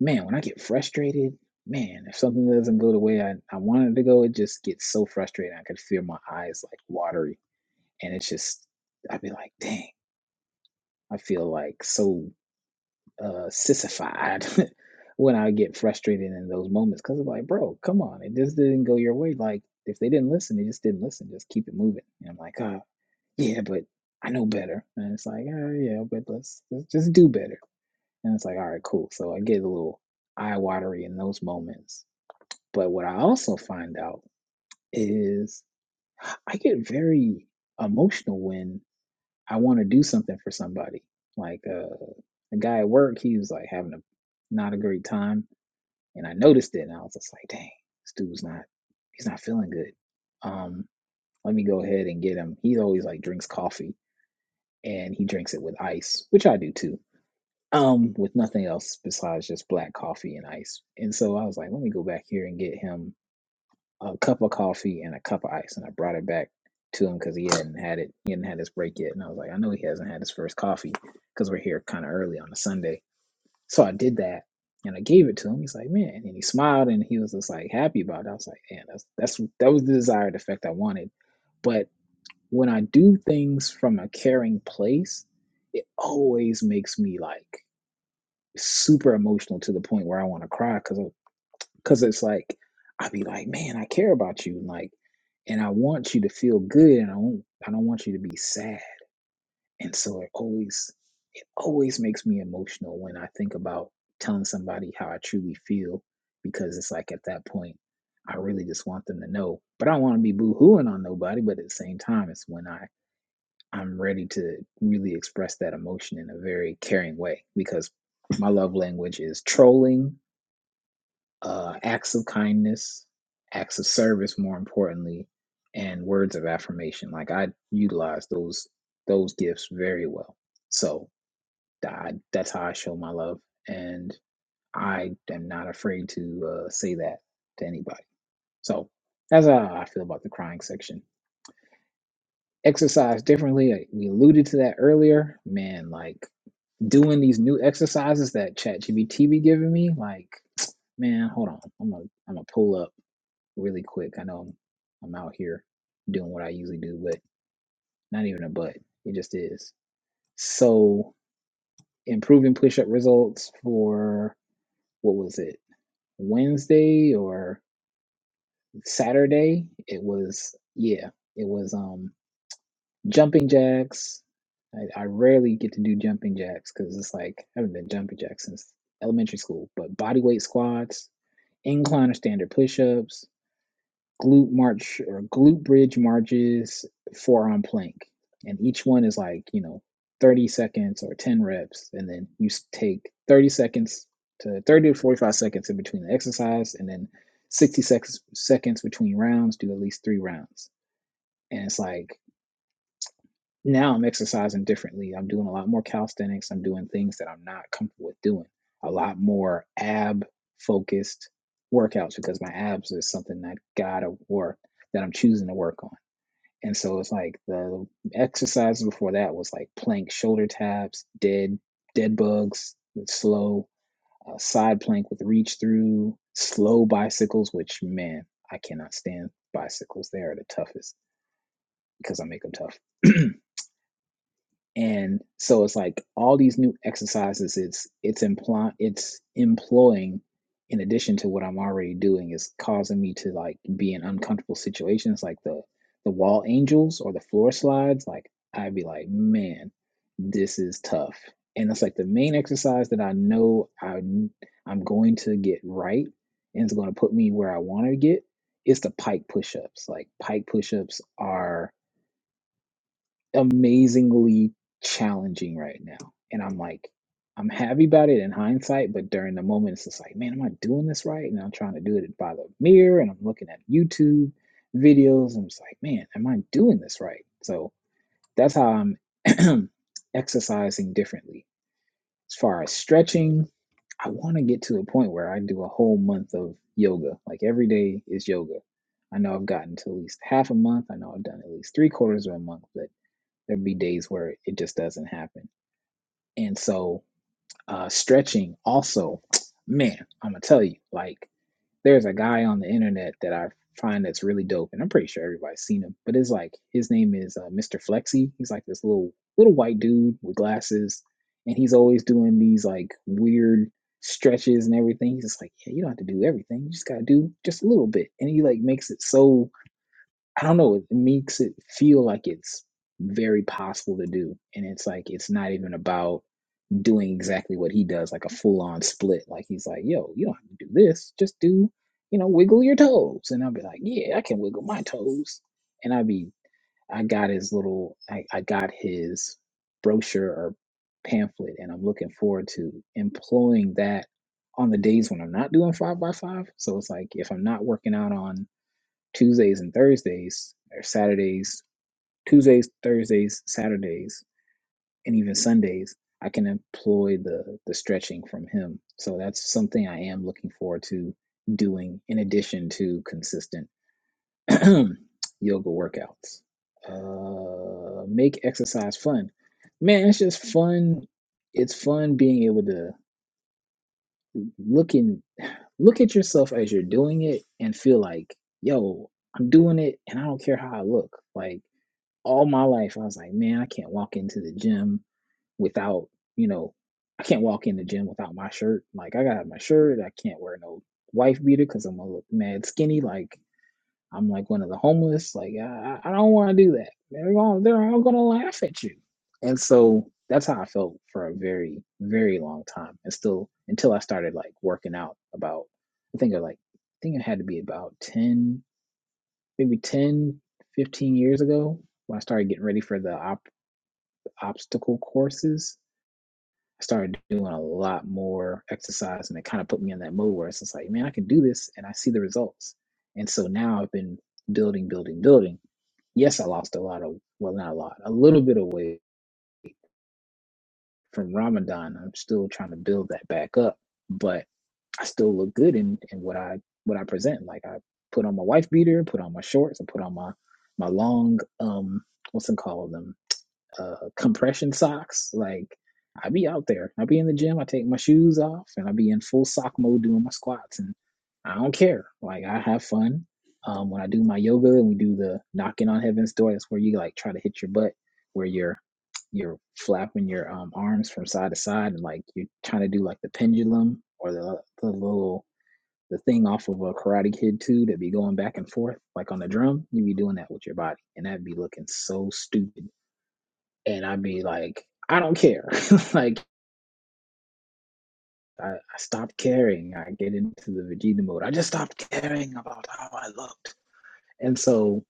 S4: man, when I get frustrated, man, if something doesn't go the way I, I wanted it to go, it just gets so frustrating. I could feel my eyes like watery. And it's just, I'd be like, dang, I feel like so uh, sissified when I get frustrated in those moments. Cause I'm like, bro, come on, it just didn't go your way. Like, if they didn't listen, they just didn't listen. Just keep it moving. And I'm like, ah, yeah, but I know better. And it's like, oh yeah, but let's, let's just do better. And it's like, all right, cool. So I get a little eye watery in those moments. But what I also find out is I get very emotional when I want to do something for somebody. Like uh, a guy at work, he was like having a not a great time, and I noticed it, and I was just like, dang, this dude's not, he's not feeling good. Um, let me go ahead and get him. He always like drinks coffee, and he drinks it with ice, which I do too um, with nothing else besides just black coffee and ice. And so I was like, let me go back here and get him a cup of coffee and a cup of ice. And I brought it back to him because he hadn't had it. He hadn't had his break yet. And I was like, I know he hasn't had his first coffee because we're here kind of early on a Sunday. So I did that and I gave it to him. He's like, man. And he smiled and he was just like happy about it. I was like, man, that's, that's, that was the desired effect I wanted. But when I do things from a caring place, it always makes me like, super emotional to the point where I want to cry because because it's like I'd be like, man, I care about you, and like, and I want you to feel good, and I do not I don't want you to be sad, and so it always it always makes me emotional when I think about telling somebody how I truly feel because it's like at that point I really just want them to know, but I don't want to be boo hooing on nobody, but at the same time, it's when I I'm ready to really express that emotion in a very caring way because my love language is trolling, uh, acts of kindness, acts of service, more importantly, and words of affirmation. Like I utilize those those gifts very well. So I, that's how I show my love, and I am not afraid to uh, say that to anybody. So that's how I feel about the crying section. Exercise differently. like, We alluded to that earlier. Man, like doing these new exercises that ChatGPT be giving me, like, man, hold on, I'm gonna I'm gonna pull up really quick. I know I'm, I'm out here doing what I usually do, but not even a but. It just is. So improving push-up results for what was it Wednesday or Saturday? It was yeah, it was. Um, Jumping jacks. I, I rarely get to do jumping jacks because it's like I haven't done jumping jacks since elementary school. But body weight squats, incline or standard push-ups, glute march or glute bridge marches, forearm plank, and each one is like you know 30 seconds or 10 reps, and then you take 30 seconds to 30 to 45 seconds in between the exercise, and then 60 seconds seconds between rounds. Do at least three rounds, and it's like now I'm exercising differently. I'm doing a lot more calisthenics. I'm doing things that I'm not comfortable with doing. A lot more ab focused workouts because my abs is something that gotta work that I'm choosing to work on. And so it's like the exercises before that was like plank, shoulder taps, dead dead bugs, slow uh, side plank with reach through, slow bicycles. Which man, I cannot stand bicycles. They are the toughest because I make them tough. and so it's like all these new exercises it's it's implying it's employing in addition to what i'm already doing is causing me to like be in uncomfortable situations like the the wall angels or the floor slides like i'd be like man this is tough and it's like the main exercise that i know I i n- i'm going to get right and it's going to put me where i want to get is the pike push-ups like pike push-ups are amazingly challenging right now. And I'm like, I'm happy about it in hindsight, but during the moment, it's just like, man, am I doing this right? And I'm trying to do it by the mirror and I'm looking at YouTube videos. and I'm just like, man, am I doing this right? So that's how I'm exercising differently. As far as stretching, I want to get to a point where I do a whole month of yoga. Like every day is yoga. I know I've gotten to at least half a month. I know I've done at least three quarters of a month, but There'll be days where it just doesn't happen. And so uh, stretching also, man, I'm gonna tell you, like there's a guy on the internet that I find that's really dope, and I'm pretty sure everybody's seen him. But it's like his name is uh, Mr. Flexi. He's like this little little white dude with glasses, and he's always doing these like weird stretches and everything. He's just like, yeah, you don't have to do everything. You just gotta do just a little bit, and he like makes it so I don't know, it makes it feel like it's very possible to do. And it's like it's not even about doing exactly what he does, like a full on split. Like he's like, yo, you don't have to do this. Just do, you know, wiggle your toes. And I'll be like, Yeah, I can wiggle my toes. And I'd be I got his little I, I got his brochure or pamphlet and I'm looking forward to employing that on the days when I'm not doing five by five. So it's like if I'm not working out on Tuesdays and Thursdays, or Saturdays, Tuesdays, Thursdays, Saturdays, and even Sundays, I can employ the the stretching from him. So that's something I am looking forward to doing in addition to consistent yoga workouts. Uh, make exercise fun. Man, it's just fun. It's fun being able to look in look at yourself as you're doing it and feel like, yo, I'm doing it and I don't care how I look. Like all my life I was like, man, I can't walk into the gym without, you know, I can't walk in the gym without my shirt. Like I gotta have my shirt. I can't wear no wife beater because I'm gonna look mad skinny. Like I'm like one of the homeless. Like I, I don't want to do that. They're all they're all gonna laugh at you. And so that's how I felt for a very very long time, and still until I started like working out. About I think I like I think it had to be about ten, maybe 10, 15 years ago when I started getting ready for the op obstacle courses, I started doing a lot more exercise and it kind of put me in that mode where it's just like, man, I can do this and I see the results. And so now I've been building, building, building. Yes, I lost a lot of, well, not a lot, a little bit of weight from Ramadan. I'm still trying to build that back up, but I still look good in, in what I, what I present. Like I put on my wife beater, put on my shorts, and put on my, my long, um, what's it called? them. uh, compression socks. Like I be out there. I be in the gym. I take my shoes off and I be in full sock mode doing my squats and I don't care. Like I have fun. Um, when I do my yoga and we do the knocking on heaven's door, that's where you like try to hit your butt where you're you're flapping your um, arms from side to side and like you're trying to do like the pendulum or the the little the thing off of a karate kid too that be going back and forth like on the drum you be doing that with your body and that'd be looking so stupid and I'd be like, I don't care. like I, I stopped caring. I get into the Vegeta mode. I just stopped caring about how I looked. And so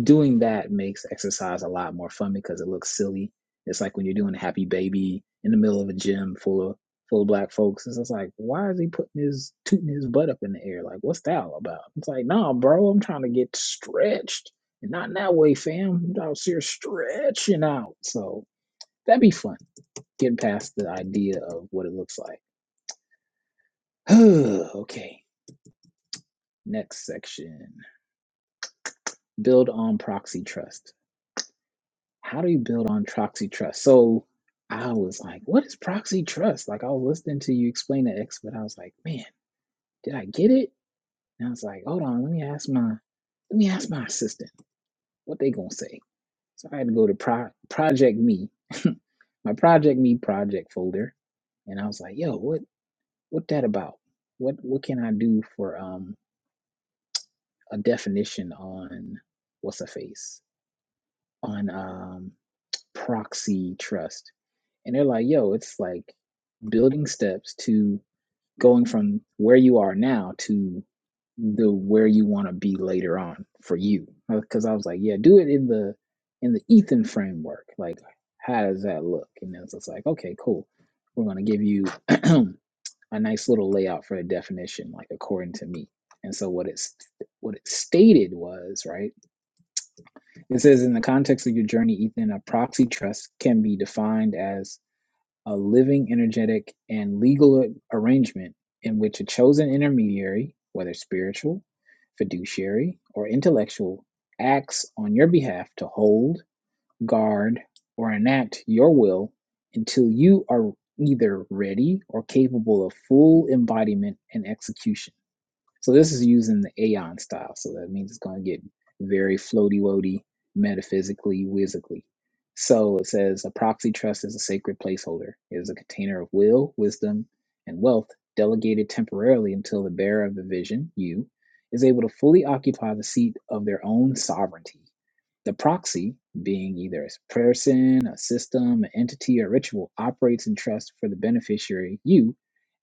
S4: doing that makes exercise a lot more fun because it looks silly. It's like when you're doing Happy Baby in the middle of a gym full of full of black folks. It's just like, why is he putting his tooting his butt up in the air? Like, what's that all about? It's like, nah, bro, I'm trying to get stretched. And not in that way, fam. I'm out here stretching out. So that'd be fun Getting past the idea of what it looks like. okay, next section. Build on proxy trust. How do you build on proxy trust? So I was like, what is proxy trust? Like I was listening to you explain the X, but I was like, man, did I get it? And I was like, hold on, let me ask my let me ask my assistant what they gonna say. So I had to go to Pro- Project Me, my Project Me project folder, and I was like, yo, what what that about? What what can I do for um a definition on what's a face on um, proxy trust, and they're like, "Yo, it's like building steps to going from where you are now to the where you want to be later on for you." Because I was like, "Yeah, do it in the in the Ethan framework. Like, how does that look?" And then it's like, "Okay, cool. We're gonna give you a nice little layout for a definition, like according to me." And so what it's what it stated was right It says, in the context of your journey, Ethan, a proxy trust can be defined as a living, energetic, and legal arrangement in which a chosen intermediary, whether spiritual, fiduciary, or intellectual, acts on your behalf to hold, guard, or enact your will until you are either ready or capable of full embodiment and execution. So this is using the aeon style. So that means it's going to get very floaty woaty, metaphysically, whizzically. So it says a proxy trust is a sacred placeholder. It is a container of will, wisdom, and wealth delegated temporarily until the bearer of the vision, you, is able to fully occupy the seat of their own sovereignty. The proxy, being either a person, a system, an entity, or ritual, operates in trust for the beneficiary, you,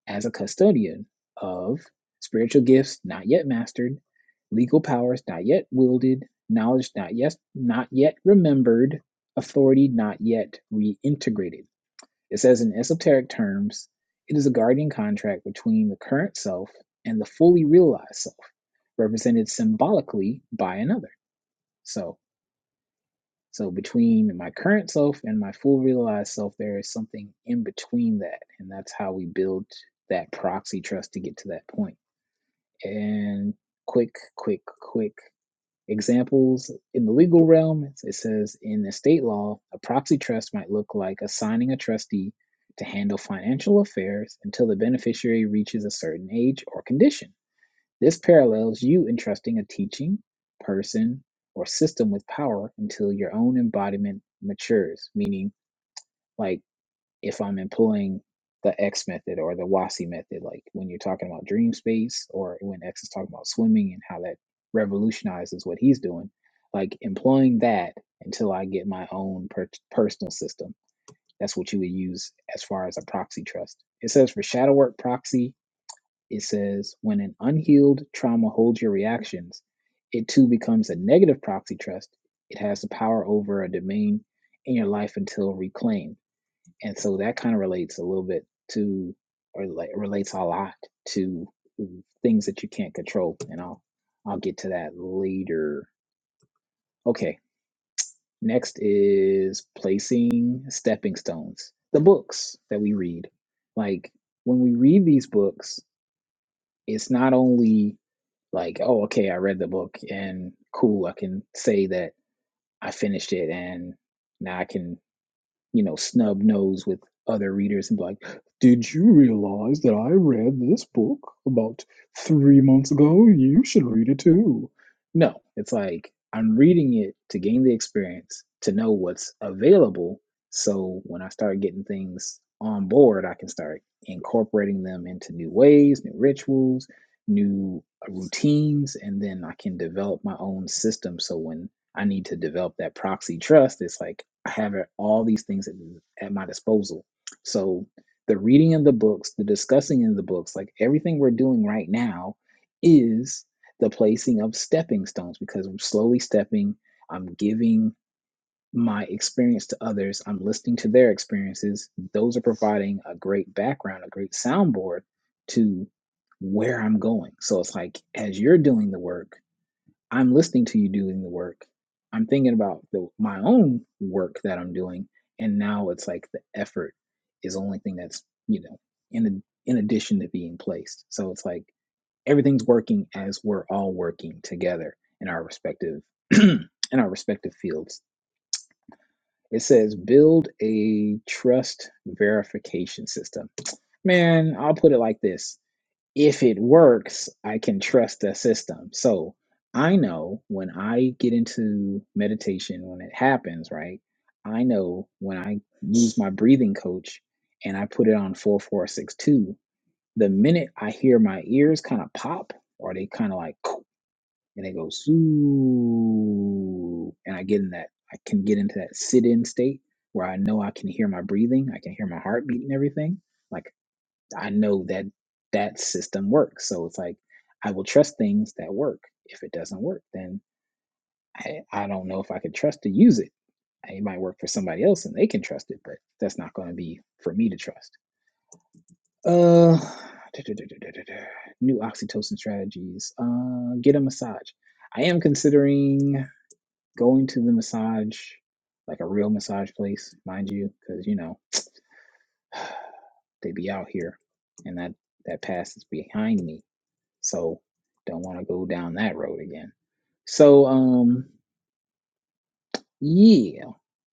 S4: as a custodian of spiritual gifts not yet mastered, legal powers not yet wielded, knowledge not yet not yet remembered, authority not yet reintegrated. It says in esoteric terms, it is a guardian contract between the current self and the fully realized self, represented symbolically by another. So so between my current self and my full realized self, there is something in between that. And that's how we build that proxy trust to get to that point. And quick, quick, quick examples in the legal realm, it says in estate law, a proxy trust might look like assigning a trustee to handle financial affairs until the beneficiary reaches a certain age or condition. This parallels you entrusting a teaching, person, or system with power until your own embodiment matures. Meaning, like if I'm employing the X method or the WASI method, like when you're talking about dream space or when X is talking about swimming and how that revolutionizes what he's doing, like employing that until I get my own per- personal system. That's what you would use as far as a proxy trust. It says for shadow work proxy it says when an unhealed trauma holds your reactions, it too becomes a negative proxy trust. It has the power over a domain in your life until reclaimed. And so that kind of relates a little bit to, or like, relates a lot to things that you can't control. And I'll, I'll get to that later. Okay. Next is placing stepping stones, the books that we read. Like when we read these books, it's not only like oh okay i read the book and cool i can say that i finished it and now i can you know, snub nose with other readers and be like, Did you realize that I read this book about three months ago? You should read it too. No, it's like I'm reading it to gain the experience, to know what's available. So when I start getting things on board, I can start incorporating them into new ways, new rituals, new routines, and then I can develop my own system. So when I need to develop that proxy trust. It's like I have it- all these things at, at my disposal. So the reading of the books, the discussing in the books, like everything we're doing right now is the placing of stepping stones because I'm slowly stepping, I'm giving my experience to others, I'm listening to their experiences. Those are providing a great background, a great soundboard to where I'm going. So it's like as you're doing the work, I'm listening to you doing the work. I'm thinking about the, my own work that I'm doing, and now it's like the effort is the only thing that's you know in in addition to being placed. So it's like everything's working as we're all working together in our respective in our respective fields. It says build a trust verification system. Man, I'll put it like this if it works, I can trust the system. So I know when I get into meditation, when it happens, right? I know when I use my breathing coach and I put it on 4462, the minute I hear my ears kind of pop or they kind of like, and it goes, "Ooh," and I get in that, I can get into that sit in state where I know I can hear my breathing, I can hear my heartbeat and everything. Like I know that that system works. So it's like I will trust things that work. If it doesn't work, then I, I don't know if I can trust to use it. It might work for somebody else and they can trust it, but that's not going to be for me to trust. Uh, new oxytocin strategies. Uh, get a massage. I am considering going to the massage, like a real massage place, mind you, because you know they be out here, and that that past is behind me So don't want to go down that road again. So um yeah.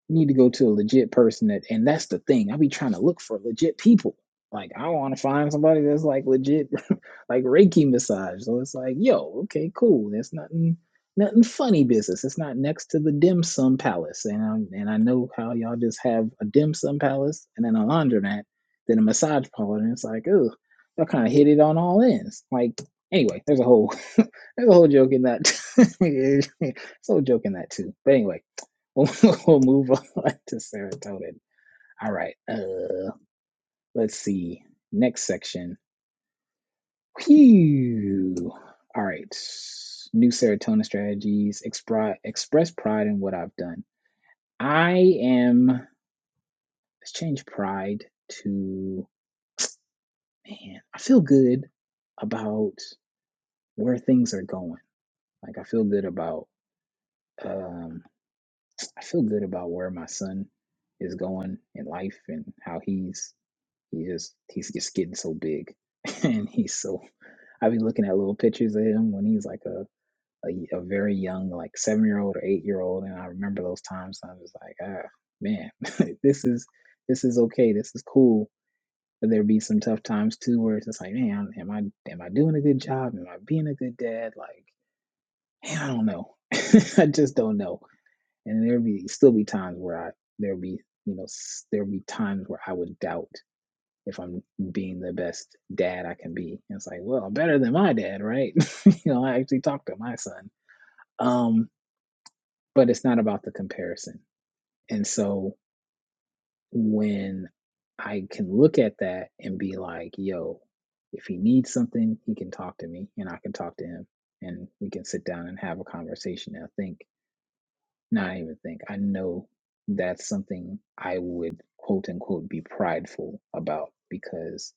S4: You need to go to a legit person that, and that's the thing. I be trying to look for legit people. Like I want to find somebody that's like legit, like Reiki massage. So it's like, yo, okay, cool. That's nothing, nothing funny business. It's not next to the dim sum palace, and i and I know how y'all just have a dim sum palace and then a laundromat, then a massage parlor, and it's like, oh, y'all kind of hit it on all ends. Like anyway, there's a whole, there's a whole joke in that. there's a whole joke in that too. But anyway. we'll move on to serotonin. All right. Uh, let's see. Next section. Phew. All right. New serotonin strategies. Expri- express pride in what I've done. I am. Let's change pride to man. I feel good about where things are going. Like I feel good about. Um, I feel good about where my son is going in life and how he's He just he's just getting so big, and he's so. I've been looking at little pictures of him when he's like a a a very young, like seven year old or eight year old, and I remember those times. And I was like, ah, man, this is this is okay. This is cool. But there be some tough times too, where it's just like, man, am I am I doing a good job? Am I being a good dad? Like, man, I don't know. I just don't know. And there be still be times where I there be you know s- there be times where I would doubt if I'm being the best dad I can be. And it's like, well, I'm better than my dad, right? you know, I actually talked to my son. Um, but it's not about the comparison. And so when I can look at that and be like, yo, if he needs something, he can talk to me and I can talk to him and we can sit down and have a conversation. And I think, not even think, I know that's something I would quote unquote be prideful about because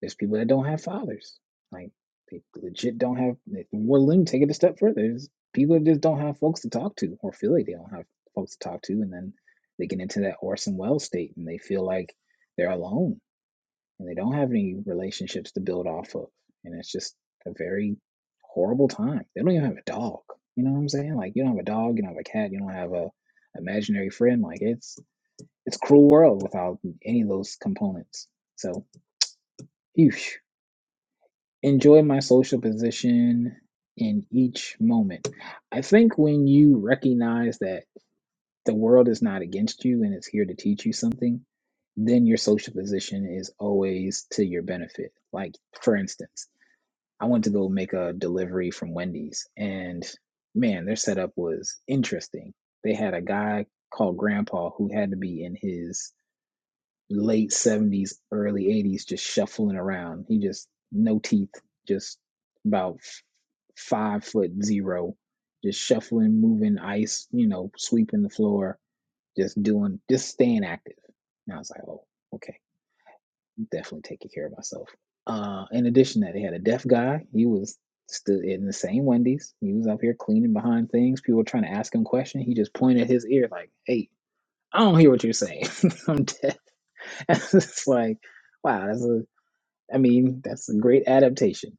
S4: There's people that don't have fathers. Like they legit don't have. Well, let me take it a step further. There's people that just don't have folks to talk to, or feel like they don't have folks to talk to, and then they get into that Orson Welles state, and they feel like they're alone, and they don't have any relationships to build off of, and it's just a very horrible time. They don't even have a dog. You know what I'm saying? Like you don't have a dog, you don't have a cat, you don't have a imaginary friend. Like it's it's a cruel world without any of those components. So, phew enjoy my social position in each moment. I think when you recognize that the world is not against you and it's here to teach you something, then your social position is always to your benefit. Like, for instance, I went to go make a delivery from Wendy's, and man, their setup was interesting. They had a guy called Grandpa who had to be in his late 70s, early 80s, just shuffling around. He just, no teeth, just about five foot zero, just shuffling, moving ice, you know, sweeping the floor, just doing, just staying active. And I was like, oh, okay, definitely taking care of myself. Uh, in addition to that, they had a deaf guy. He was stood in the same Wendy's. He was up here cleaning behind things. People were trying to ask him questions. He just pointed his ear like, hey, I don't hear what you're saying. I'm deaf it's like, wow, that's a, I mean, that's a great adaptation.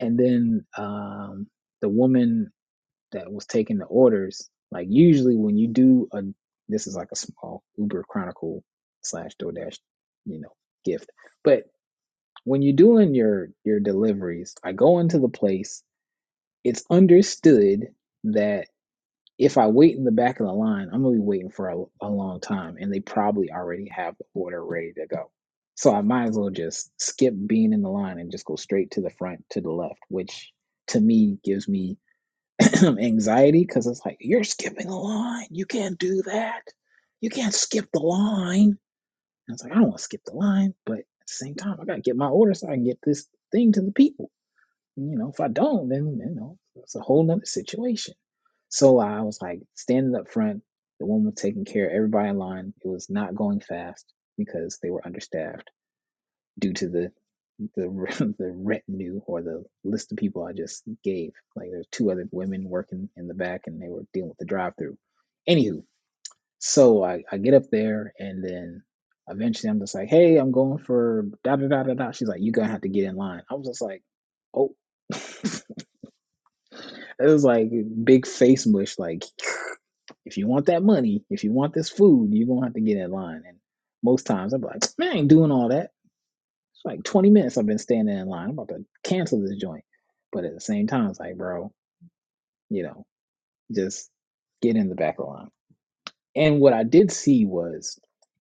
S4: And then um, the woman that was taking the orders, like usually when you do a, this is like a small Uber Chronicle slash DoorDash, you know, gift. But when you're doing your your deliveries, I go into the place. It's understood that if I wait in the back of the line, I'm gonna be waiting for a, a long time, and they probably already have the order ready to go. So I might as well just skip being in the line and just go straight to the front to the left, which to me gives me anxiety because it's like you're skipping the line. You can't do that. You can't skip the line. And it's like I don't want to skip the line, but at the same time, I gotta get my order so I can get this thing to the people you know, if I don't, then you know, it's a whole nother situation. So I was like standing up front. The woman was taking care of everybody in line. It was not going fast because they were understaffed due to the the the retinue or the list of people I just gave. Like there's two other women working in the back, and they were dealing with the drive through. Anywho, so I, I get up there, and then eventually I'm just like, "Hey, I'm going for da da da da da." She's like, "You're gonna have to get in line." I was just like, "Oh." It was like big face mush. Like, if you want that money, if you want this food, you're gonna have to get in line. And most times I'm like, man, I ain't doing all that. It's like 20 minutes I've been standing in line. I'm about to cancel this joint. But at the same time, it's like, bro, you know, just get in the back of the line. And what I did see was,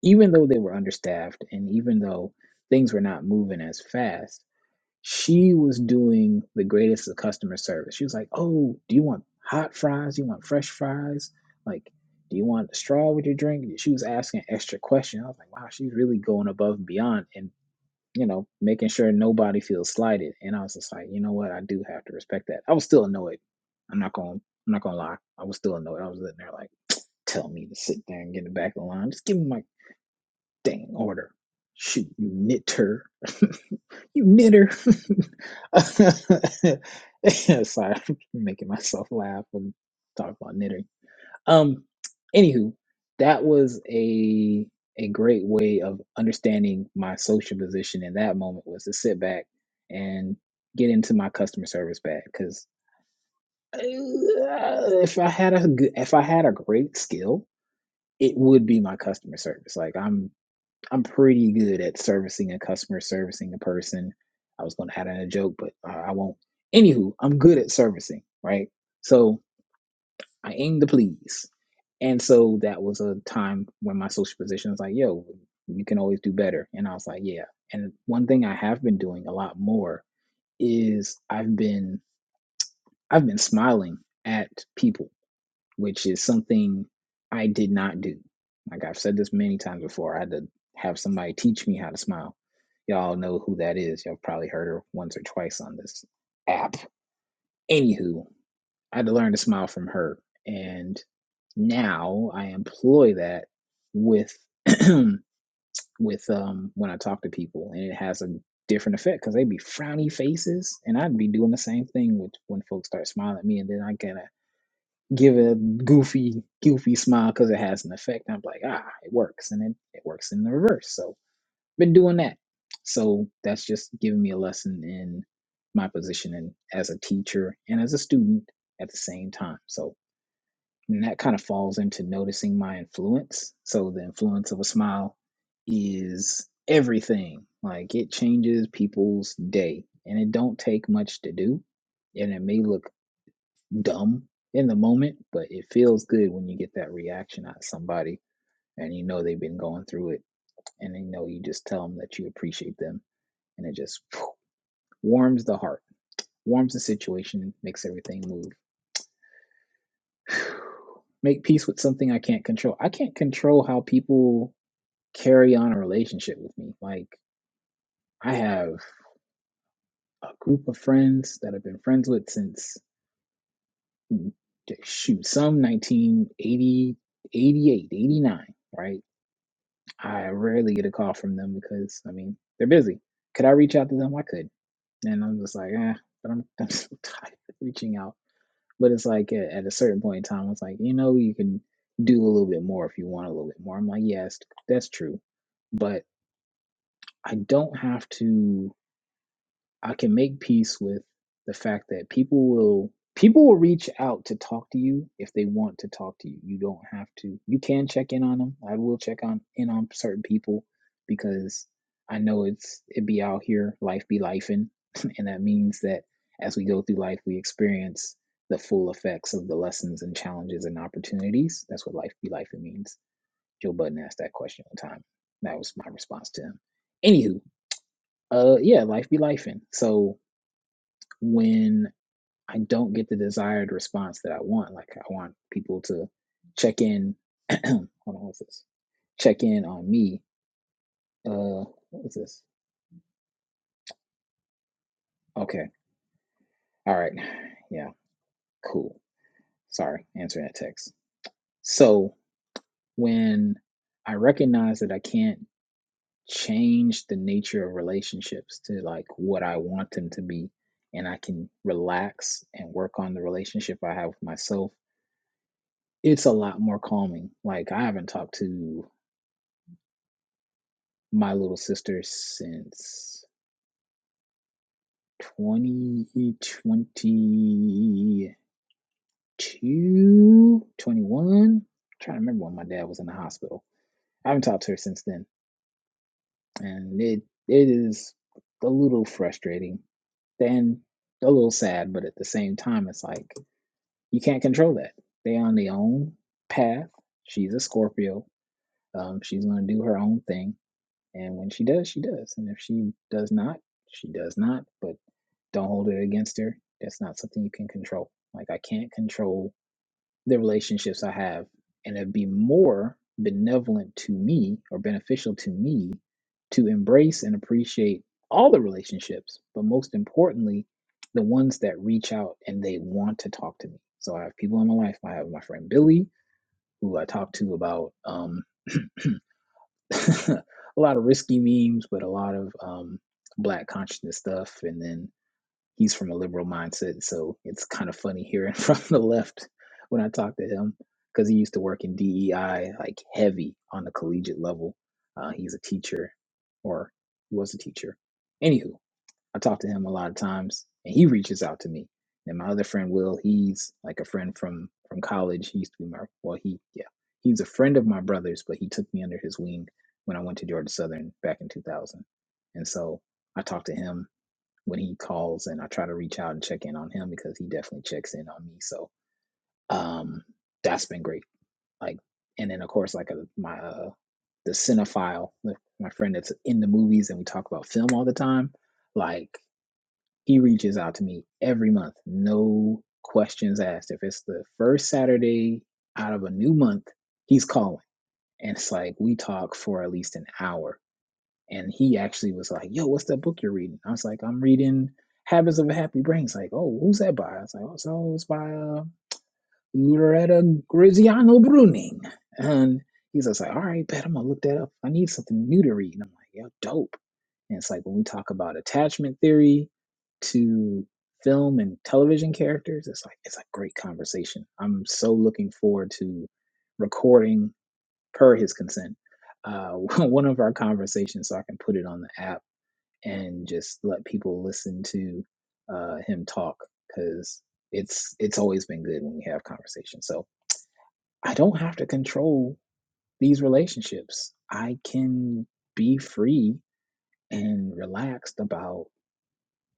S4: even though they were understaffed, and even though things were not moving as fast she was doing the greatest of customer service. She was like, "Oh, do you want hot fries? Do you want fresh fries? Like, do you want a straw with your drink?" She was asking extra questions. I was like, "Wow, she's really going above and beyond, and you know, making sure nobody feels slighted." And I was just like, "You know what? I do have to respect that." I was still annoyed. I'm not going. I'm not going to lie. I was still annoyed. I was sitting there like, "Tell me to sit there and get in the back of the line. Just give me my dang order." Shoot, you nit her. You knitter. Sorry, I'm making myself laugh when I talk about knitting. Um, anywho, that was a a great way of understanding my social position in that moment was to sit back and get into my customer service bag because if I had a good, if I had a great skill, it would be my customer service. Like I'm I'm pretty good at servicing a customer, servicing a person. I was going to have that in a joke, but uh, I won't. Anywho, I'm good at servicing, right? So I aim to please. And so that was a time when my social position was like, yo, you can always do better. And I was like, yeah. And one thing I have been doing a lot more is I've been I've been smiling at people which is something I did not do. Like I've said this many times before, I had to have somebody teach me how to smile. Y'all know who that is. Y'all probably heard her once or twice on this app. Anywho, I had to learn to smile from her. And now I employ that with with um when I talk to people and it has a different effect because they would be frowny faces and I'd be doing the same thing with when folks start smiling at me and then I kind of give a goofy, goofy smile because it has an effect. I'm like, ah, it works, and it, it works in the reverse. So been doing that. So that's just giving me a lesson in my position and as a teacher and as a student at the same time. So and that kind of falls into noticing my influence. So the influence of a smile is everything. Like it changes people's day, and it don't take much to do, and it may look dumb in the moment, but it feels good when you get that reaction out of somebody and you know they've been going through it and they know you just tell them that you appreciate them and it just warms the heart, warms the situation, makes everything move. Make peace with something I can't control. I can't control how people carry on a relationship with me. Like, I have a group of friends that I've been friends with since, mm, shoot, some 1980 88, 89, right? I rarely get a call from them because I mean they're busy. Could I reach out to them? I could, and I'm just like, eh, but I'm, I'm so tired of reaching out. But it's like at, at a certain point in time, it's like you know you can do a little bit more if you want a little bit more. I'm like, yes, that's true, but I don't have to. I can make peace with the fact that people will people will reach out to talk to you if they want to talk to you. You don't have to. You can check in on them. I will check on in on certain people because I know it's it be out here, life be lifing, and that means that as we go through life we experience the full effects of the lessons and challenges and opportunities. That's what life be lifing means. Joe Budden asked that question one time. That was my response to him. Anywho, uh yeah, life be lifing. so when I don't get the desired response that I want. Like I want people to check in. hold on, what's this? Check in on me. Uh, what's this? Okay, all right, yeah, cool. Sorry, answering that text. So when I recognize that I can't change the nature of relationships to like what I want them to be, and I can relax and work on the relationship I have with myself, it's a lot more calming. Like I haven't talked to my little sister since twenty twenty two twenty one. trying to remember when my dad was in the hospital. I haven't talked to her since then. And it it is a little frustrating and a little sad, but at the same time, it's like you can't control that. They on their own path. She's a Scorpio. Um, she's gonna do her own thing, and when she does, she does, and if she does not, she does not. But Don't hold it against her. That's not something you can control. Like I can't control the relationships I have. And it'd be more benevolent to me or beneficial to me to embrace and appreciate all the relationships, but most importantly, the ones that reach out and they want to talk to me. So I have people in my life. I have my friend Billy, who I talk to about um, a lot of risky memes, but a lot of um, black consciousness stuff. And then he's from a liberal mindset, so it's kind of funny hearing from the left when I talk to him because he used to work in DEI like heavy on the collegiate level. Uh, he's a teacher, or he was a teacher. Anywho, I talk to him a lot of times, and he reaches out to me. And my other friend Will, he's like a friend from from college. He used to be my well, he yeah, he's a friend of my brother's, but he took me under his wing when I went to Georgia Southern back in 2000. And so I talk to him when he calls and I try to reach out and check in on him because he definitely checks in on me. So um that's been great. Like and then of course like a, my uh the cinephile, like, my friend that's in the movies and we talk about film all the time, like he reaches out to me every month. No questions asked. If it's the first Saturday out of a new month, he's calling. And it's like we talk for at least an hour and he actually was like, "Yo, what's that book you're reading?" I was like, "I'm reading Habits of a Happy Brain." He's like, "Oh, who's that by?" I was like, "Oh, so it's by uh, Loretta Graziano Bruning." And he's just like, "All right, bet I'm gonna look that up. I need something new to read." And I'm like, "Yo, dope." And it's like when we talk about attachment theory to film and television characters, it's like it's a great conversation. I'm so looking forward to recording per his consent, uh, one of our conversations so I can put it on the app and just let people listen to uh, him talk because it's it's always been good when we have conversations. So I don't have to control these relationships. I can be free and relaxed about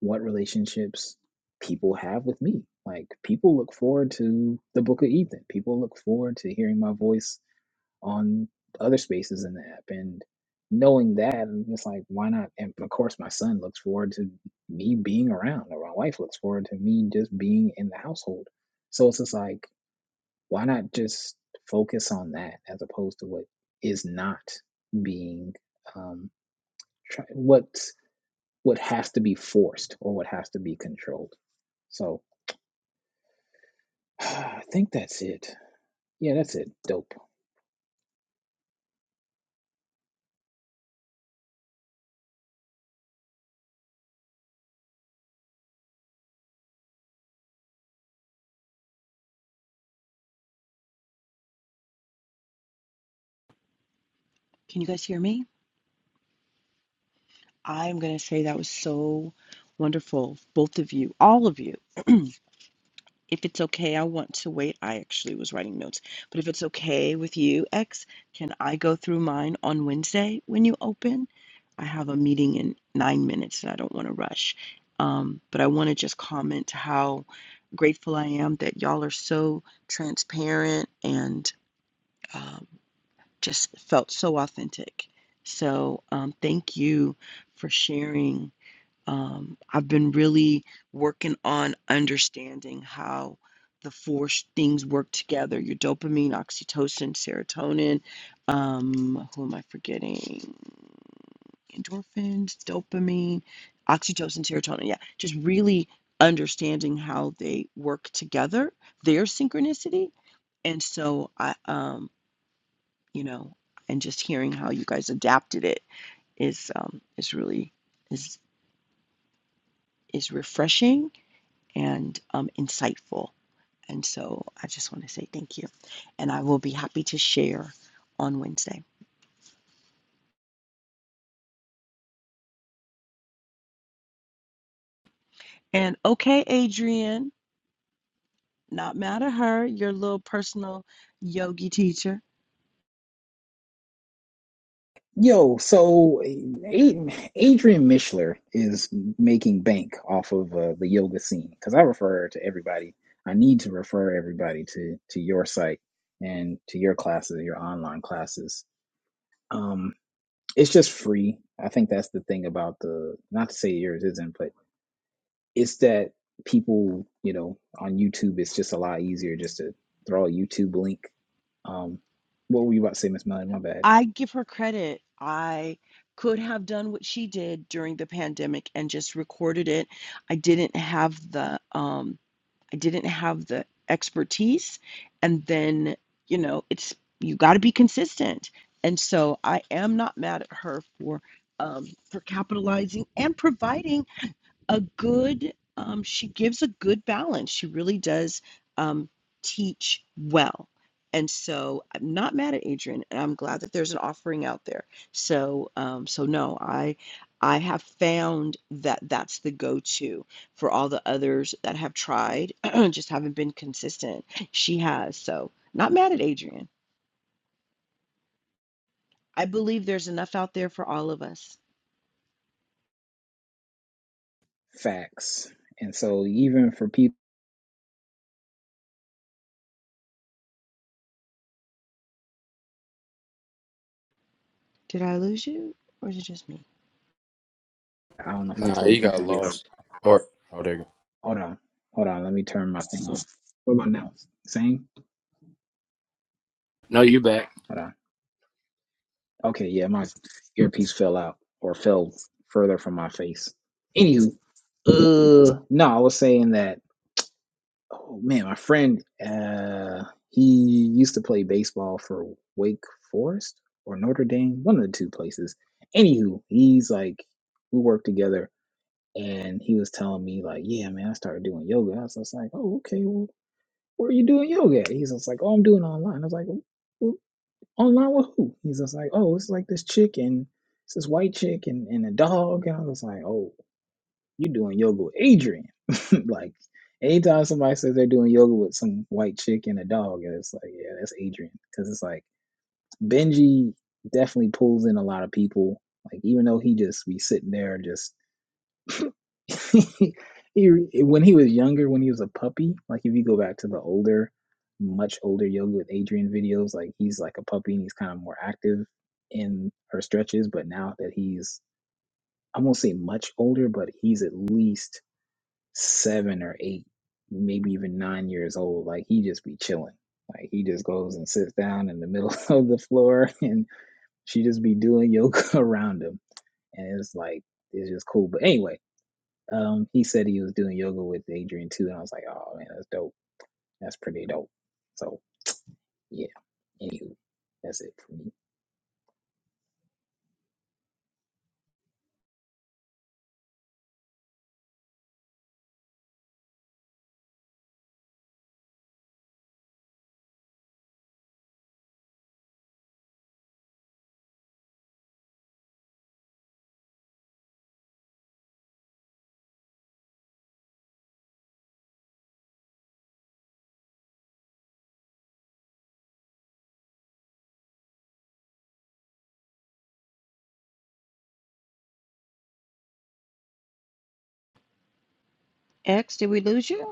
S4: what relationships people have with me. Like people look forward to the book of Ethan. People look forward to hearing my voice on other spaces in the app and knowing that i'm just like why not and of course my son looks forward to me being around or my wife looks forward to me just being in the household so it's just like why not just focus on that as opposed to what is not being um try, what what has to be forced or what has to be controlled so i think that's it yeah that's it dope
S3: Can you guys hear me? I'm gonna say that was so wonderful, both of you, all of you. If it's okay, I want to wait. I actually was writing notes, but if it's okay with you, X, can I go through mine on Wednesday when you open? I have a meeting in nine minutes and I don't want to rush. Um, but I want to just comment how grateful I am that y'all are so transparent and um, just felt so authentic. So um, thank you for sharing um, I've been really working on understanding how the four sh- things work together your dopamine, oxytocin, serotonin. Um, who am I forgetting? Endorphins, dopamine, oxytocin, serotonin. Yeah, just really understanding how they work together, their synchronicity. And so I, um, you know, and just hearing how you guys adapted it is um, is really is is refreshing and um, insightful. And so I just want to say thank you. And I will be happy to share on Wednesday. And okay, Adrienne, not mad at her, your little personal yogi teacher.
S4: Yo, so Adrian Mishler is making bank off of uh, the yoga scene because I refer to everybody. I need to refer everybody to to your site and to your classes, your online classes. Um, it's just free. I think that's the thing about the not to say yours isn't, but it's that people, you know, on YouTube, it's just a lot easier just to throw a YouTube link. Um, what were you about to say, Miss Melanie? My bad.
S3: I give her credit. I could have done what she did during the pandemic and just recorded it. I didn't have the um, I didn't have the expertise. And then, you know, it's you got to be consistent. And so I am not mad at her for um, for capitalizing and providing a good um, she gives a good balance she really does um, teach well and so i'm not mad at adrian and i'm glad that there's an offering out there so um, so no i i have found that that's the go-to for all the others that have tried just haven't been consistent she has so not mad at adrian i believe there's enough out there for all of us
S4: Facts. And so even for people
S3: did i lose you or is it just me
S4: I don't know if I
S1: Nah,
S4: told
S1: he got So
S4: people this.
S1: lost. Or oh, there you go.
S4: Hold on. Hold on. Let me turn my thing off. What about now? Same?
S1: No, you back.
S4: Hold on. Okay, yeah, my earpiece fell out or fell further from my face. Anywho, uh no, I was saying that oh man, my friend uh he used to play baseball for Wake Forest or Notre Dame, one of the two places. Anywho, he's like we work together and he was telling me like, yeah, man, I started doing yoga. I was just like, oh, okay, well, where are you doing yoga at? He's just like, oh, I'm doing online. I was like, "Well, online with who? He's just like, oh, it's like this chick and it's this white chick and, and a dog. And I was like, oh, you're doing yoga with Adrian. like, anytime somebody says they're doing yoga with some white chick and a dog, and it's like, yeah, that's Adrian. Because it's like, Benji definitely pulls in a lot of people. Like, even though he just be sitting there just he, when he was younger, when he was a puppy, like if you go back to the older, much older yoga with Adrian videos, like he's like a puppy and he's kind of more active in her stretches. But now that he's, I won't say much older, but he's at least seven or eight, maybe even nine years old. Like he just be chilling. Like he just goes and sits down in the middle of the floor and she just be doing yoga around him. And it's like, it's just cool. But anyway, um, he said he was doing yoga with Adrian too, and I was like, oh man, that's dope. That's pretty dope. So yeah, anywho, that's it for me.
S3: x did we lose you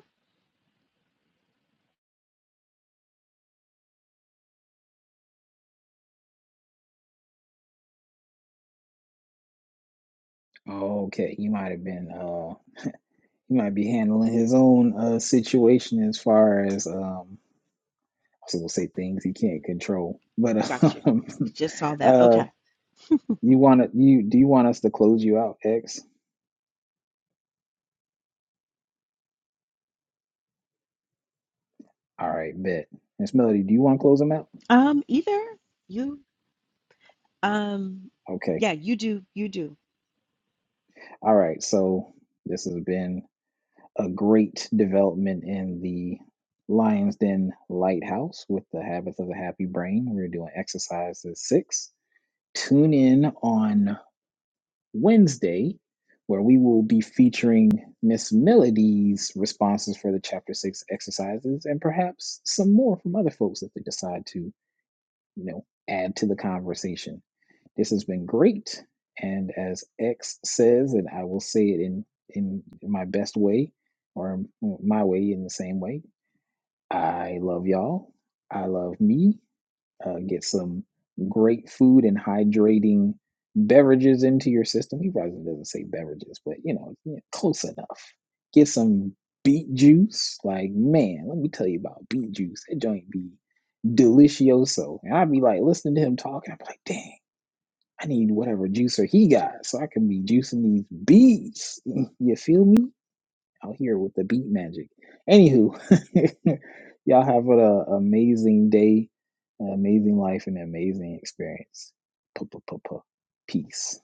S4: Okay, you might have been uh he might be handling his own uh situation as far as um I was gonna say things he can't control. But
S3: Got you.
S4: um
S3: Just saw that.
S4: uh
S3: Okay.
S4: you wanna you do you want us to close you out, X? All right, bet. Miss Melody, do you want to close them out?
S3: Um, either you, um,
S4: Okay.
S3: yeah, you do, you do.
S4: All right, so this has been a great development in the Lions Den Lighthouse with the Habits of a Happy Brain. We're doing exercises six. Tune in on Wednesday, where we will be featuring Miss Melody's responses for the chapter six exercises and perhaps some more from other folks if they decide to, you know, add to the conversation. This has been great. And as X says, and I will say it in, in my best way or my way in the same way, I love y'all. I love me. Uh, get some great food and hydrating beverages into your system. He probably doesn't say beverages, but you know, yeah, close enough. Get some beet juice. Like, man, let me tell you about beet juice. That joint be delicioso. And I'd be like listening to him talking. I'd be like, dang. I need whatever juicer he got so I can be juicing these beats. You feel me? Out here with the beat magic. Anywho, y'all have an uh, amazing day, an amazing life, and an amazing experience. Puh, puh, puh, puh. Peace.